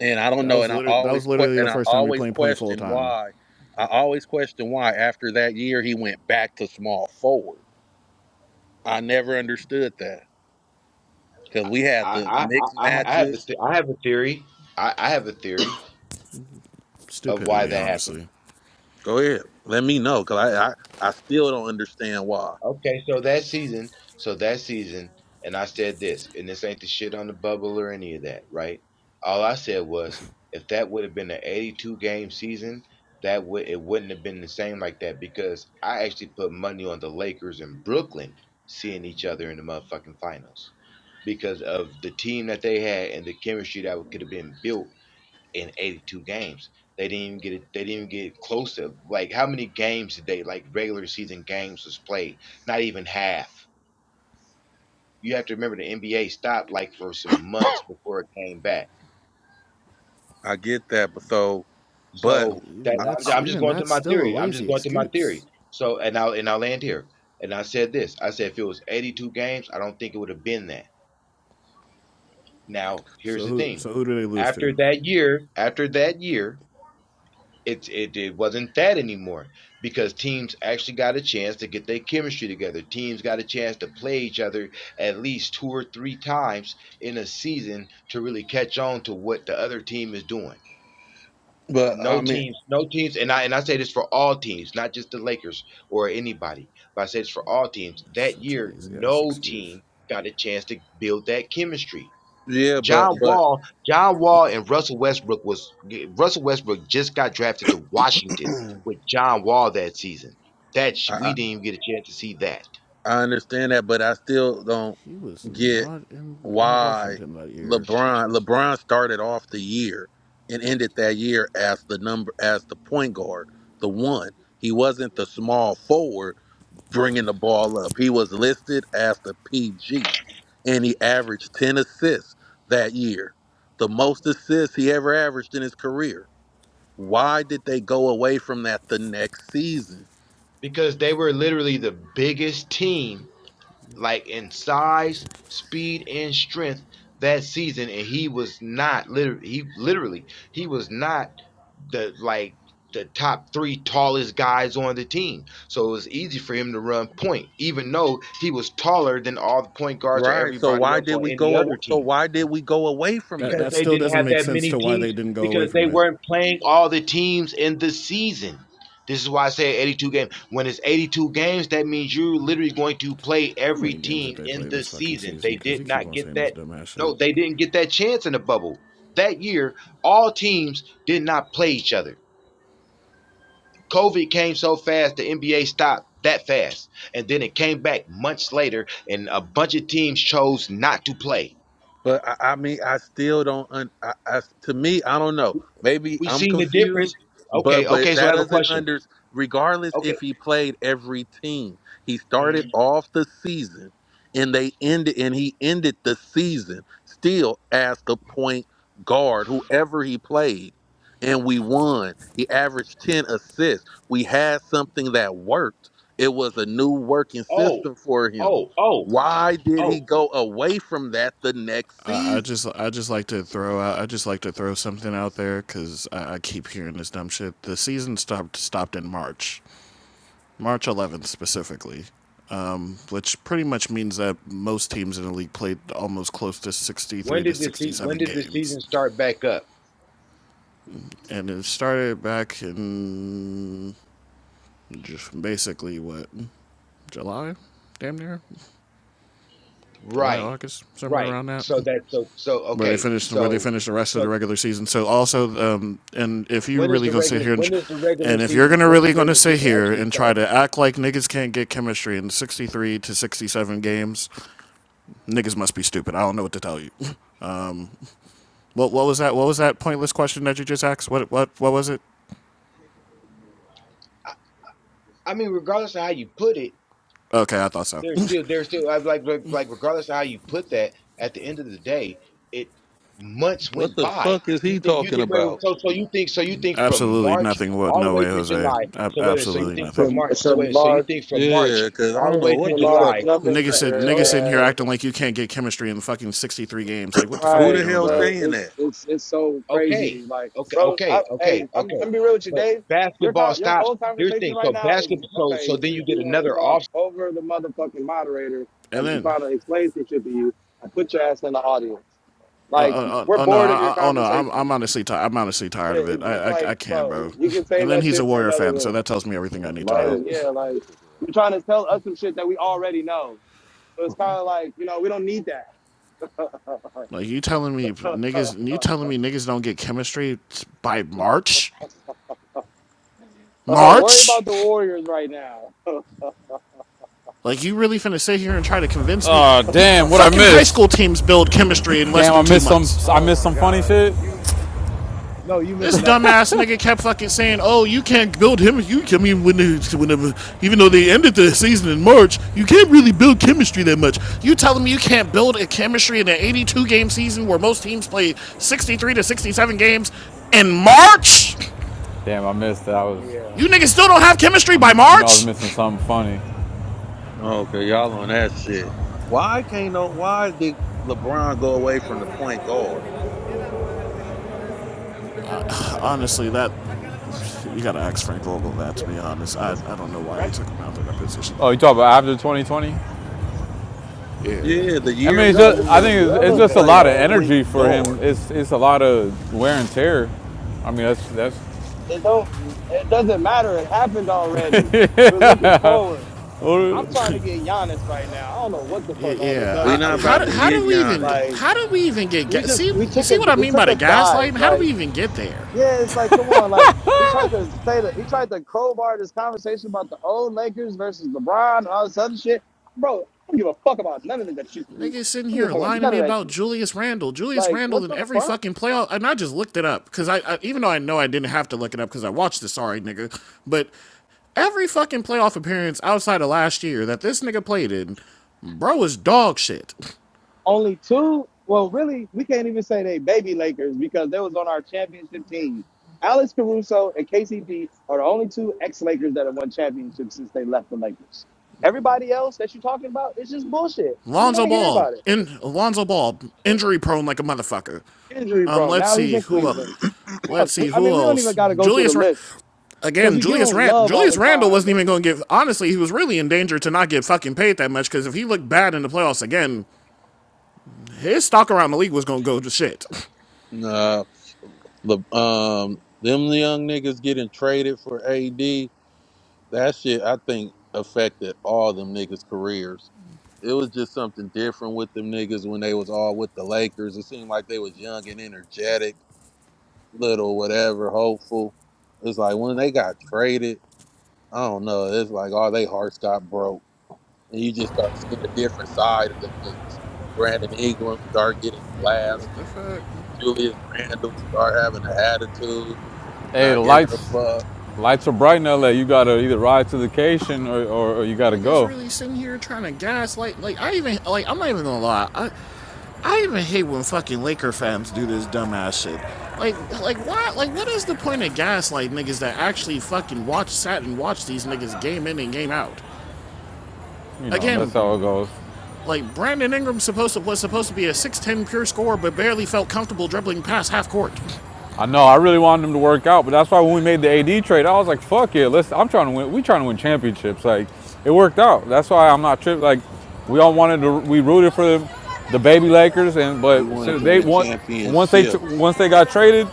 Speaker 11: And I don't
Speaker 10: That
Speaker 11: know,
Speaker 10: was
Speaker 11: and I
Speaker 10: literally that was
Speaker 11: always que-
Speaker 10: literally the
Speaker 11: and I
Speaker 10: first time we
Speaker 11: always
Speaker 10: played point full
Speaker 11: question
Speaker 10: time.
Speaker 11: why. I always question why after that year he went back to small forward. I never understood that because we had the
Speaker 9: I I I,
Speaker 11: mixed
Speaker 9: I I have a
Speaker 11: matches.
Speaker 9: th- I have a theory. I, I have a theory of why
Speaker 10: Stupidity,
Speaker 9: that happened.
Speaker 10: honestly.
Speaker 11: Go ahead. Let me know because I, I I still don't understand why.
Speaker 9: Okay, so that season, so that season, and I said this, and this ain't the shit on the bubble or any of that, right? All I said was, if that would have been an 82 game season, that would it wouldn't have been the same like that because I actually put money on the Lakers and Brooklyn seeing each other in the motherfucking finals because of the team that they had and the chemistry that could have been built in 82 games. They didn't even get it. They didn't even get close to like how many games did they like regular season games was played? Not even half. You have to remember the NBA stopped like for some months before it came back.
Speaker 11: I get that, but so, but
Speaker 10: E-
Speaker 9: So that
Speaker 10: Even
Speaker 9: I'm, ju-
Speaker 10: that's
Speaker 9: I'm just
Speaker 10: even
Speaker 9: going through
Speaker 10: that's
Speaker 9: my
Speaker 10: still a
Speaker 9: theory. I'm just
Speaker 10: lazy
Speaker 9: going through my theory.
Speaker 10: excuse.
Speaker 9: So and I'll and I'll land here. And I said this. I said if it was 82 games, I don't think it would have been that. Now here's
Speaker 10: So
Speaker 9: the
Speaker 10: who
Speaker 9: thing.
Speaker 10: so who did they lose
Speaker 9: After
Speaker 10: to?
Speaker 9: that year, after that year, it, it it wasn't that anymore because teams actually got a chance to get their chemistry together. Teams got a chance to play each other at least two or three times in a season to really catch on to what the other team is doing.
Speaker 11: but I
Speaker 9: No
Speaker 11: mean,
Speaker 9: teams, no teams, and I and I say this for all teams, not just the Lakers or anybody, but I say this for all teams. That
Speaker 10: Such a
Speaker 9: year,
Speaker 10: lazy ass
Speaker 9: no
Speaker 10: excuse.
Speaker 9: team got a chance to build that chemistry.
Speaker 11: yeah, but
Speaker 9: John
Speaker 11: but
Speaker 9: Wall, John Wall and Russell Westbrook was Russell Westbrook just got drafted to Washington with John Wall that season. That sh-
Speaker 11: I
Speaker 9: we
Speaker 11: I
Speaker 9: didn't even get a chance to see that
Speaker 11: I understand that, but I still don't
Speaker 10: He was
Speaker 11: get
Speaker 10: not in on
Speaker 11: why
Speaker 10: Washington that year.
Speaker 11: LeBron LeBron started off the year and ended that year as the number as the point guard, the one. He wasn't the small forward. bringing the ball up. He was listed as the PG, and he averaged 10 assists that year, the most assists he ever averaged in his career. Why did they go away from that the next season?
Speaker 9: because they were literally the biggest team like in size, speed, and strength that season, and he was not literally he literally he was not the like the top three tallest guys on the team. So it was easy for him to run point, even though he was taller than all the point guards or
Speaker 11: Right. So
Speaker 9: everybody
Speaker 11: why
Speaker 9: else
Speaker 11: did
Speaker 9: on
Speaker 11: we
Speaker 9: any
Speaker 11: go?
Speaker 9: other
Speaker 11: aw- So
Speaker 9: team
Speaker 11: why did we go away from
Speaker 10: That
Speaker 11: that?
Speaker 9: because
Speaker 10: that
Speaker 9: they
Speaker 10: still
Speaker 9: didn't
Speaker 10: doesn't
Speaker 9: have
Speaker 10: make
Speaker 9: that
Speaker 10: sense
Speaker 9: many
Speaker 10: to why they
Speaker 9: teams
Speaker 10: didn't go away
Speaker 9: because they
Speaker 10: from it.
Speaker 9: weren't playing all the teams in the season. This is why I say 82 games. When it's 82 games, that means you're literally going to play
Speaker 10: How
Speaker 9: every
Speaker 10: many games did
Speaker 9: team
Speaker 10: they
Speaker 9: in
Speaker 10: play
Speaker 9: the
Speaker 10: this fucking
Speaker 9: season.
Speaker 10: season?
Speaker 9: They
Speaker 10: Because they
Speaker 9: did
Speaker 10: keep
Speaker 9: not
Speaker 10: on
Speaker 9: get
Speaker 10: saying this
Speaker 9: that.
Speaker 10: dumbass
Speaker 9: No,
Speaker 10: shit.
Speaker 9: they didn't get that chance in the bubble. That year, all teams did not play each other. COVID came so fast, the NBA stopped that fast. And then it came back months later, and a bunch of teams chose not to play.
Speaker 11: But I, I mean, I still don't. Un, I, I, to me, I don't know. Maybe
Speaker 9: We
Speaker 11: I'm
Speaker 9: seen the difference.
Speaker 11: confused, but
Speaker 9: Okay,
Speaker 11: but
Speaker 9: okay. So
Speaker 11: that
Speaker 9: I have a
Speaker 11: doesn't
Speaker 9: question.
Speaker 11: under. Regardless,
Speaker 9: Okay.
Speaker 11: if he played every team, he started
Speaker 9: hmm
Speaker 11: off the season, and they ended, and he ended the season still as the point guard, whoever he played, and we won. He averaged ten assists. We had something that worked. It was a new working
Speaker 9: Oh,
Speaker 11: system for him
Speaker 9: oh, oh,
Speaker 11: why did he
Speaker 9: oh.
Speaker 11: go away from that the next
Speaker 10: I, I
Speaker 11: season?
Speaker 10: just I just like to throw out I just like to throw something out there because I, I keep hearing this dumb shit. The season stopped stopped in March, March 11th specifically, um, which pretty much means that most teams in the league played almost close to
Speaker 9: When
Speaker 10: 63 to
Speaker 9: did the se- when
Speaker 10: 67
Speaker 9: did the
Speaker 10: games.
Speaker 9: season start back up?
Speaker 10: and it started back in just basically what July, damn near July,
Speaker 9: Right,
Speaker 10: August, somewhere
Speaker 9: right.
Speaker 10: around that,
Speaker 9: So that so so
Speaker 10: where they
Speaker 9: okay.
Speaker 10: finished where they
Speaker 9: So
Speaker 10: finished the rest of the
Speaker 9: so
Speaker 10: regular season. So also, um, and if you
Speaker 9: when is
Speaker 10: really
Speaker 9: the
Speaker 10: gonna sit
Speaker 9: regular
Speaker 10: here and,
Speaker 9: when is the regular
Speaker 10: and if you're
Speaker 9: season
Speaker 10: gonna
Speaker 9: when does
Speaker 10: really
Speaker 9: the
Speaker 10: gonna
Speaker 9: regular
Speaker 10: sit
Speaker 9: season
Speaker 10: here
Speaker 9: actually
Speaker 10: and try
Speaker 9: start?
Speaker 10: to act like niggas can't get chemistry in 63 to 67 games, niggas must be stupid. I don't know what to tell you. What what was that? What was that pointless question that you just asked? What what what was it?
Speaker 9: I, I mean, regardless of how you put it.
Speaker 10: Okay, I thought so.
Speaker 9: There's still there's still I- like like like regardless of how you put that, at the end of the day, it months
Speaker 11: What
Speaker 9: went
Speaker 11: the
Speaker 9: by.
Speaker 11: fuck is
Speaker 9: You
Speaker 11: he
Speaker 9: think you
Speaker 11: talking
Speaker 9: think wait, wait,
Speaker 11: about?
Speaker 9: so so you think so you think from
Speaker 10: Absolutely
Speaker 9: March
Speaker 10: nothing. What?
Speaker 9: all the
Speaker 10: No
Speaker 9: way
Speaker 10: way,
Speaker 9: to
Speaker 10: Jose.
Speaker 9: July.
Speaker 10: Ab-
Speaker 9: So wait, a minute, so you
Speaker 10: absolutely
Speaker 9: think
Speaker 10: nothing.
Speaker 9: from March so wait, so you think from March
Speaker 11: Yeah, because I
Speaker 9: all the
Speaker 11: don't
Speaker 9: way
Speaker 11: know
Speaker 9: to
Speaker 11: what the fuck
Speaker 9: July.
Speaker 11: you were saying.
Speaker 9: So
Speaker 10: Niggas, in,
Speaker 9: so hold
Speaker 10: niggas
Speaker 9: up,
Speaker 10: in here
Speaker 9: so
Speaker 10: acting like you can't get chemistry in fucking 63 games. Like, what the fuck are
Speaker 11: Who
Speaker 10: we
Speaker 11: the
Speaker 5: Right,
Speaker 10: doing,
Speaker 11: hell
Speaker 10: bro?
Speaker 5: but
Speaker 11: saying
Speaker 5: it's
Speaker 11: that?
Speaker 5: it's it's so
Speaker 9: okay.
Speaker 5: crazy. Like,
Speaker 9: Okay,
Speaker 5: bro, I,
Speaker 9: okay, okay,
Speaker 5: hey, I'm
Speaker 9: okay.
Speaker 5: I'm be real with you,
Speaker 9: But
Speaker 5: Dave. Your co-
Speaker 9: basketball
Speaker 5: your
Speaker 9: stops.
Speaker 5: whole
Speaker 9: Here's the
Speaker 5: conversation
Speaker 9: thing.
Speaker 5: right
Speaker 9: So
Speaker 5: now is
Speaker 9: basketball so so
Speaker 5: okay.
Speaker 9: then
Speaker 5: Since
Speaker 9: you
Speaker 5: you
Speaker 9: get
Speaker 5: want to
Speaker 9: another
Speaker 5: talk
Speaker 9: offseason
Speaker 5: over the motherfucking moderator,
Speaker 10: And
Speaker 5: as I'm
Speaker 10: then,
Speaker 5: trying to explain some shit to you, I put your ass in the audience.
Speaker 10: uh, uh,
Speaker 5: Like,
Speaker 10: uh,
Speaker 5: we're
Speaker 10: oh no,
Speaker 5: bored of your
Speaker 10: I- oh no, I'm,
Speaker 5: conversation.
Speaker 10: I'm honestly, ti I'm honestly tired of
Speaker 5: It,
Speaker 10: it.
Speaker 5: it- it's
Speaker 10: I, I,
Speaker 5: like,
Speaker 10: I can't,
Speaker 5: bro,
Speaker 10: bro.
Speaker 5: you can
Speaker 10: And
Speaker 5: save
Speaker 10: then
Speaker 5: that
Speaker 10: he's a
Speaker 5: shit for
Speaker 10: Warrior
Speaker 5: another
Speaker 10: fan, so
Speaker 5: room.
Speaker 10: that tells me everything I
Speaker 12: Man,
Speaker 10: need to
Speaker 12: my
Speaker 5: Like,
Speaker 10: know.
Speaker 12: head was
Speaker 5: yeah,
Speaker 12: hurting
Speaker 5: like
Speaker 12: listening to that.
Speaker 5: you're trying to tell us some shit that we already know. So it's kind of like, you know, we don't need that.
Speaker 10: Like, you telling me niggas, you telling me niggas don't get chemistry by March?
Speaker 5: worry
Speaker 10: March?
Speaker 5: about the Warriors right now.
Speaker 10: Like you really finna sit here and try to convince me?
Speaker 1: Uh,
Speaker 10: D-
Speaker 1: damn, what I
Speaker 10: fucking high
Speaker 12: Yeah.
Speaker 1: missed?
Speaker 10: school teams build chemistry in less
Speaker 1: Damn, I
Speaker 10: than two
Speaker 1: missed some.
Speaker 10: months.
Speaker 1: I
Speaker 5: Oh
Speaker 1: missed
Speaker 5: my
Speaker 1: some funny
Speaker 5: God.
Speaker 1: shit.
Speaker 5: You, you No, you missed
Speaker 10: This
Speaker 5: nothing.
Speaker 10: dumbass nigga kept fucking saying, "Oh, you can't build him. You, I mean, when they, when even though they ended the season in March, you can't really build chemistry that much. You telling me you can't build a chemistry in an 82 game season where most teams play 63 to 67 games in March?
Speaker 1: Damn, I missed that. I was.
Speaker 5: yeah.
Speaker 10: You niggas still don't have chemistry by
Speaker 1: I'm, I know I was
Speaker 10: March?
Speaker 1: missing something funny.
Speaker 11: Okay, y'all on that shit. Why can't no? Why did LeBron go away from the point guard?
Speaker 10: Honestly, that you gotta ask Frank Vogel that. To be honest, I I don't know why he took him out of that position.
Speaker 1: Oh, you talk about after 2020?
Speaker 10: Yeah.
Speaker 11: Yeah, the
Speaker 1: I mean,
Speaker 11: year
Speaker 5: It
Speaker 1: it's
Speaker 11: we
Speaker 5: don't,
Speaker 1: just. I
Speaker 11: won,
Speaker 1: think it's, it's
Speaker 11: he
Speaker 1: just a
Speaker 11: played
Speaker 1: lot of
Speaker 11: point
Speaker 1: energy for him.
Speaker 11: guard.
Speaker 1: It's it's a lot of wear and tear. I mean, that's that's.
Speaker 5: it don't it doesn't matter. It happened already. We're looking forward. I'm
Speaker 1: hey,
Speaker 5: trying to get Giannis right now. I don't know what the
Speaker 10: Yeah,
Speaker 5: fuck all this
Speaker 11: We
Speaker 10: yeah.
Speaker 5: other
Speaker 10: I,
Speaker 11: not
Speaker 5: shit
Speaker 10: how do,
Speaker 11: about to
Speaker 5: is.
Speaker 10: how
Speaker 11: get
Speaker 10: do we even
Speaker 11: Giannis.
Speaker 5: Like
Speaker 10: how do we even get
Speaker 5: we
Speaker 10: ga-
Speaker 5: just
Speaker 10: see
Speaker 5: we
Speaker 10: you
Speaker 5: took
Speaker 10: see
Speaker 5: a
Speaker 10: what I
Speaker 5: we
Speaker 10: mean by
Speaker 5: took
Speaker 10: the
Speaker 5: a dive.
Speaker 10: gaslighting? How do
Speaker 5: Like
Speaker 10: we even get there?
Speaker 5: yeah, it's like come on. Like he tried to say that he tried to crowbar this conversation about the old Lakers versus LeBron and all this other shit. Bro, I don't give a fuck about none of that shit. I
Speaker 10: Niggas sitting
Speaker 5: don't give a
Speaker 10: here
Speaker 5: fuck about
Speaker 10: lying to
Speaker 5: none
Speaker 10: me
Speaker 5: of that
Speaker 10: about
Speaker 5: shit.
Speaker 10: Julius Randle. Julius
Speaker 5: Like
Speaker 10: Randle
Speaker 5: what
Speaker 10: in
Speaker 5: the
Speaker 10: every
Speaker 5: fuck?
Speaker 10: fucking playoff, and I just looked it up because I, I even though I know I didn't have to look it up because I watched the sorry nigga, but every fucking playoff appearance outside of last year that this nigga played in, bro is dog shit.
Speaker 5: Only two. Well, really, we can't even say they baby Lakers because they was on our championship team. Alex Caruso and KCP are the only two ex-Lakers that have won championships since they left the Lakers. Everybody else that you're talking about is just bullshit. We don't want
Speaker 10: Lonzo
Speaker 5: to hear
Speaker 10: Ball,
Speaker 5: about it.
Speaker 10: in Lonzo Ball, injury prone like a motherfucker.
Speaker 5: Injury
Speaker 10: Um,
Speaker 5: prone.
Speaker 10: let's
Speaker 5: Now he's
Speaker 10: see
Speaker 5: in
Speaker 10: who. el-
Speaker 5: Cleveland.
Speaker 10: Let's
Speaker 5: Fuck. we-
Speaker 10: see
Speaker 5: I
Speaker 10: who
Speaker 5: mean, we don't even
Speaker 10: else.
Speaker 5: got to go through
Speaker 10: Julius,
Speaker 5: the
Speaker 10: Ra-
Speaker 5: list because
Speaker 10: again,
Speaker 5: we give
Speaker 10: Julius
Speaker 5: him
Speaker 10: Rand.
Speaker 5: love all
Speaker 10: Julius
Speaker 5: the
Speaker 10: Randle
Speaker 5: time.
Speaker 10: wasn't
Speaker 5: But
Speaker 10: even
Speaker 5: it's like,
Speaker 10: going to get. Honestly, he was really in danger to not get fucking paid that much because if he looked bad in the playoffs again, his stock around the league was going to go to shit.
Speaker 11: Nah, Le, um, them young niggas getting traded for AD. That shit, I think, affected all them niggas' careers. It was just something different with them niggas when they was all with the Lakers. It seemed like they was young and energetic, little whatever, hopeful. It's like when they got traded, I don't know. It's like all they hearts got broke, and you just start seeing a different side of them niggas. Brandon Ingram start getting
Speaker 10: Like, what the
Speaker 11: blasted.
Speaker 10: fuck?
Speaker 11: Julius Randle start having an attitude,
Speaker 1: the
Speaker 11: not giving a
Speaker 1: lights,
Speaker 11: fuck.
Speaker 1: lights are bright in LA. You gotta either ride to the occasion or, or, or you gotta
Speaker 10: Niggas
Speaker 1: go.
Speaker 10: really sitting here trying to gaslight. Like, I even, like, I'm not even gonna lie. I, I even hate when fucking Laker fans do this dumbass shit. Like, like why? Like, what is the point of gaslight niggas that actually fucking watch, sat and watch these niggas game in and game out?
Speaker 1: You know, that's how
Speaker 10: Again,
Speaker 1: it goes.
Speaker 10: like Brandon Ingram supposed to was supposed to be a six ten pure scorer, but barely felt comfortable dribbling past half court.
Speaker 1: I know. I really wanted him to work out, but that's why when we made the AD trade, I was like, "Fuck it, let's." I'm trying to win. We trying to win championships. Like, it worked out. That's why I'm not tripped. Like, we all wanted to. We rooted for the, the baby Lakers, and
Speaker 11: We
Speaker 1: but
Speaker 11: wanted
Speaker 1: so
Speaker 11: to
Speaker 1: they
Speaker 11: win
Speaker 1: want once they
Speaker 11: championships
Speaker 1: once they got traded.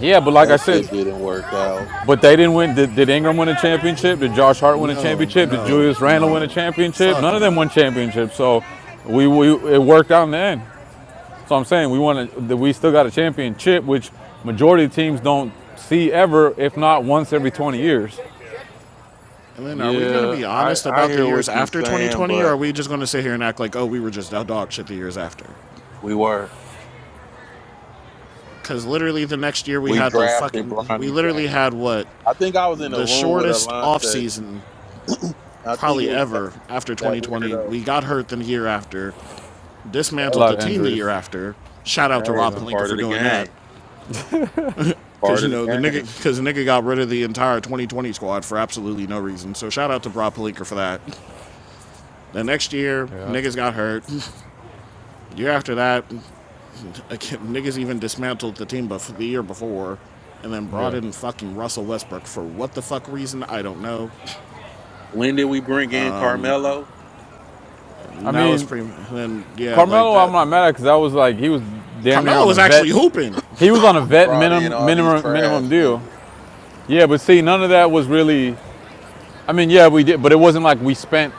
Speaker 1: Yeah, but like I
Speaker 11: That
Speaker 1: said,
Speaker 11: shit didn't work out.
Speaker 1: but they didn't win. Did, did Ingram win a championship? Did Josh Hart win a
Speaker 10: No,
Speaker 1: championship? Did
Speaker 10: no,
Speaker 1: Julius Randle win a
Speaker 10: no,
Speaker 1: championship?
Speaker 10: fuck
Speaker 1: None of them won
Speaker 10: no.
Speaker 1: championships. So, we, we it worked out in the end. So I'm saying we want to. We still got a championship, which majority of teams don't see ever, if not once every 20 years.
Speaker 10: And then, are we going to
Speaker 11: Yeah,
Speaker 10: be
Speaker 11: I
Speaker 10: honest
Speaker 11: I
Speaker 10: about the
Speaker 11: hear
Speaker 10: years
Speaker 11: what you
Speaker 10: after
Speaker 11: saying,
Speaker 10: 2020, or
Speaker 11: but
Speaker 10: are we just going to sit here and act like, oh, we were just dog shit the years after?
Speaker 11: we were
Speaker 10: Because literally the next year we
Speaker 11: we
Speaker 10: had the
Speaker 11: drafted
Speaker 10: fucking, we
Speaker 11: Bronny
Speaker 10: literally
Speaker 11: James.
Speaker 10: had what?
Speaker 11: I think I was in a
Speaker 10: The
Speaker 11: room with
Speaker 10: shortest off
Speaker 11: Alante.
Speaker 10: season
Speaker 11: I think it
Speaker 10: probably
Speaker 11: was that
Speaker 10: ever after
Speaker 11: that
Speaker 10: 2020.
Speaker 11: weirdo.
Speaker 10: We got hurt the year after,
Speaker 1: A
Speaker 10: dismantled
Speaker 1: lot
Speaker 11: Hey,
Speaker 10: the
Speaker 1: of
Speaker 10: team the
Speaker 1: injuries.
Speaker 10: year after. Shout out to
Speaker 11: hey,
Speaker 10: Rob
Speaker 11: it's a
Speaker 1: Well,
Speaker 10: Palinka
Speaker 11: part
Speaker 10: for
Speaker 11: of the
Speaker 10: doing that.
Speaker 11: game.
Speaker 10: Because,
Speaker 11: Part
Speaker 10: you
Speaker 11: of
Speaker 10: know, the
Speaker 11: the
Speaker 10: nigga,
Speaker 11: game.
Speaker 10: because the nigga got rid of the entire 2020 squad for absolutely no reason. So shout out to Rob Palinka for that. The next year,
Speaker 1: Yeah, yeah,
Speaker 10: niggas got hurt. Year after that, Again, niggas even dismantled the team bef- the year before and then brought
Speaker 1: yeah.
Speaker 10: in fucking Russell Westbrook for what the fuck reason? I don't know.
Speaker 11: When did we bring in Carmelo?
Speaker 1: I
Speaker 10: Now it's
Speaker 1: mean,
Speaker 10: pretty. Then, yeah, like
Speaker 1: Carmelo, I'm
Speaker 10: that.
Speaker 1: not mad at because I was like he was damn near
Speaker 10: Carmelo
Speaker 1: on a
Speaker 10: was
Speaker 1: vet.
Speaker 10: actually hooping.
Speaker 1: He was on a
Speaker 11: we
Speaker 1: vet
Speaker 11: brought in
Speaker 1: minimum
Speaker 11: all these
Speaker 1: minimum minimum
Speaker 11: trash
Speaker 1: deal.
Speaker 11: niggas.
Speaker 1: Yeah, but see, none of that was really I mean, yeah, we did, but it wasn't like we spent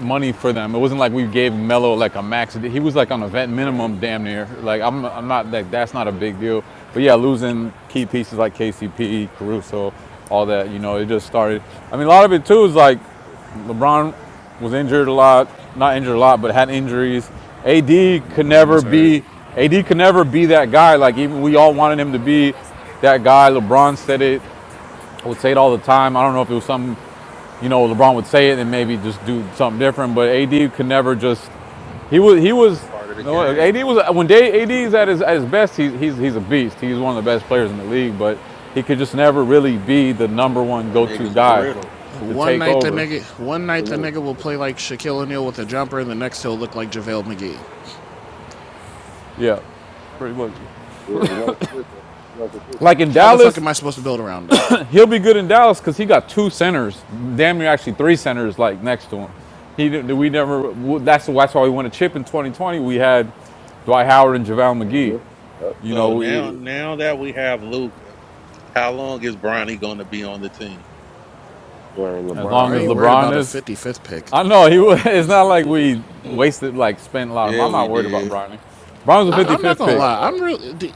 Speaker 1: money for them. It wasn't like we gave Melo like a max. He was like on a vet
Speaker 10: right.
Speaker 1: minimum, damn near. Like I'm, I'm not like that's not a big deal. But yeah, losing key pieces like KCP, Caruso, all that, you know, it just started. I mean, a lot of it too is like
Speaker 12: mhm.
Speaker 1: LeBron was injured a lot, not injured a lot, but had injuries. AD could
Speaker 10: Bron
Speaker 1: never
Speaker 10: was hurt.
Speaker 1: be AD could never be that guy. Like even we all wanted him to be that guy. LeBron said it. I would say it all the time. I don't know if it was something, you know, LeBron would say it and maybe just do something different. But AD could never just. He was. He
Speaker 11: It's
Speaker 1: was.
Speaker 11: a part of the
Speaker 1: No, AD
Speaker 11: game.
Speaker 1: was when AD is at his, at his best. He's, he's he's a beast. He's one of the best players in the league. But he could just never really be the number one
Speaker 11: That
Speaker 1: go-to
Speaker 11: nigga's
Speaker 1: guy
Speaker 11: brittle.
Speaker 1: to
Speaker 10: One
Speaker 1: take
Speaker 10: night the
Speaker 1: over.
Speaker 10: nigga, one
Speaker 12: he
Speaker 10: night the
Speaker 12: wasn't
Speaker 10: nigga will play
Speaker 12: consistent.
Speaker 10: like Shaquille O'Neal with a jumper, and the next he'll look like JaVale McGee.
Speaker 1: Yeah, pretty much.
Speaker 12: Yeah, he wasn't consistent. He wasn't consistent.
Speaker 1: Like in
Speaker 10: How the fuck
Speaker 1: Dallas,
Speaker 10: am I supposed to build around that?
Speaker 1: He'll be good in Dallas because he got two centers, damn near actually three centers, like next to him. He didn't- we never. That's that's why we won a chip in 2020. We had Dwight Howard and JaVale McGee.
Speaker 12: Mm-hmm. Yep.
Speaker 1: You know,
Speaker 11: So now
Speaker 1: we,
Speaker 11: now that we have Luca, how long is Bronny gonna be on the team?
Speaker 12: When
Speaker 1: as
Speaker 10: Why
Speaker 12: LeBron
Speaker 1: long
Speaker 10: are
Speaker 1: as
Speaker 10: you
Speaker 12: goes,
Speaker 10: worried
Speaker 1: LeBron
Speaker 10: about a
Speaker 1: is,
Speaker 10: 55th
Speaker 12: when
Speaker 10: pick?
Speaker 1: I
Speaker 12: LeBron
Speaker 1: know he. wa-
Speaker 12: goes.
Speaker 1: It's not like
Speaker 12: yeah,
Speaker 1: we wasted like spent a lot of.
Speaker 11: Yeah,
Speaker 1: I'm
Speaker 11: we
Speaker 1: not worried about
Speaker 11: did.
Speaker 1: Bronny. Bronny's
Speaker 10: I,
Speaker 1: a
Speaker 12: when
Speaker 10: I'm not
Speaker 1: 55th
Speaker 10: gonna
Speaker 1: pick.
Speaker 12: LeBron
Speaker 10: lie. I'm
Speaker 12: goes,
Speaker 10: real. Do,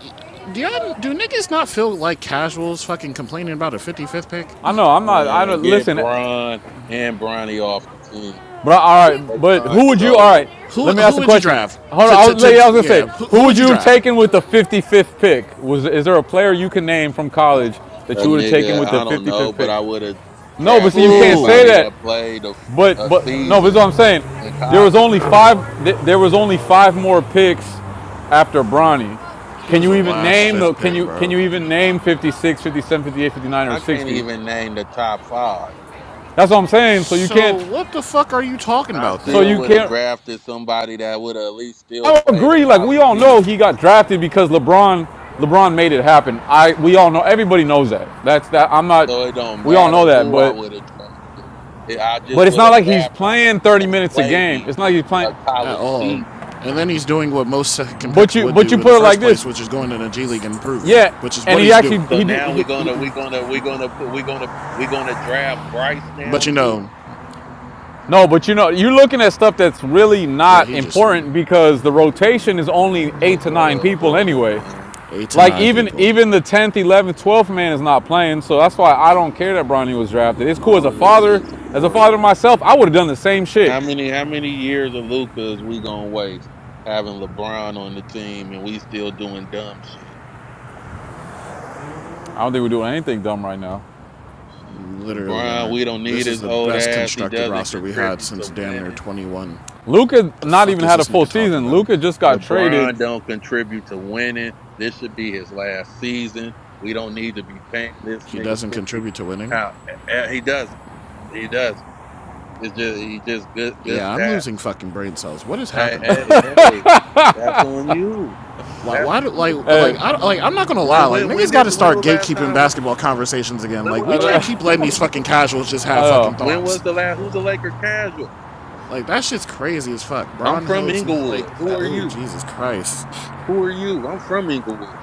Speaker 10: do y'all do niggas not feel like casuals fucking complaining about a 55th pick?
Speaker 1: I know. I'm not. I
Speaker 11: And
Speaker 1: don't
Speaker 11: get
Speaker 1: listen.
Speaker 11: Bron and Bronny off the team.
Speaker 1: But all right,
Speaker 11: Their
Speaker 1: but
Speaker 11: time
Speaker 1: who
Speaker 11: is
Speaker 1: would you? All right,
Speaker 11: over.
Speaker 10: Who
Speaker 1: let me ask
Speaker 10: who
Speaker 1: a
Speaker 10: would you
Speaker 1: question.
Speaker 10: draft?
Speaker 1: Hold
Speaker 10: To,
Speaker 1: on, I
Speaker 10: to,
Speaker 1: was, yeah, I
Speaker 10: to,
Speaker 1: was gonna say,
Speaker 10: yeah, who,
Speaker 1: who
Speaker 10: who
Speaker 1: would
Speaker 10: would
Speaker 1: you
Speaker 10: you
Speaker 1: have
Speaker 10: draft?
Speaker 1: taken with the 55th pick? Was is there a player you can name from college
Speaker 11: A
Speaker 1: that you would have taken
Speaker 11: nigga,
Speaker 1: with the
Speaker 11: I don't know,
Speaker 1: 55th
Speaker 11: but
Speaker 1: pick?
Speaker 11: I would have
Speaker 1: No, but see,
Speaker 11: drafted
Speaker 1: you can't say
Speaker 11: anybody
Speaker 10: Who?
Speaker 1: that.
Speaker 11: that played a, f-
Speaker 1: But
Speaker 11: a
Speaker 1: but no, but that's
Speaker 11: season
Speaker 1: what I'm saying.
Speaker 11: in
Speaker 1: There was only
Speaker 11: college.
Speaker 1: five. There was only five more picks after Bronny.
Speaker 10: He
Speaker 1: Can
Speaker 10: was
Speaker 1: you
Speaker 10: the
Speaker 1: even
Speaker 10: last
Speaker 1: name the?
Speaker 10: fifth
Speaker 1: Can
Speaker 10: pick,
Speaker 1: you can
Speaker 10: bro.
Speaker 1: you even name 56, 57, 58, 59, or
Speaker 11: I can't
Speaker 1: 60?
Speaker 11: even name the top five.
Speaker 1: That's what I'm saying. So you
Speaker 10: So
Speaker 1: can't.
Speaker 10: what the fuck are you talking
Speaker 11: I
Speaker 10: about
Speaker 1: So
Speaker 10: then?
Speaker 11: still
Speaker 1: you
Speaker 11: would have
Speaker 1: can't.
Speaker 11: drafted somebody that would have at least still
Speaker 1: I
Speaker 11: played a
Speaker 1: agree. Like we
Speaker 11: college
Speaker 1: all know,
Speaker 11: season.
Speaker 1: he got drafted because LeBron. LeBron made it happen. I we all know. Everybody knows that. That's that. I'm not.
Speaker 11: So it don't
Speaker 1: We all know
Speaker 11: matter
Speaker 1: that.
Speaker 11: who I
Speaker 1: But
Speaker 11: would have drafted. I
Speaker 1: but
Speaker 11: just
Speaker 1: it's
Speaker 11: would
Speaker 1: not
Speaker 11: have
Speaker 1: like he's
Speaker 11: drafted someone
Speaker 1: playing 30
Speaker 11: that
Speaker 1: minutes a game.
Speaker 11: played
Speaker 1: It's not like he's
Speaker 11: a
Speaker 1: playing.
Speaker 10: At
Speaker 11: college
Speaker 10: all?
Speaker 11: season.
Speaker 10: And then he's doing what most second
Speaker 1: But
Speaker 10: picks
Speaker 1: you
Speaker 10: would
Speaker 1: but you
Speaker 10: do in
Speaker 1: put
Speaker 10: the
Speaker 1: it like
Speaker 10: first
Speaker 1: this.
Speaker 10: place, which is going to the G League and improving,
Speaker 1: Yeah.
Speaker 10: which is
Speaker 1: And
Speaker 10: what
Speaker 1: he
Speaker 10: he's
Speaker 1: actually
Speaker 10: doing.
Speaker 11: So
Speaker 1: he did he,
Speaker 11: now we're
Speaker 1: he,
Speaker 11: gonna we're gonna we're gonna put we're gonna we're gonna draft Bryce
Speaker 10: But
Speaker 11: now
Speaker 10: you
Speaker 11: too.
Speaker 10: know,
Speaker 1: no. But you know you're looking at stuff that's really
Speaker 10: yeah,
Speaker 1: not
Speaker 10: he just yeah,
Speaker 1: important because the rotation is only eight
Speaker 11: Shit's
Speaker 1: to nine
Speaker 11: hella
Speaker 1: people
Speaker 11: important,
Speaker 1: anyway.
Speaker 11: man.
Speaker 10: eight to
Speaker 1: Like
Speaker 10: nine
Speaker 1: even
Speaker 10: people.
Speaker 1: even the 10th, 11th, 12th man is not playing, so that's why I don't care that Bronny was drafted. It's cool as a
Speaker 11: All of this
Speaker 1: father,
Speaker 11: shit's
Speaker 1: as a
Speaker 11: important.
Speaker 1: father myself, I would have done the same shit.
Speaker 11: How many how many years of Luca is we gonna waste having LeBron on the team and we still doing dumb shit?
Speaker 1: I don't think we're doing anything dumb right now.
Speaker 10: literally
Speaker 11: LeBron, we don't
Speaker 10: aren't. This
Speaker 11: need
Speaker 10: is
Speaker 11: his
Speaker 10: the
Speaker 11: old
Speaker 10: best
Speaker 11: ass. He
Speaker 10: constructed
Speaker 11: doesn't
Speaker 10: roster we had
Speaker 11: contribute
Speaker 10: since
Speaker 11: to
Speaker 10: damn near
Speaker 11: winning.
Speaker 10: 21.
Speaker 1: Luca
Speaker 10: The
Speaker 1: not
Speaker 10: fuck
Speaker 1: even
Speaker 10: is
Speaker 1: had a
Speaker 10: this
Speaker 1: full
Speaker 10: nigga talking
Speaker 1: season.
Speaker 10: about?
Speaker 1: Luca just got traded.
Speaker 11: LeBron don't contribute to winning. This should be his last season. We don't need to be paying this
Speaker 10: He
Speaker 11: nigga
Speaker 10: doesn't
Speaker 11: fifty.
Speaker 10: contribute to winning?
Speaker 11: How eh, eh, he doesn't. He doesn't. It's just you just good good
Speaker 10: Yeah, I'm
Speaker 11: stats.
Speaker 10: losing fucking brain cells. What is
Speaker 11: Hey,
Speaker 10: happening right
Speaker 11: hey,
Speaker 10: now?
Speaker 11: hey. That's on you.
Speaker 10: Why?
Speaker 11: That's
Speaker 10: Why do like
Speaker 11: you.
Speaker 10: like
Speaker 1: Hey,
Speaker 10: I like? I'm not gonna lie.
Speaker 11: When
Speaker 10: Like
Speaker 11: when when
Speaker 10: niggas got
Speaker 11: did
Speaker 10: to
Speaker 11: when
Speaker 10: start
Speaker 11: was the last
Speaker 10: gatekeeping
Speaker 11: time we
Speaker 10: basketball
Speaker 11: won?
Speaker 10: conversations again.
Speaker 11: When
Speaker 10: Like
Speaker 11: was
Speaker 10: we
Speaker 11: the
Speaker 10: can't
Speaker 11: last
Speaker 10: keep letting
Speaker 11: time that
Speaker 10: these
Speaker 11: he
Speaker 10: fucking
Speaker 11: won?
Speaker 10: casuals just have fucking
Speaker 11: When was
Speaker 10: thoughts.
Speaker 11: the last who's a Laker casual?
Speaker 10: Like that shit's crazy as fuck.
Speaker 11: I'm
Speaker 10: Bron
Speaker 11: from
Speaker 10: Helds
Speaker 11: Inglewood.
Speaker 10: like
Speaker 11: Who
Speaker 10: that,
Speaker 11: are
Speaker 10: oh
Speaker 11: you?
Speaker 10: Jesus Christ.
Speaker 11: Who are you? I'm from Inglewood.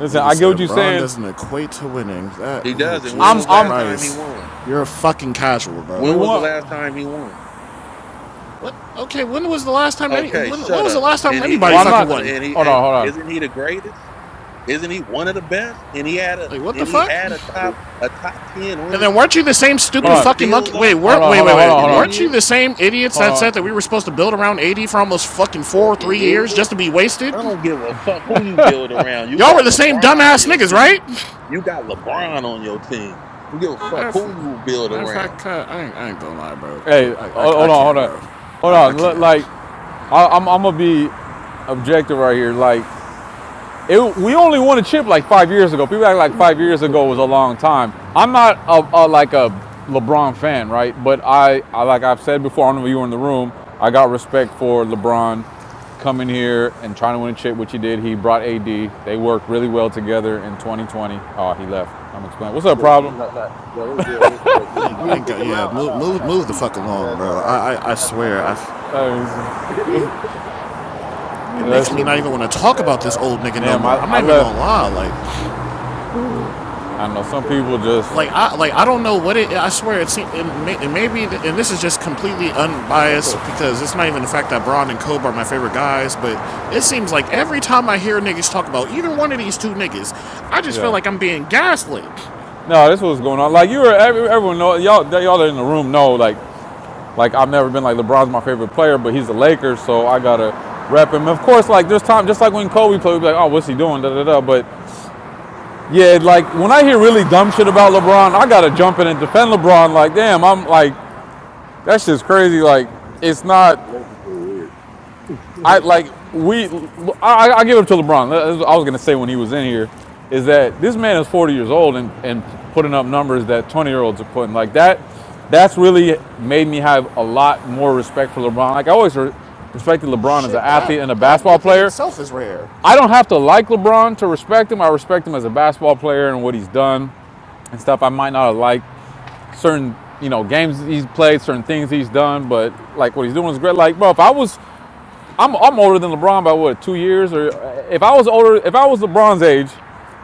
Speaker 1: listen,
Speaker 10: Nigga
Speaker 1: I get what
Speaker 10: said
Speaker 1: you're
Speaker 10: Braun
Speaker 1: saying.
Speaker 10: doesn't equate to winning. That
Speaker 11: He
Speaker 10: oh
Speaker 11: doesn't. When
Speaker 1: I'm
Speaker 10: Jesus
Speaker 11: was the
Speaker 1: I'm
Speaker 11: last time he
Speaker 10: Christ.
Speaker 11: won?
Speaker 10: You're a fucking casual,
Speaker 1: we
Speaker 10: bro.
Speaker 11: When was the
Speaker 1: want
Speaker 11: last time he won?
Speaker 10: What okay, when was the last time any
Speaker 11: Okay,
Speaker 10: when what
Speaker 11: shut
Speaker 10: was the
Speaker 11: up.
Speaker 10: last time
Speaker 11: And he
Speaker 10: anybody
Speaker 11: and
Speaker 1: well I'm
Speaker 11: he's
Speaker 10: fucking
Speaker 1: not
Speaker 11: one of
Speaker 10: won?
Speaker 11: and he
Speaker 1: hold
Speaker 11: and
Speaker 1: on, hold on,
Speaker 11: isn't he the greatest? Isn't he one of the best? And he had a
Speaker 10: Like what the
Speaker 11: and he
Speaker 10: fuck?
Speaker 11: had a top
Speaker 12: somebody.
Speaker 11: a top ten on
Speaker 10: And
Speaker 11: his
Speaker 10: then weren't
Speaker 11: team,
Speaker 10: you the same
Speaker 11: and
Speaker 1: hold
Speaker 10: stupid
Speaker 11: he
Speaker 1: on,
Speaker 10: fucking
Speaker 11: still
Speaker 10: monkey wait,
Speaker 11: lost.
Speaker 1: hold
Speaker 10: weren't
Speaker 1: on,
Speaker 10: wait,
Speaker 1: hold
Speaker 10: wait,
Speaker 1: on, hold
Speaker 10: wait.
Speaker 1: on,
Speaker 11: Fucking
Speaker 1: hold on,
Speaker 10: Weren't you
Speaker 11: idiot!
Speaker 10: the same idiots
Speaker 1: hold
Speaker 10: that said
Speaker 1: on.
Speaker 10: that we were supposed to build around 80 for almost fucking four or
Speaker 11: Fucking
Speaker 10: three years
Speaker 11: idiot!
Speaker 10: just to be
Speaker 11: I
Speaker 10: wasted?
Speaker 11: don't give a fuck who you build around. You
Speaker 10: Y'all were
Speaker 11: got
Speaker 10: the same
Speaker 11: LeBron on
Speaker 10: dumbass
Speaker 11: your
Speaker 10: niggas, right?
Speaker 11: team. You got LeBron on your team. I Don't give a fuck
Speaker 10: Matter of
Speaker 11: who
Speaker 10: fact,
Speaker 11: you build
Speaker 10: matter of
Speaker 11: around.
Speaker 10: fact, uh, I ain't, I ain't gonna lie, bro.
Speaker 1: Hey,
Speaker 10: Just, I, I, I
Speaker 1: hold on, hold
Speaker 10: can't,
Speaker 1: on.
Speaker 10: bro.
Speaker 1: Hold
Speaker 10: I, I
Speaker 1: on.
Speaker 10: can't.
Speaker 1: like I, I'm I'm gonna be objective right here. Like It, we only won a chip like five years ago. People act like five years ago was a long time. I'm not a, a, like a LeBron fan, right? But I, I, like I've said before, I don't know if you were in the room. I got respect for LeBron coming here and trying to win a chip, which he did. He brought AD. They worked really well together in 2020. Oh, he left. I'm explaining. What's up, problem?
Speaker 12: Not, not, yeah, what's good, what's good. Did, did
Speaker 10: Thank,
Speaker 12: Boogie
Speaker 10: thank
Speaker 12: kick
Speaker 10: God.
Speaker 12: him
Speaker 10: Yeah,
Speaker 12: out? I
Speaker 10: move,
Speaker 12: thought, I
Speaker 10: move,
Speaker 12: thought
Speaker 10: move the
Speaker 12: Boogie
Speaker 10: fuck
Speaker 12: kicked his
Speaker 10: along,
Speaker 12: ass
Speaker 10: bro.
Speaker 12: out, right?
Speaker 10: I, I, I
Speaker 12: Yeah, I, I
Speaker 10: swear, I.
Speaker 12: knew Boogie kicked him out.
Speaker 1: That's
Speaker 12: I
Speaker 10: It makes me
Speaker 12: knew
Speaker 10: not even
Speaker 1: it.
Speaker 12: Boogie
Speaker 10: want to
Speaker 12: kicked his
Speaker 10: talk
Speaker 12: ass
Speaker 10: about this
Speaker 12: out.
Speaker 10: old nigga no
Speaker 1: Damn, I,
Speaker 10: more. I'm
Speaker 1: I
Speaker 10: not even gonna
Speaker 1: left.
Speaker 10: lie, like,
Speaker 1: I don't know. Some
Speaker 12: What's
Speaker 1: people
Speaker 12: good, though,
Speaker 1: just,
Speaker 10: like I, like I don't know what it. I swear it seems, and, may, and maybe, th- and this is just completely unbiased
Speaker 12: family?
Speaker 10: because it's not even the fact that Braun and Kobe are my favorite guys, but it seems like every time I hear niggas talk about either one of these two niggas, I just feel like
Speaker 1: yeah.
Speaker 10: I'm being gaslit.
Speaker 1: No, this was going on. Like you were, everyone know, y'all, y'all that are in the room know, like Like I've never been like LeBron's my favorite player, but he's a Lakers, so I gotta rep him. Of course, like there's time, just like when Kobe played, we'd be like, oh, what's he doing? Da da da. But yeah, like when I hear really dumb shit about LeBron, I gotta jump in and defend LeBron. Like damn, I'm like that shit's crazy. Like it's not
Speaker 12: It makes me feel weird.
Speaker 1: I like we. I, I give it to LeBron. That's what I was gonna say when he was in here, is that this man is 40 years old and, and putting up numbers that 20 year olds are putting like that. That's really made me have a lot more respect for LeBron. Like I always re- respected LeBron as an
Speaker 10: Shit, that
Speaker 1: athlete and a
Speaker 10: that
Speaker 1: basketball
Speaker 10: within
Speaker 1: player.
Speaker 10: itself is rare.
Speaker 1: I don't have to like LeBron to respect him. I respect him as a basketball player and what he's done and stuff. I might not have liked certain you know games he's played, certain things he's done, but like what he's doing is great. Like bro, if I was I'm I'm older than LeBron by what two years or uh, if I was older if I was LeBron's age,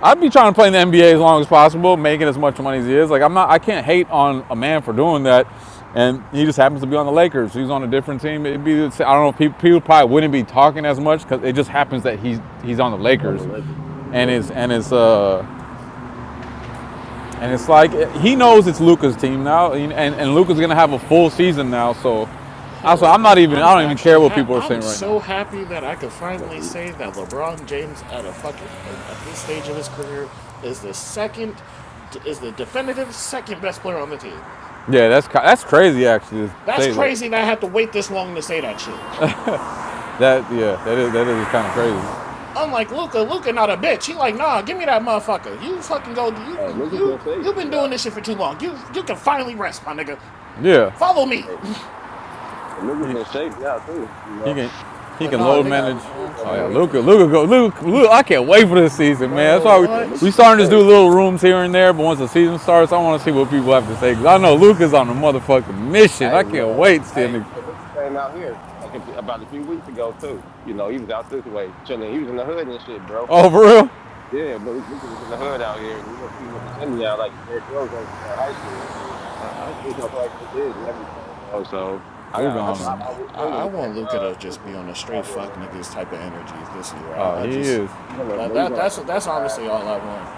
Speaker 1: I'd be trying to play in the NBA as long as possible, making as much money as he is. Like I'm not I can't hate on a man for doing that, and he just happens to be on the Lakers. He's on a different team. It'd be I don't know people, people probably wouldn't be talking as much because it just happens that he's he's on the
Speaker 12: On
Speaker 1: Lakers,
Speaker 12: the Lakers.
Speaker 1: and
Speaker 12: Yep.
Speaker 1: it's and it's uh and it's like he knows it's Luca's team now, and and Luca's gonna have a full season now. So, also
Speaker 10: Hell,
Speaker 1: I'm not
Speaker 10: I'm
Speaker 1: even I
Speaker 10: I'm
Speaker 1: don't even care
Speaker 10: actually
Speaker 1: what
Speaker 10: ha-
Speaker 1: people are
Speaker 10: I'm
Speaker 1: saying right now.
Speaker 10: so happy that I could finally
Speaker 12: Yep.
Speaker 10: say that LeBron James at a fucking uh, at this stage of his career is the second is the definitive second best player on the team.
Speaker 1: Yeah, that's that's crazy actually to
Speaker 10: That's
Speaker 1: say that.
Speaker 10: crazy that I had to wait this long to say that shit.
Speaker 1: That yeah, that is that is kind of crazy.
Speaker 10: Unlike Luca, Luca not a bitch. He like, nah, give me that motherfucker. You fucking go. You
Speaker 12: Uh, Luka's in
Speaker 10: you
Speaker 12: shape
Speaker 10: you been
Speaker 12: too now.
Speaker 10: doing this shit for too long. You you can finally rest, my nigga.
Speaker 1: Yeah,
Speaker 10: Follow me.
Speaker 12: Hey, and Luka's in
Speaker 1: he,
Speaker 12: shape now too. You
Speaker 1: he
Speaker 12: know,
Speaker 1: can he
Speaker 10: But
Speaker 1: can
Speaker 12: the
Speaker 10: nah,
Speaker 1: load
Speaker 12: first time
Speaker 1: manage.
Speaker 10: nigga,
Speaker 12: his career
Speaker 10: man,
Speaker 12: gonna
Speaker 1: Oh
Speaker 12: be
Speaker 1: yeah,
Speaker 12: in
Speaker 10: cause,
Speaker 1: Luca,
Speaker 12: shape.
Speaker 1: Luca go, Luca, Luca. I can't wait for this season, man. That's
Speaker 10: bro,
Speaker 1: why we
Speaker 12: Yeah,
Speaker 1: we
Speaker 12: Luka's
Speaker 10: what?
Speaker 12: in
Speaker 1: starting to do
Speaker 12: shape.
Speaker 1: little rooms here and there. But once the season starts, I want to see what people have to say. Cause I know Luca's on a motherfucking mission.
Speaker 12: Hey
Speaker 1: I can't
Speaker 12: man,
Speaker 1: wait to see
Speaker 12: hey,
Speaker 1: him.
Speaker 12: hey, Luka came out here like a, about a few weeks ago too. You know, he was out this way chilling. He was in the hood and shit, bro.
Speaker 1: Oh, for real?
Speaker 12: Yeah, but Luka was in the hood out here, and he went even went to Cindy out like Derrick Rose was in high school and shit.
Speaker 10: I,
Speaker 12: He was
Speaker 10: I
Speaker 12: talking like to the kids and
Speaker 10: man.
Speaker 12: everything, bro. So I got
Speaker 1: Luca
Speaker 12: like
Speaker 10: I
Speaker 12: a
Speaker 10: just
Speaker 1: on
Speaker 12: lot
Speaker 1: him.
Speaker 10: I,
Speaker 12: more
Speaker 10: I
Speaker 12: really
Speaker 10: I want
Speaker 12: respect for
Speaker 10: Luca
Speaker 12: uh,
Speaker 10: to just
Speaker 12: Luka
Speaker 10: be on a
Speaker 12: out
Speaker 10: straight
Speaker 12: here,
Speaker 10: fuck
Speaker 12: man.
Speaker 10: niggas type of energy this year.
Speaker 1: Oh,
Speaker 10: I,
Speaker 1: he
Speaker 10: I just
Speaker 1: is.
Speaker 12: He's gonna,
Speaker 10: that,
Speaker 12: he's
Speaker 10: that
Speaker 12: gonna like
Speaker 10: that's
Speaker 12: a boat
Speaker 10: that's honestly
Speaker 12: ride.
Speaker 10: all I want.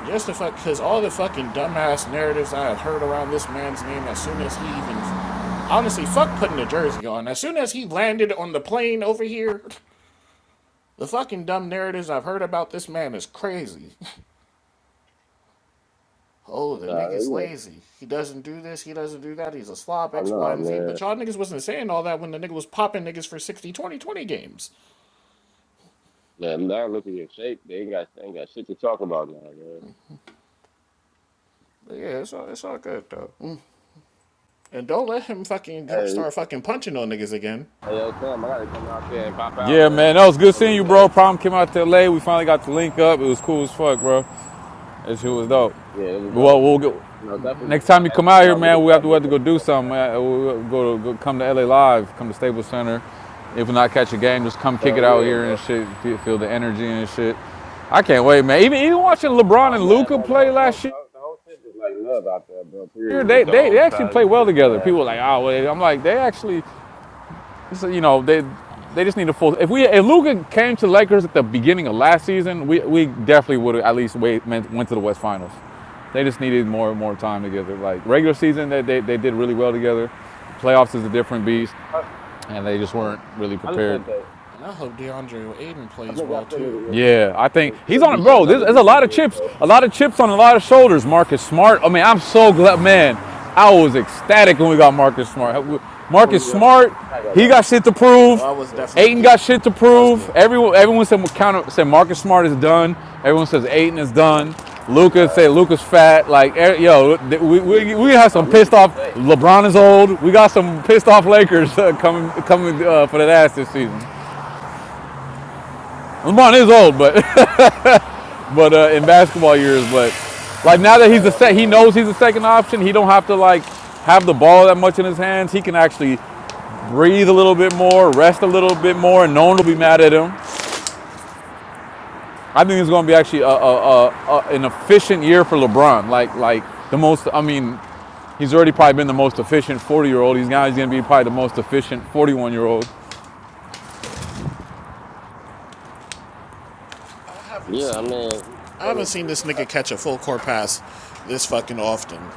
Speaker 10: Just the fuck cause all the fucking dumbass narratives I have heard around this man's name as soon as he even honestly fuck putting the jersey on. As soon as he landed on the plane over here, the fucking dumb narratives I've heard about this man is crazy. Oh, the
Speaker 12: Uh,
Speaker 10: nigga's
Speaker 12: you know.
Speaker 10: lazy. He doesn't do this, he doesn't do that, he's a slob,
Speaker 12: Oh
Speaker 10: X, Y,
Speaker 12: no,
Speaker 10: and Z.
Speaker 12: man.
Speaker 10: But y'all niggas wasn't saying all that when the nigga was popping niggas for 60 20 20 games.
Speaker 12: Man, now look at your shape. They ain't got they ain't got shit to talk about now, man.
Speaker 10: But yeah, it's all, it's all good though. Mm. And don't let him fucking
Speaker 12: Hey,
Speaker 10: start fucking punching on niggas again.
Speaker 12: hey, yo, Sam, I gotta come out there and pop out,
Speaker 1: Yeah,
Speaker 12: man.
Speaker 1: man, that was good
Speaker 12: One
Speaker 1: seeing
Speaker 12: of
Speaker 1: you,
Speaker 12: these
Speaker 1: bro.
Speaker 12: days, bro.
Speaker 1: Problem came out to LA. We finally got to link up. It was cool as fuck, bro. That shit was dope.
Speaker 12: Yeah, it was
Speaker 1: Well,
Speaker 12: dope,
Speaker 1: we'll get,
Speaker 12: man. You know, definitely
Speaker 1: Next
Speaker 12: would uh,
Speaker 1: time you
Speaker 12: have
Speaker 1: come
Speaker 12: to
Speaker 1: out
Speaker 12: come
Speaker 1: here,
Speaker 12: out with
Speaker 1: man,
Speaker 12: the
Speaker 1: we have to, we
Speaker 12: family a
Speaker 1: have to
Speaker 12: little
Speaker 1: go
Speaker 12: bit
Speaker 1: do
Speaker 12: more, man.
Speaker 1: something. Uh, We'll go, go come to LA Live, come to Staples Center. If we not catch a game, just come kick
Speaker 12: Hell
Speaker 1: it out
Speaker 12: yeah,
Speaker 1: here and
Speaker 12: bro.
Speaker 1: shit. Feel, feel the energy and shit. I can't wait, man. Even even watching LeBron
Speaker 12: Oh
Speaker 1: and
Speaker 12: man,
Speaker 1: Luca
Speaker 12: bro, the
Speaker 1: play
Speaker 12: whole the whole
Speaker 1: last
Speaker 12: the
Speaker 1: year,
Speaker 12: whole, the whole shit is like love out there, bro.
Speaker 1: they
Speaker 12: Period. The
Speaker 1: they,
Speaker 12: whole
Speaker 1: they actually play
Speaker 12: deposit
Speaker 1: well
Speaker 12: shit,
Speaker 1: together.
Speaker 12: man.
Speaker 1: People were like, oh, wait. I'm like, they actually so, you know, they they just need a full. If we if Luka came to Lakers at the beginning of last season, we we definitely would have at least wait, went went to the West Finals. They just needed more and more time together. Like regular season, they, they, they did really well together. Playoffs is a different beast,
Speaker 12: I,
Speaker 1: and they just weren't really
Speaker 12: I just
Speaker 1: prepared.
Speaker 12: think that
Speaker 10: And I hope DeAndre Aiden
Speaker 12: I
Speaker 10: plays
Speaker 12: think I
Speaker 10: well
Speaker 12: still need
Speaker 10: too.
Speaker 12: to
Speaker 1: Yeah, I think
Speaker 12: get
Speaker 1: he's
Speaker 12: a
Speaker 1: on it,
Speaker 12: decent
Speaker 1: bro. There's,
Speaker 12: another
Speaker 1: there's a lot
Speaker 12: decent
Speaker 1: of
Speaker 12: big
Speaker 1: chips,
Speaker 12: though.
Speaker 1: a lot of chips on a lot of shoulders. Marcus Smart. I mean, I'm so glad, man. I was ecstatic when we got Marcus Smart. Marcus
Speaker 12: Oh yeah,
Speaker 1: Smart,
Speaker 12: I think I
Speaker 1: he
Speaker 12: got
Speaker 1: got
Speaker 12: Marcus
Speaker 1: shit to
Speaker 12: Smart.
Speaker 10: Oh,
Speaker 1: prove.
Speaker 10: I was
Speaker 12: Yeah.
Speaker 10: definitely
Speaker 1: Aiton got
Speaker 10: geeked.
Speaker 1: shit to
Speaker 10: I was
Speaker 1: prove.
Speaker 10: geeked.
Speaker 1: Everyone, everyone said counter, said Marcus Smart is done. Everyone says Aiton is done. Luca
Speaker 12: Nah.
Speaker 1: say Luca's fat. Like, eh, yo, we, we, we have
Speaker 12: No,
Speaker 1: some
Speaker 12: look
Speaker 1: pissed
Speaker 12: at his
Speaker 1: off.
Speaker 12: face, man.
Speaker 1: LeBron is old. We got some pissed off Lakers uh, coming coming uh, for that ass this season. LeBron is old, but but uh, in basketball years. But like now that he's a
Speaker 12: Hey, I
Speaker 1: set, he
Speaker 12: mean,
Speaker 1: knows he's a second option. He don't have to like have the ball that much in his hands. He can actually breathe a little bit more, rest a little bit more, and no one will be mad at him. I think it's going to be actually a, a, a, a- an efficient year for LeBron. Like like the most. I mean, he's already probably been the most efficient 40 year old. He's now he's going to be probably the most efficient 41 year old.
Speaker 10: I haven't
Speaker 12: yeah, I
Speaker 10: seen
Speaker 12: mean, he- he's
Speaker 10: I
Speaker 12: doing
Speaker 10: haven't
Speaker 12: a
Speaker 10: seen
Speaker 12: great
Speaker 10: this
Speaker 12: job.
Speaker 10: nigga catch a full court pass this fucking often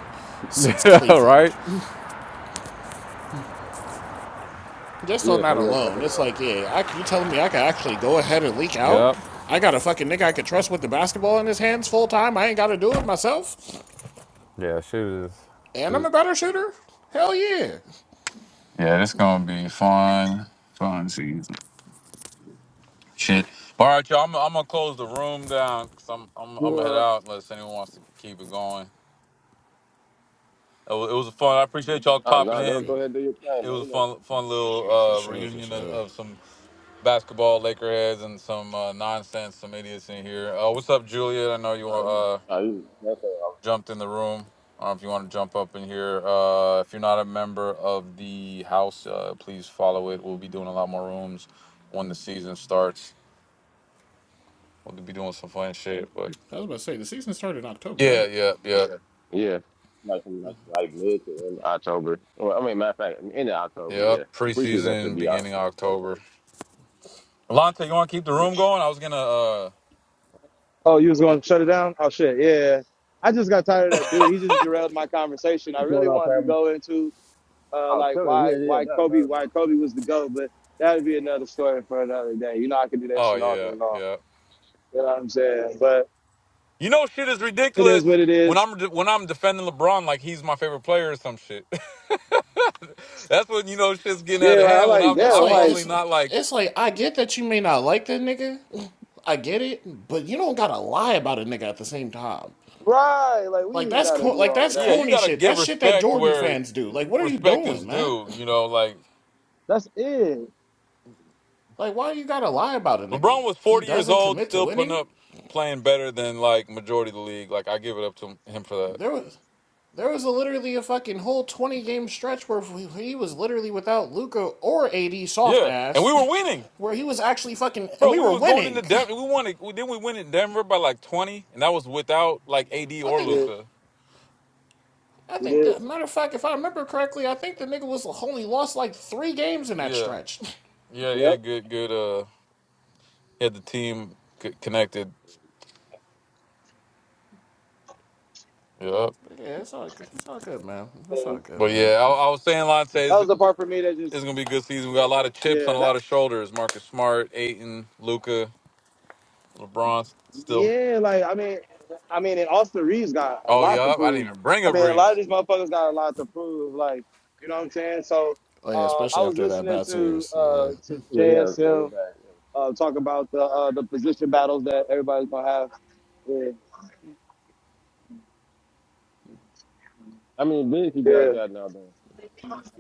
Speaker 10: since Cleveland.
Speaker 1: right?
Speaker 10: Just on
Speaker 12: Yeah,
Speaker 10: that
Speaker 12: him and
Speaker 10: alone,
Speaker 12: Kevin
Speaker 10: it's
Speaker 12: Love.
Speaker 10: like, yeah, I, you telling me I could actually go ahead and leak
Speaker 1: Yep.
Speaker 10: out? I got a fucking nigga I could trust with the basketball in his hands full time. I ain't got to do it myself,
Speaker 1: Yeah, shooters.
Speaker 10: and I'm a better shooter. Hell yeah.
Speaker 1: Yeah, it's gonna be fun, fun season. Shit. All right, y'all. I'm, I'm gonna close the room down because I'm, I'm I'm gonna head
Speaker 12: Well,
Speaker 1: out unless anyone wants to keep it going. It was, it was a fun. I appreciate y'all
Speaker 12: uh, nah,
Speaker 1: popping
Speaker 10: That's
Speaker 12: nah, don't
Speaker 10: not
Speaker 1: in.
Speaker 12: go
Speaker 10: good.
Speaker 12: ahead, and do your thing,
Speaker 1: It
Speaker 12: man.
Speaker 1: was a
Speaker 12: You know,
Speaker 1: fun fun little
Speaker 10: For
Speaker 1: uh,
Speaker 10: sure, for
Speaker 1: reunion of,
Speaker 10: sure.
Speaker 1: of some basketball Laker heads and some uh, nonsense, some idiots in here. Uh, what's up, Juliet? I know you uh
Speaker 12: uh, you, that's all.
Speaker 1: jumped in the room. Uh, if you want to jump up in here, uh, if you're not a member of the house, uh, please follow it. We'll be doing a lot more rooms when the season starts. We'll be doing some fun shit, but
Speaker 10: I was about to say the season started in October,
Speaker 1: yeah,
Speaker 10: right?
Speaker 1: yeah, yeah.
Speaker 12: right. Yeah, like like, like mid to end of October. Well, I mean, matter of fact, end of October.
Speaker 1: Yep.
Speaker 12: Yeah, the preseason should
Speaker 1: Preseason
Speaker 12: be out.
Speaker 1: beginning of
Speaker 12: Like, going
Speaker 1: October.
Speaker 12: first.
Speaker 1: Lante, you want to keep the room
Speaker 12: Yes.
Speaker 1: going? I was gonna. uh
Speaker 5: oh, you was
Speaker 1: y-
Speaker 5: going to shut it down? Oh shit, yeah. I just got tired of that dude. He just derailed my conversation. I
Speaker 12: What's
Speaker 5: really
Speaker 12: going on,
Speaker 5: wanted to
Speaker 12: family?
Speaker 5: go into. uh,
Speaker 12: Oh,
Speaker 5: like
Speaker 12: sorry.
Speaker 5: why
Speaker 12: Yeah, yeah,
Speaker 5: why
Speaker 12: better,
Speaker 5: Kobe
Speaker 12: better,
Speaker 5: why
Speaker 12: bro.
Speaker 5: Kobe was the goat, but that would be another story for another day. You know, I could do that
Speaker 1: Oh
Speaker 5: shit all day
Speaker 1: yeah,
Speaker 5: long.
Speaker 1: yeah.
Speaker 5: You know what I'm saying? But
Speaker 1: You know, shit is
Speaker 5: it
Speaker 1: ridiculous when
Speaker 5: is,
Speaker 1: I'm de- when I'm defending LeBron like he's my favorite player or some shit. That's when you know shit's getting out
Speaker 5: yeah.
Speaker 1: of
Speaker 5: Like, I'm
Speaker 1: hand. When
Speaker 5: like,
Speaker 1: I'm
Speaker 10: It's
Speaker 5: damn. I'm
Speaker 1: I'm
Speaker 10: like
Speaker 5: like,
Speaker 1: normally
Speaker 10: it's
Speaker 1: not like,
Speaker 10: it's like I get that you may not like that nigga. I get it, but you don't gotta lie about a nigga at the same time.
Speaker 5: right. Like we
Speaker 10: Like
Speaker 5: ain't
Speaker 10: that's
Speaker 5: gotta
Speaker 10: cor-
Speaker 5: do
Speaker 10: like
Speaker 5: all of
Speaker 10: that's
Speaker 1: yeah,
Speaker 5: that.
Speaker 1: you
Speaker 10: corny
Speaker 1: gotta
Speaker 10: shit.
Speaker 1: give
Speaker 10: That's shit that
Speaker 1: respect
Speaker 10: Jordan
Speaker 1: where
Speaker 10: fans do. Like what are you
Speaker 1: respect is
Speaker 10: doing, man?
Speaker 1: due. You know, like
Speaker 5: That's
Speaker 10: Like why you gotta lie about a nigga?
Speaker 1: LeBron was
Speaker 10: He
Speaker 1: 40 years
Speaker 10: doesn't
Speaker 1: old,
Speaker 10: commit to
Speaker 1: still putting
Speaker 10: winning.
Speaker 1: up, playing better than like majority of the league. Like I give it up to him for that.
Speaker 10: There was there was a, literally a fucking whole 20 game stretch where he was literally without Luca or AD soft
Speaker 1: Yeah, and
Speaker 10: ass,
Speaker 1: we were winning.
Speaker 10: where he was actually fucking and
Speaker 1: Bro,
Speaker 10: we
Speaker 1: we
Speaker 10: were
Speaker 1: was going into
Speaker 10: winning.
Speaker 1: Denver. We wanted. We, then we went in Denver by like twenty, and that was without like AD
Speaker 10: I
Speaker 1: or
Speaker 10: think the
Speaker 5: it.
Speaker 1: Luca.
Speaker 10: I
Speaker 5: We
Speaker 10: think
Speaker 5: did.
Speaker 10: the matter of fact, if I remember correctly, I think the nigga was only lost like three games in that
Speaker 1: Yeah,
Speaker 10: stretch.
Speaker 1: yeah, yeah.
Speaker 5: Yep.
Speaker 1: Good, good. Uh, he had the team c- connected. Yeah,
Speaker 10: But yeah, it's all good. It's all good, man. It's all
Speaker 5: And
Speaker 10: good,
Speaker 1: but
Speaker 10: man.
Speaker 1: yeah, I, I was saying, Lance,
Speaker 5: that
Speaker 1: it's,
Speaker 5: was the part for me that
Speaker 1: it's
Speaker 5: just,
Speaker 1: gonna be a good season. We got a lot of chips on
Speaker 5: yeah.
Speaker 1: a
Speaker 5: That
Speaker 1: lot of shoulders. Marcus Smart, Aiton, Luca, LeBron. Still,
Speaker 5: yeah. Like I mean, I mean, and Austin Reeves got a
Speaker 1: oh yeah,
Speaker 5: lot to
Speaker 1: I didn't
Speaker 5: prove.
Speaker 1: even bring
Speaker 5: I
Speaker 1: up
Speaker 5: mean, a lot of
Speaker 1: Reeves.
Speaker 5: these motherfuckers got a lot to prove. Like you know what I'm saying? So.
Speaker 10: Like
Speaker 5: Uh, I
Speaker 10: especially
Speaker 5: was
Speaker 10: after that
Speaker 5: listening
Speaker 10: bad
Speaker 5: to
Speaker 10: series,
Speaker 5: uh,
Speaker 10: yeah.
Speaker 5: to
Speaker 12: Yeah, yeah, yeah, they are
Speaker 5: JSM
Speaker 12: back. Yeah.
Speaker 5: uh, talk about the uh, the position battles that everybody's gonna have. Yeah,
Speaker 12: I mean, big you guys
Speaker 5: yeah,
Speaker 12: got now, though.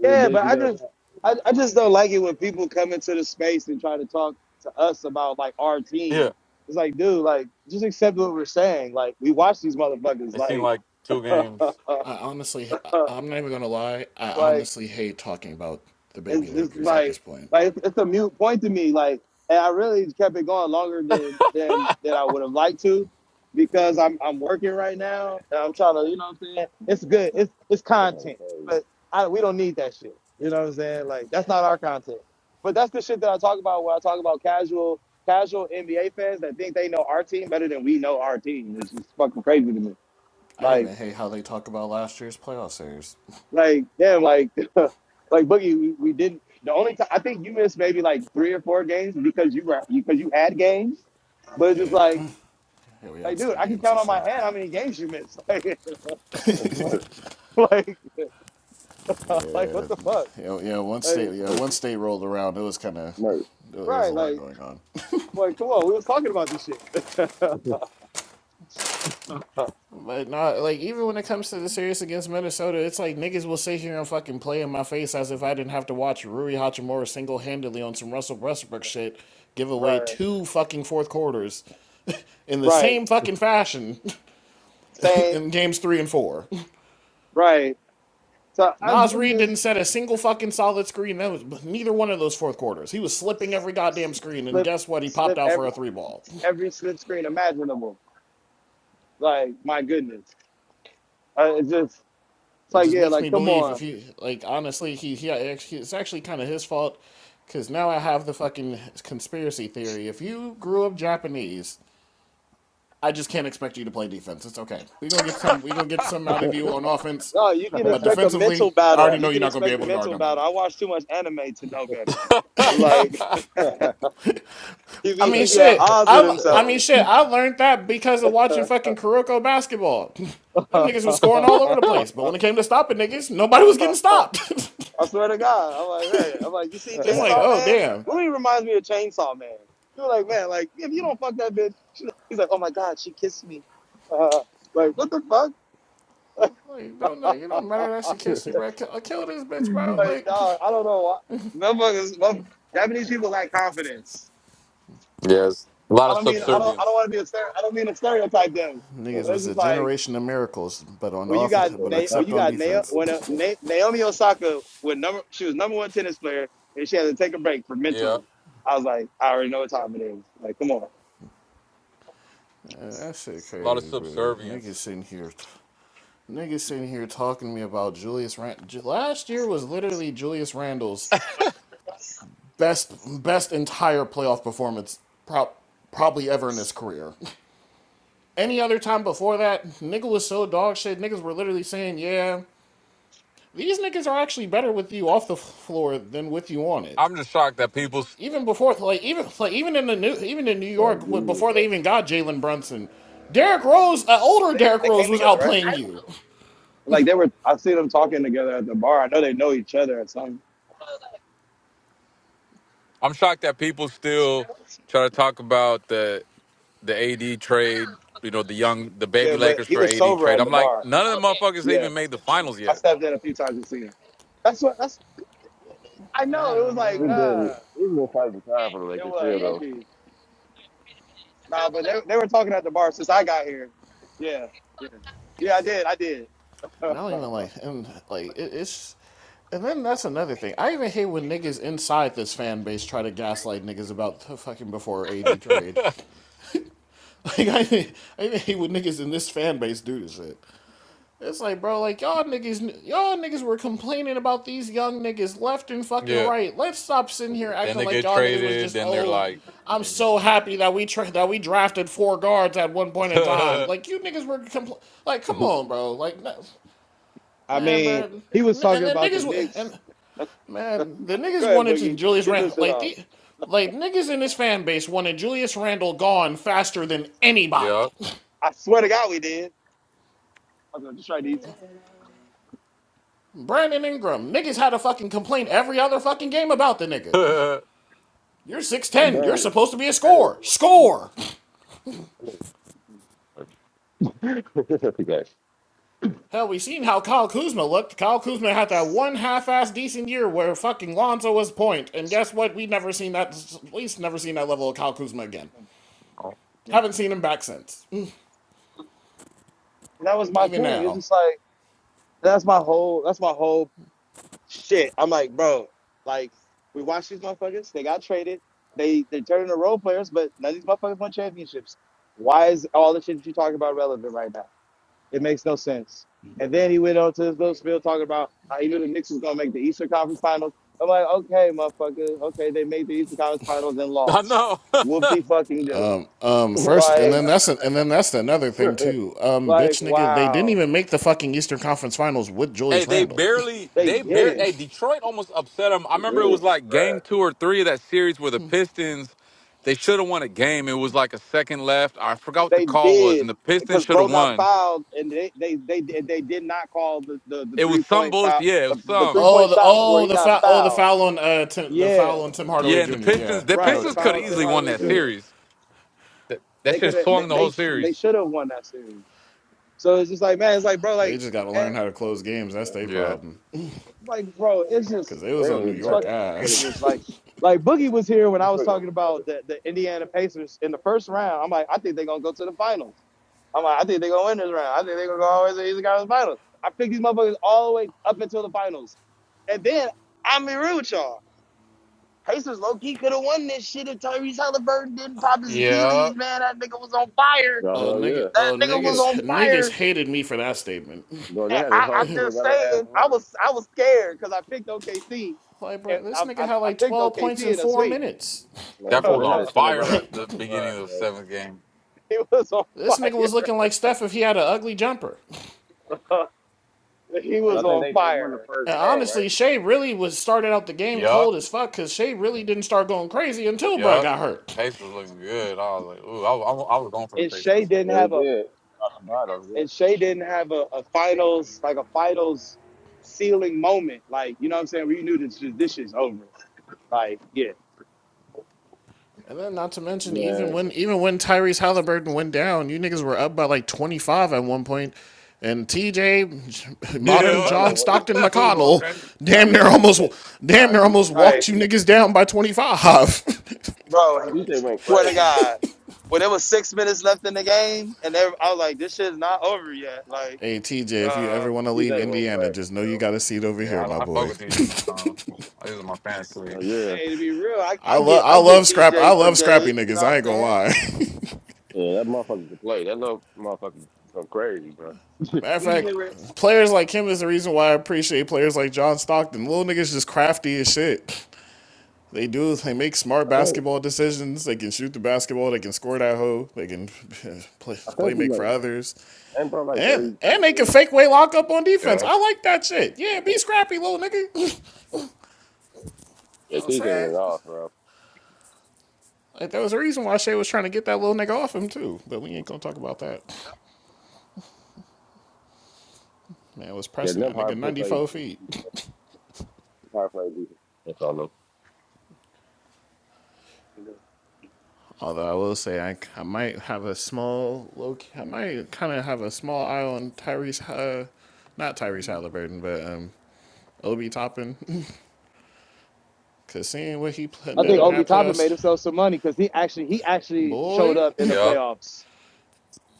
Speaker 12: I mean,
Speaker 5: yeah.
Speaker 12: big
Speaker 5: But
Speaker 12: you
Speaker 5: I
Speaker 12: guys
Speaker 5: just
Speaker 12: got.
Speaker 5: I, I just don't like it when people come into the space and try to talk to us about like our
Speaker 1: Yeah,
Speaker 5: team. It's like, dude, like just accept what we're saying. Like we watch these motherfuckers.
Speaker 1: it seemed
Speaker 5: Like,
Speaker 1: like two games.
Speaker 10: I honestly, I'm not even gonna lie. I
Speaker 5: like
Speaker 10: honestly hate talking about the baby
Speaker 5: It's it's
Speaker 10: Lakers at this
Speaker 5: like
Speaker 10: point.
Speaker 5: like it's, it's a mute point to me. Like, and I really kept it going longer than than than I would have liked to, because I'm I'm working right now and I'm trying to you know what I'm saying. It's good. It's it's
Speaker 12: That's
Speaker 5: content,
Speaker 12: crazy.
Speaker 5: but I we don't need that shit. You know what I'm saying? Like that's not our content. But that's the shit that I talk about when I talk about casual casual NBA fans that think they know our team better than we know our team, which is fucking crazy to me.
Speaker 10: I
Speaker 5: Like.
Speaker 10: even hate how they talk about last year's playoff series.
Speaker 5: Like damn, like like Boogie, we, we didn't. The only time I think you missed maybe like three or four games because you were because you had games, but it's just
Speaker 10: Yeah.
Speaker 5: like
Speaker 10: Yeah, we had
Speaker 5: like dude,
Speaker 10: state
Speaker 5: I can
Speaker 10: games and
Speaker 5: count on my
Speaker 10: shit.
Speaker 5: hand how many games you missed.
Speaker 12: That's mercy,
Speaker 10: Yeah. Yeah, yeah once
Speaker 5: Like,
Speaker 10: state,
Speaker 5: like
Speaker 10: yeah, once state rolled around, it was kind of
Speaker 12: mercy,
Speaker 10: it
Speaker 5: right,
Speaker 10: was a lot going on.
Speaker 5: like, come on.
Speaker 10: But not like even when it comes to the series against Minnesota, it's like niggas will sit here and fucking play in my face as if I didn't have to watch Rui Hachimura single handedly on some Russell Westbrook shit give away
Speaker 5: right,
Speaker 10: two fucking fourth quarters in the
Speaker 5: right,
Speaker 10: same fucking fashion
Speaker 5: same,
Speaker 10: in games three and four.
Speaker 5: right. So I,
Speaker 10: Nas
Speaker 5: I'm
Speaker 10: Reed didn't
Speaker 5: just
Speaker 10: set a single fucking solid screen. That was neither one of those fourth quarters. He was slipping every goddamn screen, and
Speaker 5: slip
Speaker 10: guess what? He popped
Speaker 5: slip
Speaker 10: out for
Speaker 5: every
Speaker 10: a three ball.
Speaker 5: every slip screen imaginable. Like my goodness, uh, it's just it's
Speaker 10: It
Speaker 5: like
Speaker 10: just
Speaker 5: yeah,
Speaker 10: makes me
Speaker 5: like come
Speaker 10: believe
Speaker 5: on.
Speaker 10: if he like honestly, he he it's actually kind of his fault because now I have the fucking conspiracy theory. If you grew up Japanese, I just can't expect you to play defense. It's okay. We're gonna get some. We're gonna get some out of you on offense,
Speaker 5: No, you can
Speaker 10: but
Speaker 5: expect a
Speaker 12: mercy.
Speaker 10: defensively,
Speaker 5: mental
Speaker 10: I already
Speaker 5: battle.
Speaker 10: know
Speaker 5: You
Speaker 10: you're
Speaker 5: can
Speaker 10: not gonna be
Speaker 5: expect a
Speaker 10: able to guard
Speaker 5: mental battle.
Speaker 10: nobody.
Speaker 5: I watch too much anime to know better. Like
Speaker 12: there's nothing
Speaker 5: he
Speaker 10: I
Speaker 5: be
Speaker 10: mean,
Speaker 5: he be at
Speaker 10: shit.
Speaker 5: odds with
Speaker 10: i I mean,
Speaker 5: himself.
Speaker 10: shit. I learned that because of watching fucking Kuroko basketball. Them
Speaker 5: I
Speaker 10: niggas was scoring all over the place, but when it came to stopping niggas, nobody was getting stopped.
Speaker 5: swear to God, I'm like man. I'm like you see
Speaker 10: it's like,
Speaker 5: Chainsaw
Speaker 10: oh
Speaker 5: Man.
Speaker 10: damn.
Speaker 5: Rui reminds me of Chainsaw Man. You're like man, like if you don't fuck that bitch, she- like, he's like oh my God, she kissed me. Uh, like what the fuck?
Speaker 10: Like, don't like, you don't matter that she kissed you, bro. Kill, uh, kill this bitch, bro.
Speaker 5: like
Speaker 10: Like,
Speaker 5: dog, I don't know. why. Motherfuckers, motherf- Japanese people lack confidence.
Speaker 1: Yes, a lot
Speaker 5: I
Speaker 1: of
Speaker 5: don't mean I
Speaker 10: hell,
Speaker 5: don't I don't
Speaker 1: subservience.
Speaker 5: want to be a stere- I don't mean to stereotype them,
Speaker 10: niggas
Speaker 5: but it's
Speaker 10: was a
Speaker 5: just like
Speaker 10: generation of miracles, but on
Speaker 5: when you
Speaker 10: offense,
Speaker 5: got
Speaker 10: but
Speaker 5: Na- when
Speaker 10: except
Speaker 5: you
Speaker 10: on
Speaker 5: got
Speaker 12: you
Speaker 5: Na-
Speaker 12: can't
Speaker 10: defense.
Speaker 12: do
Speaker 5: when uh
Speaker 12: to
Speaker 5: Na- Naomi Osaka with number she was number one tennis player and she had to take a break for
Speaker 1: Yeah,
Speaker 5: mental. I was like, I already know what time it is. Like, come on,
Speaker 10: Man, that shit
Speaker 1: a lot of
Speaker 10: crazy, bro. Niggas
Speaker 1: subservience.
Speaker 10: sitting here, t- niggas sitting here talking to me about Julius Rand. Last year was literally Julius Randle's best best entire playoff performance prob- probably ever in his career. Any other time before that, Nigga was so dog shit. Niggas were literally saying, "Yeah, these niggas are actually better with you off the floor than with you on it."
Speaker 1: I'm just shocked that people
Speaker 10: Even before, like even like even in the new even in New
Speaker 12: uh,
Speaker 10: York
Speaker 12: agree with
Speaker 10: before they
Speaker 12: us.
Speaker 10: even got Jalen Brunson, Derrick Rose, uh, older
Speaker 5: they,
Speaker 10: Derrick
Speaker 5: they came
Speaker 10: Rose was
Speaker 5: together, right?
Speaker 10: outplaying you.
Speaker 5: Like they were, I see them talking together at the bar. I know they know each other or something.
Speaker 1: I'm shocked that people still try to talk about the the AD trade. You know, the young, the baby
Speaker 5: Yeah, but
Speaker 1: Lakers
Speaker 5: he
Speaker 1: for
Speaker 5: was
Speaker 1: AD
Speaker 5: sober
Speaker 1: trade.
Speaker 5: at
Speaker 1: I'm
Speaker 5: the
Speaker 1: like,
Speaker 5: bar.
Speaker 1: none of the motherfuckers
Speaker 5: Yeah,
Speaker 1: even made the finals
Speaker 5: I
Speaker 1: yet.
Speaker 5: stepped in a few times to see him. That's what that's. I know it was like,
Speaker 12: We've
Speaker 10: Um,
Speaker 12: been
Speaker 5: uh,
Speaker 12: we've been fighting time for the Lakers
Speaker 5: it
Speaker 12: still though.
Speaker 5: was. Nah, but they, they were talking at the bar since I got here. Yeah, yeah, yeah. I did, I did.
Speaker 10: And I don't even like, and like it, it's, and then that's another thing. I even hate when niggas inside this fan base try to gaslight niggas about the fucking before eighty trade. Like I, I even hate when niggas in this fan base do this shit. It's like, bro, like y'all niggas, y'all niggas were complaining about these young niggas left and fucking
Speaker 1: yeah.
Speaker 10: right. Let's stop sitting here
Speaker 1: Then
Speaker 10: acting
Speaker 1: they
Speaker 10: like
Speaker 1: get
Speaker 10: y'all niggas was
Speaker 1: traded.
Speaker 10: just
Speaker 1: Then they're
Speaker 10: oh.
Speaker 1: like,
Speaker 10: I'm
Speaker 1: maybe.
Speaker 10: so happy that we tra- that we drafted four guards at one point in time.
Speaker 1: yeah.
Speaker 10: Like you niggas were compl- like, come on, bro. Like, no.
Speaker 5: I
Speaker 10: Man, bro,
Speaker 5: mean,
Speaker 10: and
Speaker 5: he was talking
Speaker 10: the
Speaker 5: about the
Speaker 10: niggas,
Speaker 5: Knicks.
Speaker 10: and
Speaker 5: Go
Speaker 10: man, the niggas
Speaker 5: ahead,
Speaker 10: wanted to
Speaker 5: Boogie,
Speaker 10: Julius
Speaker 5: get your
Speaker 10: Randle.
Speaker 5: shit
Speaker 10: Like
Speaker 5: off.
Speaker 10: the, like niggas in his fan base wanted Julius Randle gone faster than anybody.
Speaker 5: I swear to God, we did. I was gonna just try these.
Speaker 10: Brandon Ingram, niggas had a fucking complaint every other fucking game about the nigga.
Speaker 1: I
Speaker 10: You're six
Speaker 12: and
Speaker 10: ten. You're
Speaker 12: Darren
Speaker 10: supposed to be a
Speaker 12: Darren is
Speaker 10: scorer.
Speaker 12: welcome to
Speaker 10: Score.
Speaker 12: that. This is trash.
Speaker 10: Hell, we seen how Kyle Kuzma looked. Kyle Kuzma had that one half-ass decent year where fucking Lonzo was point, and guess what? We never seen that. At least never seen that level of Kyle Kuzma again.
Speaker 5: You
Speaker 10: Haven't
Speaker 5: know,
Speaker 10: seen him back since. Mm,
Speaker 5: that was my
Speaker 10: Even
Speaker 5: thing. It's
Speaker 10: now.
Speaker 5: just like that's my whole, that's my whole shit. I'm like, bro, like we watched these motherfuckers. They got traded. They they turned into role players, but none of these motherfuckers won championships. Why is all the shit that you talking about relevant right now? It makes no sense. And then he went on to his little spiel talking about how he knew the Knicks was gonna make the Eastern Conference Finals. I'm like, okay, motherfucker, okay, they made the Eastern Conference Finals and lost.
Speaker 1: know.
Speaker 5: Whoopty fucking do.
Speaker 10: Um, first, and
Speaker 5: Like,
Speaker 10: then that's a, and then that's another thing too. Um,
Speaker 5: like,
Speaker 10: bitch, nigga, they didn't
Speaker 5: wow,
Speaker 10: even make the fucking Eastern Conference Finals with
Speaker 1: hey,
Speaker 10: Julius
Speaker 1: they
Speaker 10: Randle.
Speaker 1: barely,
Speaker 5: they
Speaker 1: they
Speaker 5: did
Speaker 1: barely,
Speaker 5: it.
Speaker 1: hey, Detroit almost upset them. I remember it was like game two or three of that series where the Pistons, they should have won a game. It was like a second left. I forgot what the
Speaker 5: They
Speaker 1: call was, and
Speaker 5: did
Speaker 1: the Pistons
Speaker 5: because
Speaker 1: should
Speaker 5: bro
Speaker 1: have
Speaker 5: got
Speaker 1: won.
Speaker 5: fouled and they they they they, they did not call the the, the
Speaker 1: It was
Speaker 5: three
Speaker 1: some
Speaker 5: point
Speaker 1: bullshit.
Speaker 5: foul
Speaker 1: Yeah, it was
Speaker 5: the, the three
Speaker 1: some.
Speaker 10: Oh,
Speaker 5: point
Speaker 10: the
Speaker 5: shot where
Speaker 10: oh
Speaker 5: he
Speaker 10: the
Speaker 5: got
Speaker 10: foul oh the
Speaker 5: fouled.
Speaker 10: foul on uh Tim, the
Speaker 5: Yeah,
Speaker 10: foul on Tim
Speaker 1: Yeah,
Speaker 10: Hardaway
Speaker 1: and the
Speaker 10: Jr. Yeah,
Speaker 1: Pistons, the
Speaker 10: I know
Speaker 5: right.
Speaker 10: what
Speaker 5: The
Speaker 1: Pistons
Speaker 10: you're
Speaker 1: could
Speaker 5: foul
Speaker 10: talking
Speaker 1: have
Speaker 5: on
Speaker 10: about.
Speaker 5: Tim
Speaker 1: easily
Speaker 10: Yeah,
Speaker 1: won
Speaker 5: Hardaway
Speaker 1: that
Speaker 12: Mm.
Speaker 5: Jr.
Speaker 1: series. That that
Speaker 5: They could
Speaker 1: shit
Speaker 5: have they
Speaker 1: swung the whole
Speaker 5: they, sh- they
Speaker 1: series.
Speaker 5: should have won that series. So it's just like, man, it's like, bro,
Speaker 10: they
Speaker 5: like,
Speaker 10: just got to
Speaker 5: and,
Speaker 10: learn how to close games. That's their
Speaker 12: They're
Speaker 1: Yeah.
Speaker 10: problem.
Speaker 5: like, bro, it's just,
Speaker 10: Cause they was
Speaker 12: gonna
Speaker 10: on New
Speaker 12: get
Speaker 5: it's
Speaker 10: York
Speaker 5: fucking
Speaker 12: better. They're gonna
Speaker 5: ridiculous.
Speaker 10: ass.
Speaker 5: Like, like Boogie was here when I was
Speaker 12: Detroit gonna
Speaker 5: talking
Speaker 12: get
Speaker 5: about
Speaker 12: better.
Speaker 5: the, the Indiana Pacers in the first round. I'm like, I think they're gonna go to the finals. I'm like, I think they're gonna win this round. I think they're gonna go all the way to the Eastern Conference Finals. I picked these motherfuckers all the way up until the finals, and then I'm be real with y'all. Pacers low key could have won this shit if Tyrese Halliburton didn't pop his
Speaker 1: Yeah.
Speaker 5: Achilles. Man, that nigga was on fire.
Speaker 12: Y'all
Speaker 10: oh
Speaker 12: hell
Speaker 10: nigga,
Speaker 12: yeah.
Speaker 5: That
Speaker 10: oh
Speaker 5: nigga was
Speaker 12: Yeah.
Speaker 5: on
Speaker 10: niggas, niggas
Speaker 5: fire.
Speaker 10: hated me for that statement.
Speaker 12: Bro, they had this
Speaker 5: I,
Speaker 12: whole
Speaker 5: I'm just
Speaker 12: Cinderella ass
Speaker 5: saying, I
Speaker 12: run.
Speaker 5: was I was scared because I picked OKC,
Speaker 10: Like,
Speaker 5: and
Speaker 10: bro, this
Speaker 5: I,
Speaker 10: nigga
Speaker 5: I,
Speaker 10: had
Speaker 5: I
Speaker 10: like
Speaker 5: picked
Speaker 10: twelve points in
Speaker 5: OKC in a
Speaker 10: four
Speaker 5: sweep.
Speaker 10: minutes.
Speaker 12: Man,
Speaker 1: That fool
Speaker 12: bro,
Speaker 1: was
Speaker 12: they had
Speaker 1: on
Speaker 12: a
Speaker 5: he
Speaker 1: fire
Speaker 12: Cinderella
Speaker 1: after
Speaker 10: Like,
Speaker 1: the
Speaker 12: fucking
Speaker 1: beginning
Speaker 12: run,
Speaker 1: of the
Speaker 12: bro.
Speaker 1: seventh game.
Speaker 5: was on
Speaker 10: this nigga was looking
Speaker 5: fire.
Speaker 10: like Steph if he had an ugly jumper.
Speaker 5: he was
Speaker 12: I
Speaker 10: Like,
Speaker 12: think
Speaker 5: on
Speaker 12: they, they won the
Speaker 5: fire,
Speaker 12: first
Speaker 10: And
Speaker 12: game, right?
Speaker 10: honestly, Shea really was started out the game
Speaker 1: Yup.
Speaker 10: cold as fuck because Shea really didn't start going crazy until Brad
Speaker 1: Yup.
Speaker 10: got hurt.
Speaker 1: Pacers looking good. I was like, ooh, I, was- I, was- I was going for the
Speaker 5: and Shea
Speaker 1: Pacers.
Speaker 5: didn't
Speaker 12: Yeah, they
Speaker 5: have a
Speaker 12: did. Talk about him, yep.
Speaker 5: and Shea didn't have a, a finals like a finals ceiling moment. Like you know what I'm saying? We knew this this is over. Like yeah,
Speaker 10: And then, not to mention, even
Speaker 12: Man,
Speaker 10: when even when Tyrese Halliburton went down, you niggas were up by like twenty five at one point, point. and TJ, modern
Speaker 1: Yeah.
Speaker 10: John
Speaker 12: McConnell went.
Speaker 10: Stockton
Speaker 1: that fool going
Speaker 10: McConnell,
Speaker 1: crazy.
Speaker 12: Nah,
Speaker 10: damn near
Speaker 12: man, he
Speaker 10: almost
Speaker 12: had
Speaker 10: damn
Speaker 12: nah,
Speaker 10: near
Speaker 12: he went
Speaker 10: almost
Speaker 5: right,
Speaker 10: walked
Speaker 12: crazy.
Speaker 10: you niggas down by twenty five.
Speaker 5: bro.
Speaker 12: DJ went
Speaker 5: Swear to
Speaker 12: crazy,
Speaker 5: God,
Speaker 12: bro.
Speaker 5: when there was six minutes left in the game, and they, I was like, this shit's not over yet. Like.
Speaker 10: hey TJ, if you
Speaker 5: Uh,
Speaker 10: ever want to leave
Speaker 12: DJ went
Speaker 10: Indiana, just
Speaker 12: crazy,
Speaker 10: know you
Speaker 12: bro.
Speaker 10: got a seat over
Speaker 1: Yeah,
Speaker 10: here, my
Speaker 1: I, I fuck
Speaker 10: boy.
Speaker 1: with TJ McConnell. I use in my fantasy league.
Speaker 12: Hell yeah,
Speaker 5: Hey, to be real, I,
Speaker 10: I
Speaker 5: I get
Speaker 10: love I
Speaker 5: I get
Speaker 10: love scrap I
Speaker 5: TJ for
Speaker 10: love scrappy
Speaker 5: Gabe. You know
Speaker 10: niggas. I
Speaker 5: what
Speaker 10: ain't gonna
Speaker 5: I'm saying?
Speaker 10: lie.
Speaker 12: yeah, that motherfucker can play. That little motherfucker can go crazy, bro.
Speaker 10: Matter of fact, players like him is the reason why I appreciate players like John Stockton. Little niggas just crafty as shit. They do. They make smart
Speaker 12: I think,
Speaker 10: basketball decisions. They can shoot the basketball. They can score that hoe. They can play,
Speaker 12: I
Speaker 10: play
Speaker 12: think he
Speaker 10: make
Speaker 12: like,
Speaker 10: for others,
Speaker 12: ain't probably like
Speaker 10: and
Speaker 12: 30,
Speaker 10: and
Speaker 12: 32
Speaker 10: they can
Speaker 12: or
Speaker 10: fake
Speaker 12: something
Speaker 10: way lock
Speaker 12: like
Speaker 10: up on defense.
Speaker 1: Yup.
Speaker 10: I like that shit. Yeah, be scrappy, little nigga. You know
Speaker 12: that.
Speaker 10: what
Speaker 12: Yeah,
Speaker 10: I'm
Speaker 12: TJ
Speaker 10: saying.
Speaker 12: went off, bro.
Speaker 10: Like there was a reason why Shea was trying to get that little nigga off him too, but we ain't gonna talk about that. Man I was
Speaker 12: Yeah,
Speaker 10: pressing
Speaker 12: them
Speaker 10: that nigga
Speaker 12: hard play
Speaker 10: ninety
Speaker 12: played,
Speaker 10: four feet.
Speaker 12: hard play defense. That's all them.
Speaker 10: Although I will say I, I might have a small low, I might kind of have a small eye on Tyrese, uh, not Tyrese Halliburton, but um, Obi Toppin, because seeing what he
Speaker 5: I
Speaker 12: Yeah,
Speaker 10: did
Speaker 5: think
Speaker 10: in
Speaker 12: man.
Speaker 5: Obi
Speaker 10: that
Speaker 5: Toppin made
Speaker 10: playoffs,
Speaker 5: himself some money because he actually he actually showed
Speaker 10: boy,
Speaker 5: up in the
Speaker 1: Yup.
Speaker 5: playoffs.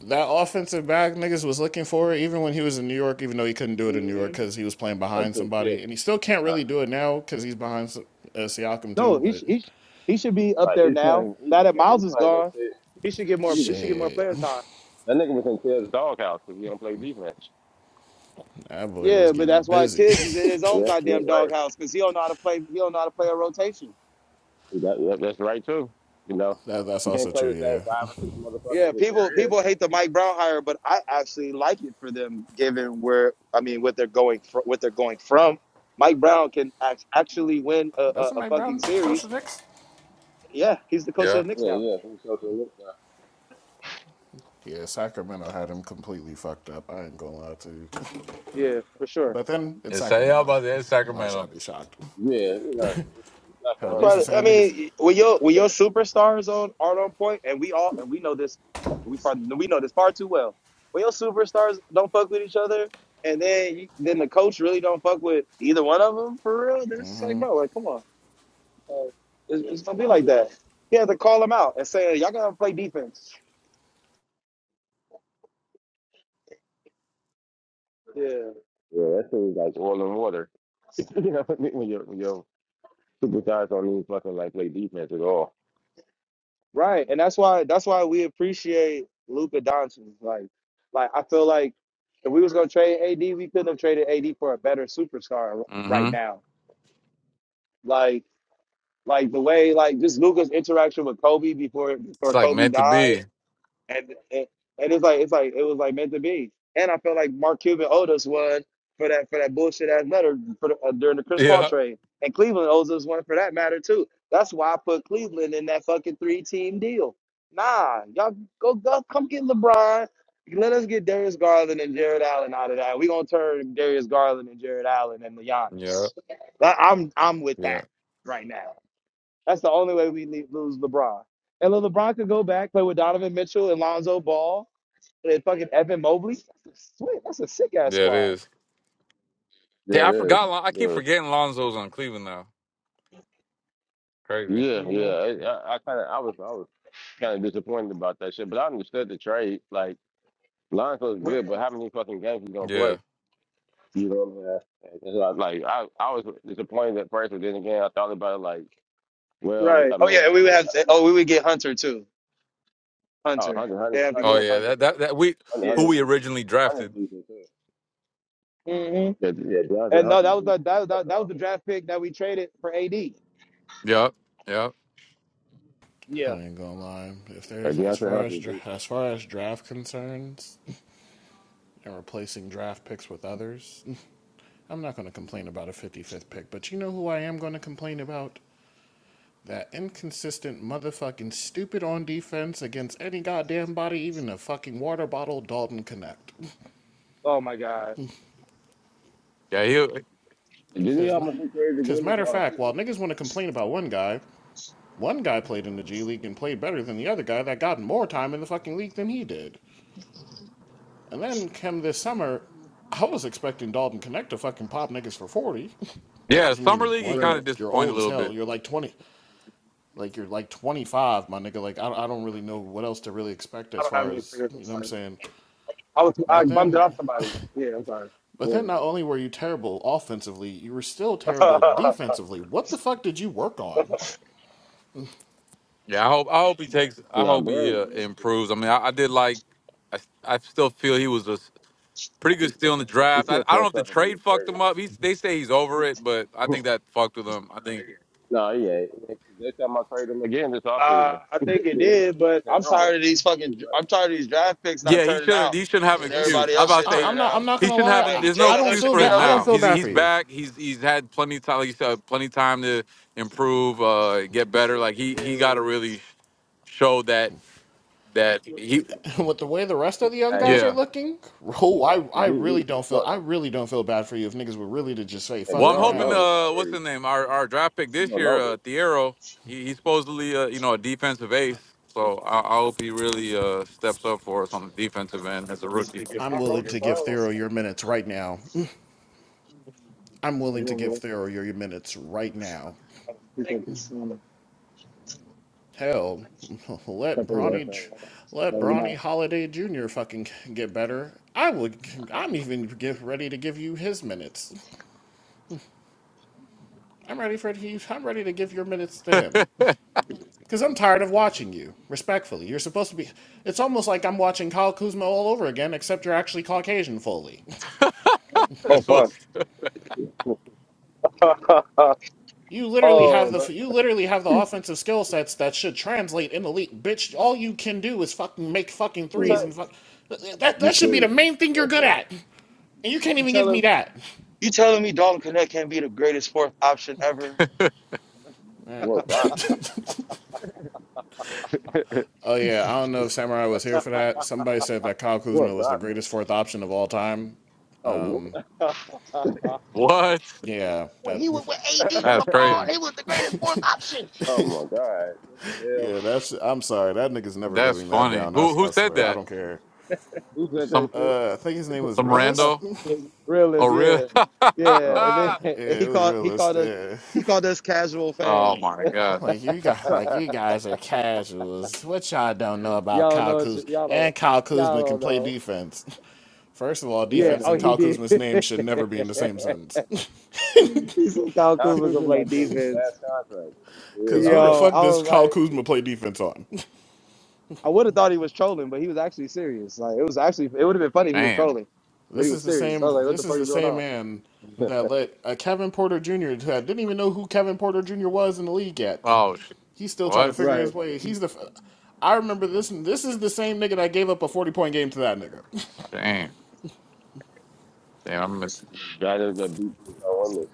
Speaker 10: that offensive back niggas was looking for it even when he was in New York, even though he couldn't do it in New York
Speaker 5: hmm
Speaker 10: because he was playing
Speaker 12: But
Speaker 10: behind
Speaker 12: took tips.
Speaker 10: somebody, and he still can't
Speaker 12: Nah,
Speaker 10: really do it now because he's behind uh, Siakam too.
Speaker 5: No, he
Speaker 10: But
Speaker 5: sh- he sh- he should be up
Speaker 12: like
Speaker 5: there
Speaker 12: he's
Speaker 5: now.
Speaker 12: playing, he,
Speaker 5: Now that
Speaker 12: yeah,
Speaker 5: Miles
Speaker 12: he's
Speaker 5: is
Speaker 12: playing that
Speaker 5: gone,
Speaker 12: shit.
Speaker 5: he should get more
Speaker 12: You
Speaker 5: he
Speaker 12: could,
Speaker 5: should get more
Speaker 10: shit,
Speaker 5: player time.
Speaker 12: that nigga was in Ted's doghouse if he don't play defense.
Speaker 10: that boy was
Speaker 5: Yeah, but
Speaker 10: getting
Speaker 5: that's why
Speaker 10: busy.
Speaker 5: Tibbs is in his own
Speaker 12: Yeah, yeah,
Speaker 5: goddamn
Speaker 12: right.
Speaker 5: doghouse because he don't know how to play he don't know how to play a rotation.
Speaker 12: You got, yeah, that's right too. You know,
Speaker 10: that, that's
Speaker 12: you
Speaker 10: also
Speaker 12: can't play
Speaker 10: true.
Speaker 12: the same
Speaker 10: Yeah,
Speaker 12: five or six
Speaker 5: Yeah,
Speaker 12: motherfuckers that
Speaker 5: people
Speaker 12: there is.
Speaker 5: people hate the Mike Brown hire, but I actually like it for them, given where I mean what they're going fr- what they're going from. Mike Brown can act- actually win a, a,
Speaker 10: doesn't
Speaker 5: a
Speaker 10: Mike
Speaker 5: fucking
Speaker 10: Brown coach the
Speaker 5: series.
Speaker 10: Knicks?
Speaker 5: Yeah, he's the coach of the
Speaker 1: Yup.
Speaker 5: Knicks
Speaker 12: Yeah,
Speaker 5: now.
Speaker 12: yeah, from Sacramento.
Speaker 10: Yeah, Sacramento had him completely fucked up. I ain't gonna lie to you.
Speaker 5: Yeah, for sure.
Speaker 10: But then it's
Speaker 1: It's say yeah,
Speaker 10: Sacramento.
Speaker 1: about the
Speaker 10: Why should I
Speaker 1: Sacramento.
Speaker 10: be shocked?
Speaker 12: Yeah, you know, from
Speaker 10: Hell,
Speaker 5: I'm
Speaker 12: Sacramento,
Speaker 10: these the
Speaker 5: trying to, I
Speaker 10: same niggas.
Speaker 12: Sacramento,
Speaker 5: mean, when your when your superstars on aren't on point, and we all and we know this we far, we know this far too well. When your superstars don't fuck with each other, and then you, then the coach really don't fuck with either one of them for real, then it's just like bro, like come on. Uh, it's, it's gonna be like that. He had to call him out and say, "Y'all gotta play defense." Yeah,
Speaker 12: bro. Yeah, that seems like oil and water. you know what I mean? When your when your superstars don't even fucking like play defense at all.
Speaker 5: right. And that's why that's why we appreciate Luka Doncic. Like, like I feel like if we was gonna trade AD, we couldn't have traded AD for a better superstar r- right
Speaker 1: Mm-hmm.
Speaker 5: now. Like, like the way like just Luka's interaction with Kobe before
Speaker 1: It's
Speaker 5: before
Speaker 1: like
Speaker 5: Kobe
Speaker 1: meant to
Speaker 5: died.
Speaker 1: be.
Speaker 5: and and and it's like it's like it was like meant to be. And I felt like Mark Cuban owed us one for that for that bullshit ass letter for the, uh, during the Chris Paul
Speaker 1: Yeah.
Speaker 5: trade, and Cleveland owes us one for that matter too. That's why I put Cleveland in that fucking three team deal. Nah, y'all go go come get LeBron. Let us get Darius Garland and Jared Allen out of that. We gonna turn Darius Garland and Jared Allen and
Speaker 1: Yeah.
Speaker 5: Giannis. I- I'm I'm with
Speaker 1: Yeah.
Speaker 5: that right now. That's the only way we need, lose LeBron. And LeBron could go back, play with Donovan Mitchell and Lonzo Ball and fucking Evan Mobley. That's a, sweet, that's a sick ass
Speaker 1: Yeah, it
Speaker 5: squad.
Speaker 1: is.
Speaker 12: Yeah,
Speaker 1: Yeah,
Speaker 12: it
Speaker 1: I
Speaker 12: is.
Speaker 1: forgot. Lon- I
Speaker 12: It
Speaker 1: keep
Speaker 12: is.
Speaker 1: forgetting Lonzo's on Cleveland now. Crazy.
Speaker 12: Yeah, yeah. I, I, I kind of, I was, I was kind of disappointed about that shit, but I understood the trade. Like Lonzo's good, but how many fucking games he gonna play?
Speaker 1: Yeah.
Speaker 12: You know what I'm saying? And so like I, I was disappointed at first, but then again, I thought about it like, well,
Speaker 5: Right.
Speaker 12: I
Speaker 5: Oh yeah, and
Speaker 12: mean,
Speaker 5: we would
Speaker 12: it,
Speaker 5: have. To, oh, we
Speaker 12: it,
Speaker 5: would get Hunter too.
Speaker 12: oh,
Speaker 5: Hunter.
Speaker 12: hundred,
Speaker 5: They
Speaker 12: hundred,
Speaker 5: have to give
Speaker 1: Oh
Speaker 12: hundred
Speaker 5: up
Speaker 1: yeah.
Speaker 5: Hunter.
Speaker 12: decent
Speaker 1: That
Speaker 12: too.
Speaker 1: that that we
Speaker 12: Hunter,
Speaker 5: Yeah.
Speaker 1: who
Speaker 12: Hunter's
Speaker 1: we
Speaker 12: decent. Yeah,
Speaker 1: originally
Speaker 12: Hunter's
Speaker 1: drafted.
Speaker 12: decent too.
Speaker 5: hmm
Speaker 12: Yeah, yeah, Deontay
Speaker 5: And no, that
Speaker 12: Hunter's
Speaker 5: was the
Speaker 12: decent. He
Speaker 5: that, that
Speaker 12: slept
Speaker 5: that
Speaker 12: on.
Speaker 5: was the draft pick that we traded for AD.
Speaker 1: Yep. Yep.
Speaker 10: I
Speaker 5: Yeah.
Speaker 10: ain't gonna lie. If
Speaker 12: Yeah,
Speaker 10: there's as
Speaker 12: Deontay
Speaker 10: far as
Speaker 12: Hunter's decent.
Speaker 10: as far as draft concerns and replacing draft picks with others, I'm not gonna complain about a 55th pick. But you know who I am gonna complain about? That inconsistent motherfucking stupid on defense against any goddamn body, even a fucking water bottle, Dalton Connect.
Speaker 5: Oh my God.
Speaker 1: Yeah. He.
Speaker 12: And didn't he
Speaker 10: Because.
Speaker 12: almost be traded
Speaker 10: Because,
Speaker 12: again this
Speaker 10: matter of
Speaker 5: Come on.
Speaker 10: fact, while
Speaker 12: offseason?
Speaker 10: niggas want to complain about one guy, One guy played in the G League and played better than the other guy that got more time in the fucking league than he did. And then come this summer, I was expecting Dalton Connect to fucking pop niggas for 40.
Speaker 1: Yeah.
Speaker 10: Because, I
Speaker 1: Summer
Speaker 10: mean,
Speaker 1: league. He kind
Speaker 10: one,
Speaker 1: of
Speaker 10: you're
Speaker 1: disappointed a
Speaker 10: old as
Speaker 1: little
Speaker 10: hell.
Speaker 1: bit.
Speaker 10: You're like 20. Like, you're like 25, my nigga. Like, I, I don't really know what else to really expect as far as, you know what I'm saying? But then, but then not only were you terrible offensively, you were still terrible defensively. What the fuck did you work on?
Speaker 1: Yeah. I hope. I hope he takes. I
Speaker 12: Nah,
Speaker 1: hope
Speaker 12: bro,
Speaker 1: he uh,
Speaker 12: bro.
Speaker 1: improves. I mean, I, I did like. I, I still feel he was a s- pretty good steal in the
Speaker 12: He
Speaker 1: draft. I,
Speaker 12: still
Speaker 1: I don't know if
Speaker 12: fucked
Speaker 1: the
Speaker 12: up and getting
Speaker 1: trade fucked
Speaker 12: traded.
Speaker 1: him up. He's, they say he's over it, but I think that fucked with him. I think.
Speaker 12: no, he ain't. Next time I trade him again this
Speaker 5: Uh,
Speaker 12: offseason.
Speaker 5: I think it
Speaker 12: They- they-
Speaker 5: did, but
Speaker 12: they
Speaker 5: I'm
Speaker 12: wrong.
Speaker 5: tired of these
Speaker 12: He's
Speaker 5: fucking.
Speaker 12: like,
Speaker 5: I'm tired of these draft picks not
Speaker 1: Yeah, he
Speaker 5: turning
Speaker 1: should.
Speaker 5: out,
Speaker 1: He shouldn't have an
Speaker 5: and
Speaker 10: it's
Speaker 1: excuse.
Speaker 5: everybody
Speaker 1: I'm
Speaker 5: else
Speaker 1: about
Speaker 5: shit
Speaker 1: to
Speaker 10: I,
Speaker 1: say
Speaker 10: I'm
Speaker 5: turning
Speaker 10: not I'm
Speaker 5: out.
Speaker 10: not
Speaker 1: he
Speaker 10: gonna
Speaker 1: shouldn't have.
Speaker 10: lie.
Speaker 1: an-
Speaker 10: I,
Speaker 5: Like
Speaker 1: There's no
Speaker 10: I
Speaker 5: Jalen
Speaker 10: don't
Speaker 5: Hood
Speaker 1: excuse
Speaker 10: feel
Speaker 1: for
Speaker 10: bad.
Speaker 1: him
Speaker 5: Shafino
Speaker 10: I don't
Speaker 1: now.
Speaker 5: didn't.
Speaker 10: feel
Speaker 1: He's
Speaker 10: bad
Speaker 1: he's
Speaker 10: for you.
Speaker 1: back. He's he's had plenty of time. Like you said, plenty of time to improve, uh, get better. Like he he got to really sh- show that that he
Speaker 10: With the way the rest of the young
Speaker 12: hey,
Speaker 10: guys are
Speaker 1: yeah.
Speaker 10: looking, oh, I
Speaker 12: he,
Speaker 10: I
Speaker 12: he,
Speaker 10: really don't
Speaker 12: he,
Speaker 10: feel I really don't feel bad for you. If niggas were really to just say
Speaker 12: and
Speaker 1: Well,
Speaker 10: fuck
Speaker 1: I'm
Speaker 10: you
Speaker 12: Brown
Speaker 1: hoping
Speaker 12: know
Speaker 10: now,
Speaker 12: this
Speaker 1: uh, what's
Speaker 12: already.
Speaker 1: the name? Our our draft pick
Speaker 12: You
Speaker 1: this
Speaker 12: don't
Speaker 1: year,
Speaker 12: know
Speaker 1: uh,
Speaker 12: this.
Speaker 1: Thiero. He, he's supposedly uh, you know a defensive ace. So I, I hope he really uh, steps up for us on the defensive end as a rookie.
Speaker 10: I'm
Speaker 5: Uh,
Speaker 10: willing
Speaker 5: oh,
Speaker 10: to give Thero your minutes right now. I'm
Speaker 5: What do
Speaker 10: willing
Speaker 5: you
Speaker 10: to
Speaker 5: want,
Speaker 10: give
Speaker 5: brother?
Speaker 10: Thero your, your minutes right now.
Speaker 5: Appreciate this. Um,
Speaker 10: Hell, let
Speaker 5: appreciate
Speaker 12: Yeah,
Speaker 5: this.
Speaker 12: that's
Speaker 10: Bronny J- let
Speaker 5: Have a Good night.
Speaker 10: Bronny Holiday Jr. fucking get better. I would. I'm even get ready to give you his minutes. I'm ready for you. I'm ready to give your minutes to him. Because I'm tired of watching you, respectfully. You're supposed to be. It's almost like I'm watching Kyle Kuzma all over again, except you're actually Caucasian fully.
Speaker 12: a cool
Speaker 10: You literally have
Speaker 5: Oh,
Speaker 10: Right.
Speaker 5: but
Speaker 10: the you literally have the offensive skill sets that should translate in the league. Bitch, all you can do is fucking make fucking
Speaker 5: you
Speaker 12: thing.
Speaker 5: tell
Speaker 10: threes and fuck. That
Speaker 12: You
Speaker 10: that should be the
Speaker 12: too.
Speaker 10: main thing you're
Speaker 12: That's
Speaker 10: good
Speaker 12: it.
Speaker 10: at, and you can't
Speaker 5: you
Speaker 10: even give me
Speaker 5: telling
Speaker 10: that.
Speaker 5: you telling me Dalton Connect can't be the greatest fourth option ever?
Speaker 12: Work five points.
Speaker 10: Oh yeah, I don't know if Samurai was here for that. Somebody said that Kyle Kuzma
Speaker 12: Work
Speaker 10: was the
Speaker 12: five
Speaker 10: greatest
Speaker 12: points.
Speaker 10: fourth option of all time.
Speaker 12: Oh, what?
Speaker 1: what?
Speaker 10: Yeah, that.
Speaker 1: That's crazy.
Speaker 12: oh my God. What the hell?
Speaker 10: Yeah, that's. I'm sorry, that nigga's never
Speaker 1: That's
Speaker 10: living that
Speaker 1: funny.
Speaker 10: down. I, I
Speaker 1: Who who said
Speaker 10: swear, I
Speaker 1: that?
Speaker 10: don't care.
Speaker 12: Who said that
Speaker 1: Some
Speaker 12: shit?
Speaker 10: Uh, I think his name was
Speaker 1: some
Speaker 10: Realist.
Speaker 1: rando?
Speaker 10: yeah,
Speaker 1: Oh
Speaker 5: Realist,
Speaker 1: really?
Speaker 5: yeah, yeah. And
Speaker 12: Oh
Speaker 5: then and he
Speaker 10: it was
Speaker 5: called he
Speaker 10: Realist.
Speaker 5: called us
Speaker 10: Yeah,
Speaker 5: he called us casual
Speaker 1: oh
Speaker 5: fans.
Speaker 1: my god.
Speaker 10: like you got,
Speaker 12: no.
Speaker 10: like you guys are casuals. What y'all don't know about
Speaker 5: Y'all
Speaker 10: Kyle
Speaker 5: know what you,
Speaker 10: Kuzma
Speaker 5: y'all don't
Speaker 10: and Kyle Kuzma can
Speaker 5: y'all don't
Speaker 10: play
Speaker 5: know.
Speaker 10: defense. First of all,
Speaker 5: Yeah,
Speaker 12: yeah.
Speaker 10: defense
Speaker 5: oh
Speaker 10: and
Speaker 5: he
Speaker 10: Kyle
Speaker 5: did.
Speaker 10: Kuzma's
Speaker 5: he
Speaker 10: name should never be in the same sentence.
Speaker 5: said Kyle
Speaker 12: I
Speaker 5: Kuzma
Speaker 12: feel
Speaker 5: can play
Speaker 12: might be on his last
Speaker 5: defense.
Speaker 12: contract for the career
Speaker 10: Cause who the
Speaker 12: already.
Speaker 5: Yo,
Speaker 10: fuck
Speaker 5: I
Speaker 10: does
Speaker 5: was like,
Speaker 10: Kyle Kuzma play defense on?
Speaker 5: I would have thought he was trolling, but he was actually serious. Like it was actually it would have been funny if he was
Speaker 1: Damn.
Speaker 5: trolling, but he
Speaker 10: This
Speaker 5: was
Speaker 10: is the
Speaker 5: serious. I
Speaker 10: same.
Speaker 5: was like, what
Speaker 10: This
Speaker 5: the
Speaker 10: is
Speaker 5: fuck
Speaker 10: the
Speaker 5: is going
Speaker 10: same
Speaker 5: on?
Speaker 10: man that let uh, Kevin Porter Jr. that didn't even know who Kevin Porter Jr. was in the league yet.
Speaker 1: Oh sh-
Speaker 10: He's still trying to
Speaker 1: what?
Speaker 10: figure his
Speaker 5: Right.
Speaker 10: way. He's the. I remember this. This is the same nigga that gave up a forty-point game to that nigga.
Speaker 1: Damn. Damn, I'm missing.
Speaker 12: God just got beat so on this.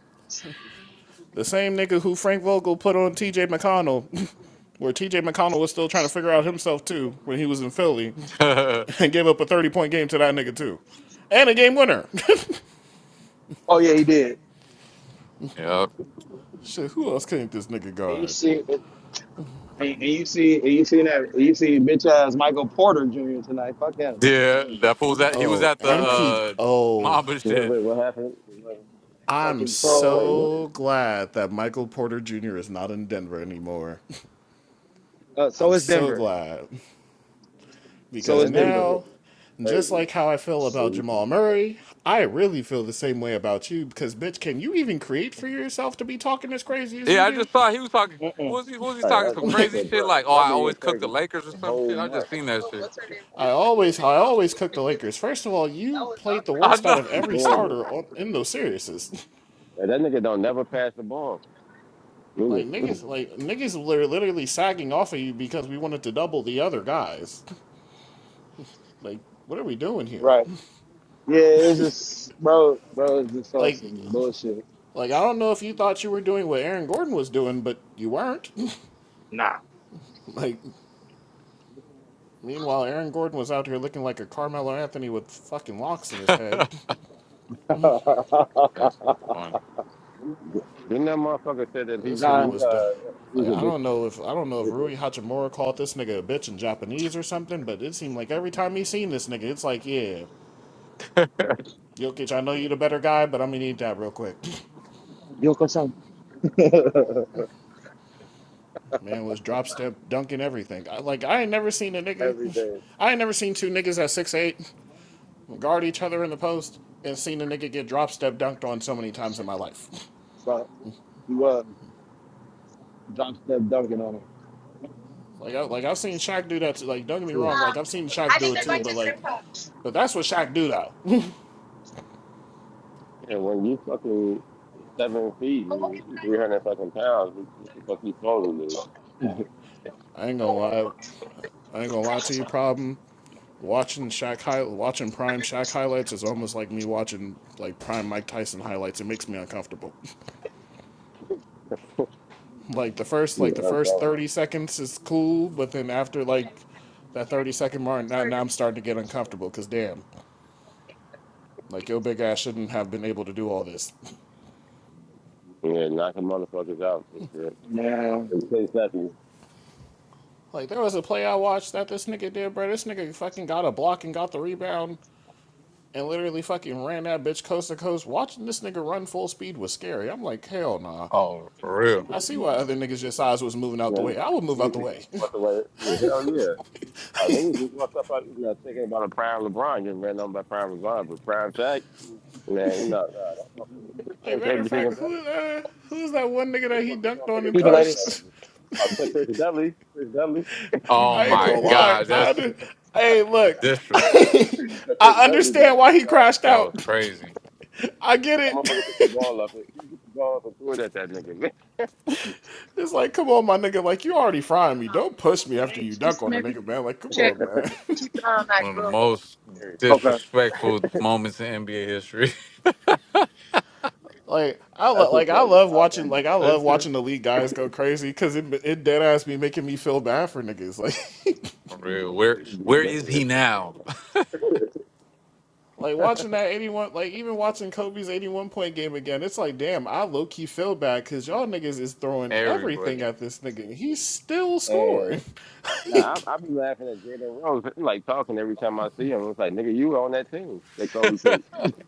Speaker 10: The same nigga who Frank Vogel put on T.J. McConnell, where T.J. McConnell was still trying to figure out himself too when he was in Philly,
Speaker 1: yep.
Speaker 10: and gave up a thirty-point game to that nigga too, and a game winner.
Speaker 5: Oh yeah, he did.
Speaker 10: Shit, who else couldn't this nigga
Speaker 5: And you
Speaker 10: guard?
Speaker 5: see, and, and you see, and you see that, and you see bitch ass Michael Porter Jr. tonight. Fuck him.
Speaker 1: Yeah, that fool was at he was
Speaker 10: Oh,
Speaker 1: at the
Speaker 10: MP.
Speaker 1: uh
Speaker 10: Oh,
Speaker 1: Mamba
Speaker 12: Wait,
Speaker 1: shit.
Speaker 12: wait, what happened? I'm
Speaker 10: I'm
Speaker 5: Fucking pro.
Speaker 12: like, what?
Speaker 10: so glad that Michael Porter Jr. is not in Denver anymore.
Speaker 5: Uh, so
Speaker 10: I'm
Speaker 5: is
Speaker 10: so
Speaker 5: Denver.
Speaker 10: glad
Speaker 5: So
Speaker 12: Man,
Speaker 10: because
Speaker 5: is
Speaker 12: that dude
Speaker 5: Denver.
Speaker 12: is
Speaker 10: now, just
Speaker 12: crazy.
Speaker 10: like how I feel about
Speaker 12: Hey,
Speaker 10: Jamal Murray, I really feel the same way about you because, bitch, can you even create for yourself to be talking as crazy as
Speaker 1: Yeah,
Speaker 10: you
Speaker 1: I
Speaker 10: do?
Speaker 1: just saw he was talking what was he what was he talking
Speaker 12: I,
Speaker 1: some
Speaker 12: I
Speaker 10: like,
Speaker 1: crazy
Speaker 12: said,
Speaker 1: shit
Speaker 12: bro,
Speaker 1: like oh
Speaker 12: bro
Speaker 1: I
Speaker 12: been getting
Speaker 1: always cook the
Speaker 12: crazy
Speaker 1: Lakers or
Speaker 12: the
Speaker 1: some
Speaker 12: whole
Speaker 1: shit. I just
Speaker 12: month.
Speaker 1: seen that shit.
Speaker 10: I always, I always cook the Lakers. First of all, you played the
Speaker 1: I
Speaker 10: worst out
Speaker 1: know.
Speaker 10: of
Speaker 12: He's
Speaker 10: every
Speaker 12: horrible.
Speaker 10: starter on, in those series.
Speaker 12: And that nigga don't never pass the ball. Nigga,
Speaker 10: Like niggas, like niggas were literally sagging off of you because we wanted to double the other guys. Like, what are we doing here?
Speaker 5: Right. Yeah, it's just bro, bro, it's just all
Speaker 10: Like,
Speaker 5: some bullshit.
Speaker 10: like I don't know if you thought you were doing what Aaron Gordon was doing, but you weren't.
Speaker 5: Nah.
Speaker 10: like, meanwhile, Aaron Gordon was out here looking like a Carmelo Anthony with fucking locks in his head.
Speaker 1: That's funny.
Speaker 12: Didn't that motherfucker say that he
Speaker 10: This
Speaker 12: was
Speaker 10: nigga
Speaker 5: nah.
Speaker 12: he
Speaker 10: was done.
Speaker 12: uh he
Speaker 10: Like,
Speaker 12: was
Speaker 10: I don't
Speaker 12: addicted
Speaker 10: know if I don't know if
Speaker 12: to
Speaker 10: Rui Hachimura called this nigga a bitch in Japanese or something, but it seemed like every time he seen this nigga, it's like, yeah, Jokic, I know you the better guy, but I'm gonna need that real quick.
Speaker 5: You'll come some.
Speaker 10: Man was drop step dunking everything. I, like I ain't never seen a nigga.
Speaker 5: Everything.
Speaker 10: I ain't never seen two niggas at six eight guard each other in the post, and seen a nigga get drop step dunked on so many times in my life.
Speaker 5: But he was. John Steph dunking on him.
Speaker 10: Like, I, like I've seen Shaq do that. Too. Like, don't get me
Speaker 12: bitches?
Speaker 10: wrong.
Speaker 12: Ugh.
Speaker 10: Like, I've seen Shaq do it too. But like, but that's what Shaq do though.
Speaker 12: Yeah, when you fucking seven feet and three hundred fucking pounds, what what the fuck you supposed to do?
Speaker 10: I ain't gonna lie. I ain't gonna lie to you. Problem watching Shaq high, watching Prime Shaq highlights is almost like me watching like Prime Mike Tyson highlights. It makes me uncomfortable. Like the first like the
Speaker 12: yeah, I'm
Speaker 10: first
Speaker 12: telling
Speaker 10: thirty
Speaker 12: you.
Speaker 10: seconds is cool, but then after like that thirty second mark, now now I'm starting to get uncomfortable. Cause damn. Like your big ass shouldn't have been able to do all this.
Speaker 12: Yeah, knocking motherfuckers out and shit.
Speaker 5: Now,
Speaker 12: In ten seconds.
Speaker 10: Like there was a play I watched that this nigga did, bro. This nigga fucking got a block and got the rebound and literally fucking ran that bitch coast to coast. Watching this nigga run full speed was scary. I'm like, hell nah.
Speaker 1: Oh, for real.
Speaker 10: I see why other niggas your size was moving out
Speaker 12: You
Speaker 10: the way.
Speaker 12: know,
Speaker 10: I would move out
Speaker 12: niggas
Speaker 10: the
Speaker 12: could
Speaker 10: way.
Speaker 12: just walk away. Yeah, hell yeah. Like niggas just walked up out, you know, thinking about a prime LeBron getting ran on by prime LeBron, but prime Shaq, man, no, no,
Speaker 10: like
Speaker 12: that motherfucker
Speaker 10: matter of
Speaker 12: every
Speaker 10: fact,
Speaker 12: single time.
Speaker 10: who uh who's that one
Speaker 12: You
Speaker 10: nigga that
Speaker 12: just
Speaker 10: he
Speaker 12: want
Speaker 10: dunked
Speaker 12: yourself to
Speaker 10: on
Speaker 12: take
Speaker 10: and
Speaker 12: a
Speaker 5: who's the
Speaker 12: charged from that
Speaker 5: latest?
Speaker 10: pushed?
Speaker 12: nigga. I'll check Chris Dudley. Chris Dudley.
Speaker 1: Oh
Speaker 10: I ain't
Speaker 1: my
Speaker 10: gonna lie.
Speaker 1: God,
Speaker 10: I
Speaker 1: that's
Speaker 10: d- hey look.
Speaker 1: disres-
Speaker 12: that Chris
Speaker 10: I
Speaker 12: Dudley
Speaker 10: understand
Speaker 12: dunk was
Speaker 10: why he
Speaker 12: classic.
Speaker 10: crashed
Speaker 1: That was
Speaker 10: out.
Speaker 1: crazy.
Speaker 10: I get
Speaker 12: That
Speaker 10: it.
Speaker 12: motherfucker took the ball up. He took the ball up and threw it at that nigga.
Speaker 10: It's like, come on, my nigga. Like, you already frying me. Don't push me after you dunk on the nigga, man. Like, come on, man.
Speaker 1: One of the most disrespectful moments in NBA history.
Speaker 10: like, I
Speaker 12: That's
Speaker 10: lo- like
Speaker 12: just
Speaker 10: I
Speaker 12: like the
Speaker 10: love
Speaker 12: Sean
Speaker 10: watching
Speaker 12: Kemp
Speaker 10: like I
Speaker 12: dunk.
Speaker 10: love
Speaker 1: That's it.
Speaker 10: watching the league guys go crazy because it it dead ass be making me feel bad for niggas. Like,
Speaker 1: For real.
Speaker 12: This
Speaker 1: Where
Speaker 12: would be
Speaker 1: where is he
Speaker 12: hilarious.
Speaker 1: now?
Speaker 10: like watching that eighty one. Like even watching Kobe's eighty one point game again. It's like, damn, I low key feel bad because y'all niggas is throwing everything
Speaker 1: Everybody.
Speaker 10: at this nigga. and He's still
Speaker 12: and
Speaker 10: scoring.
Speaker 12: nah,
Speaker 10: Like,
Speaker 12: I, I be laughing at Jaden Rose. I'm like talking every time I see him. It's like, nigga, you on that team that Kobe took. and,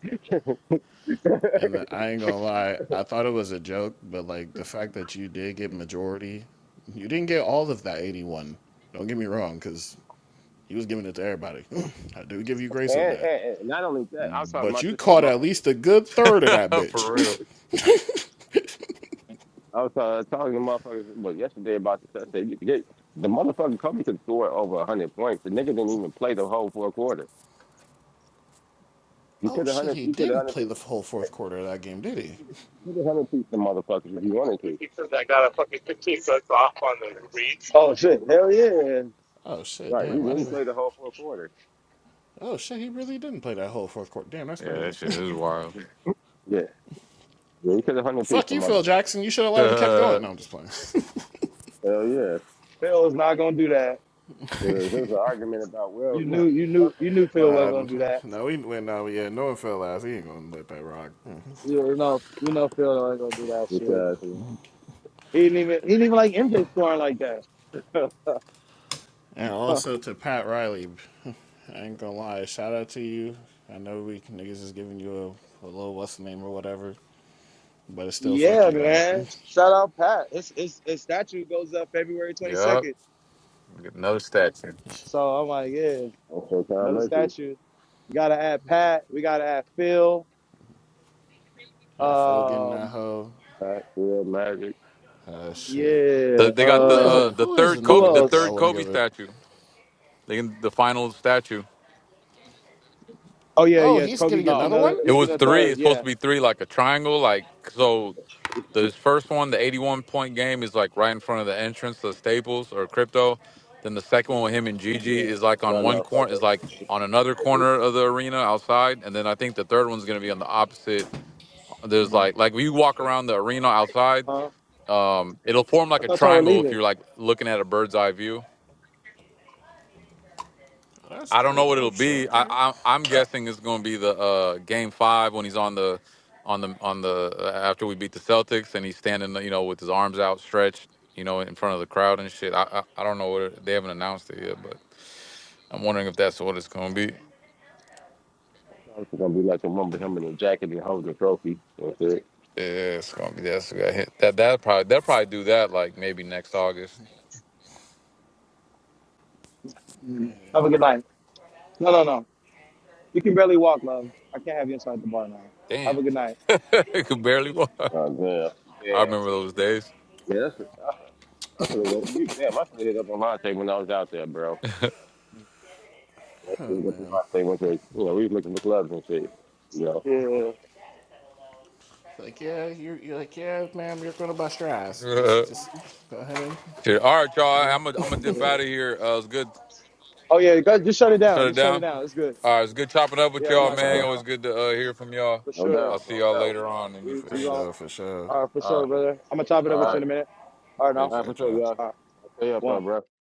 Speaker 10: And the, I ain't gonna lie, I thought it was a joke, but like the fact that you did get majority, you didn't get all of that 81. Don't get me wrong, because he was giving it to everybody. I do give you grace on
Speaker 12: and,
Speaker 10: that.
Speaker 12: and not only that, I'm talking
Speaker 10: But
Speaker 12: about
Speaker 10: you
Speaker 12: this with
Speaker 10: caught at least
Speaker 12: motherfuckers
Speaker 10: a
Speaker 12: too.
Speaker 10: good third of that
Speaker 1: For
Speaker 10: bitch.
Speaker 1: real.
Speaker 12: I was uh, telling the motherfuckers well, yesterday about this. I said, "You- the motherfucker Kobe could score over 100 points. The nigga didn't even play the whole fourth quarter. You
Speaker 10: oh
Speaker 12: could have
Speaker 10: shit,
Speaker 12: 100,
Speaker 10: he
Speaker 12: you could have
Speaker 10: didn't
Speaker 12: 100
Speaker 10: play
Speaker 12: piece,
Speaker 10: the whole fourth quarter of that game, did he?
Speaker 12: you could have 100 piece the motherfuckers if you wanted to.
Speaker 5: Reach. Oh shit! Hell yeah!
Speaker 10: Oh shit,
Speaker 12: Right, he
Speaker 10: damn, I didn't.
Speaker 12: didn't
Speaker 10: even...
Speaker 12: play the whole fourth quarter.
Speaker 10: Oh shit, he really didn't play that whole fourth quarter. Damn, that's
Speaker 1: Yeah, that
Speaker 10: crazy.
Speaker 1: shit is wild.
Speaker 12: Yeah, yeah, he could have 100 piece
Speaker 10: Fuck
Speaker 12: the
Speaker 10: you, Phil
Speaker 12: motherfuckers.
Speaker 10: Jackson. You should have let him kept
Speaker 1: Uh,
Speaker 10: going. No, I'm just playing.
Speaker 12: Hell yeah.
Speaker 5: Phil is not gonna do that.
Speaker 12: Uh, there was an argument about, well,
Speaker 5: You
Speaker 12: you know,
Speaker 5: knew, you knew, you
Speaker 12: motherfuckers
Speaker 5: knew
Speaker 12: gonna talk
Speaker 5: Phil
Speaker 10: nah,
Speaker 5: wasn't
Speaker 12: about
Speaker 5: gonna do that.
Speaker 10: no, he went. No, yeah, no one fell last. He ain't gonna let that rock.
Speaker 5: You know, you know Phil wasn't gonna do that shit.
Speaker 12: because, you know,
Speaker 5: He didn't even, he didn't even like MJ scoring like that.
Speaker 10: And also to Pat Riley, I ain't gonna lie, shout out to you. I know we niggas is giving you a, a little what's the name or whatever, but it's still fuck
Speaker 5: yeah,
Speaker 10: you though.
Speaker 5: man. Shout out Pat. His his, his statue goes up February twenty
Speaker 1: yep.
Speaker 5: second.
Speaker 1: Another statue.
Speaker 5: So I'm like, yeah,
Speaker 12: on Showtime
Speaker 5: another
Speaker 12: Lakers,
Speaker 5: statue. We gotta add Pat. We gotta add Phil.
Speaker 10: yeah, Phil getting that
Speaker 5: Um,
Speaker 10: hoe.
Speaker 12: Pat, Phil, Magic.
Speaker 10: Uh, shit.
Speaker 5: yeah.
Speaker 1: The, they got
Speaker 10: Who
Speaker 1: the
Speaker 10: is
Speaker 5: Um,
Speaker 1: uh
Speaker 10: it?
Speaker 1: the
Speaker 10: Who is
Speaker 1: third
Speaker 5: who
Speaker 10: another
Speaker 1: Kobe the
Speaker 10: Laker? I
Speaker 5: else?
Speaker 1: third
Speaker 10: want to
Speaker 1: Kobe
Speaker 10: give it.
Speaker 1: statue. They can, the final statue.
Speaker 5: Oh yeah,
Speaker 10: Oh,
Speaker 5: yes.
Speaker 10: he's
Speaker 5: Kobe
Speaker 10: getting
Speaker 5: gets
Speaker 10: another
Speaker 12: Oh, that,
Speaker 5: another.
Speaker 10: one.
Speaker 12: that,
Speaker 1: It
Speaker 5: He's
Speaker 12: that
Speaker 1: was
Speaker 5: getting
Speaker 12: make
Speaker 5: a
Speaker 12: it
Speaker 1: three.
Speaker 12: bad?
Speaker 5: third.
Speaker 1: It's supposed
Speaker 5: Yeah,
Speaker 1: to be three, like a triangle, like so.
Speaker 12: It's,
Speaker 1: The
Speaker 12: it's,
Speaker 1: first one, the 81 point game, is like right in front of the entrance to Staples or Crypto. Then the second one with him and Gigi
Speaker 5: yeah.
Speaker 1: is like on
Speaker 12: no,
Speaker 1: one
Speaker 12: no, fuck
Speaker 1: corner, is like on another
Speaker 12: that.
Speaker 1: corner of the arena outside. And then I think the third one's gonna be on the opposite. There's
Speaker 5: Mhm.
Speaker 1: like like when you walk around the arena outside,
Speaker 5: Huh?
Speaker 1: um, it'll form
Speaker 5: I
Speaker 1: like a
Speaker 5: thought y'all were
Speaker 1: triangle if
Speaker 5: leaving.
Speaker 1: you're like looking at a bird's eye view.
Speaker 10: That's
Speaker 1: I don't know
Speaker 10: cool.
Speaker 1: what it'll
Speaker 10: Oh shit.
Speaker 1: be. I,
Speaker 10: Okay.
Speaker 1: I I'm guessing it's going to be the uh, game five when he's on the on the on the uh, after we beat the Celtics and he's standing you know with his arms outstretched you know in front of the crowd and shit. I I, I don't know what it, they haven't announced it yet, but I'm wondering if that's what it's going to be.
Speaker 12: It's gonna be like a mumble him in a jacket and holding the trophy. That's it.
Speaker 1: Yeah, it's going to be that's gonna hit. that that probably they'll probably do that like maybe next August.
Speaker 5: Mhm.
Speaker 10: Man,
Speaker 5: Have a good night. No, no, no. You can barely walk, love. I can't have you inside the bar now. Have
Speaker 1: Damn,
Speaker 5: a good night.
Speaker 1: it could barely walk.
Speaker 12: Oh, damn.
Speaker 1: I
Speaker 12: Damn.
Speaker 1: remember those days.
Speaker 12: Yeah, that's it. I, I could have we damn, I could have hit up on Monte when I was out there, bro. That's what we
Speaker 10: oh
Speaker 12: did
Speaker 10: man.
Speaker 12: last day went to Avante when they- you know, we was looking for clubs and shit. You know.
Speaker 5: Yeah.
Speaker 10: Like yeah, you're, you're like yeah, ma'am. You're gonna bust your ass. Just just go ahead. And,
Speaker 1: Shit. All right,
Speaker 10: you
Speaker 1: y'all.
Speaker 10: know.
Speaker 1: I'm gonna I'm gonna dip
Speaker 5: yeah.
Speaker 1: out of here. Uh, it's good.
Speaker 5: Oh yeah, go- just shut it
Speaker 1: Shut
Speaker 5: down.
Speaker 1: it
Speaker 5: Just shut it
Speaker 1: down.
Speaker 5: down. It's good.
Speaker 1: All right, it's good chopping up with
Speaker 5: Yeah,
Speaker 10: All
Speaker 5: I'm
Speaker 1: y'all,
Speaker 5: not
Speaker 10: right,
Speaker 5: gonna
Speaker 1: man.
Speaker 5: stay
Speaker 10: y'all.
Speaker 12: No
Speaker 1: Always
Speaker 5: on
Speaker 1: good to uh, hear from y'all.
Speaker 5: for sure.
Speaker 1: I'll
Speaker 12: doubt,
Speaker 1: see
Speaker 12: no
Speaker 1: y'all
Speaker 12: doubt.
Speaker 1: later on in these
Speaker 5: We
Speaker 10: For
Speaker 5: we gonna
Speaker 1: streets.
Speaker 10: sure. For sure.
Speaker 5: all right for
Speaker 1: All
Speaker 5: sure,
Speaker 1: right,
Speaker 5: brother. I'm gonna top it up
Speaker 1: all
Speaker 5: with
Speaker 12: All
Speaker 5: you
Speaker 1: right,
Speaker 5: in
Speaker 12: right.
Speaker 5: a minute. All right, now.
Speaker 12: All
Speaker 1: peace.
Speaker 10: All
Speaker 12: right, for
Speaker 10: right,
Speaker 12: sure,
Speaker 10: y'all.
Speaker 12: y'all.
Speaker 5: All right,
Speaker 12: I'll stay up though,
Speaker 5: one.
Speaker 12: bro.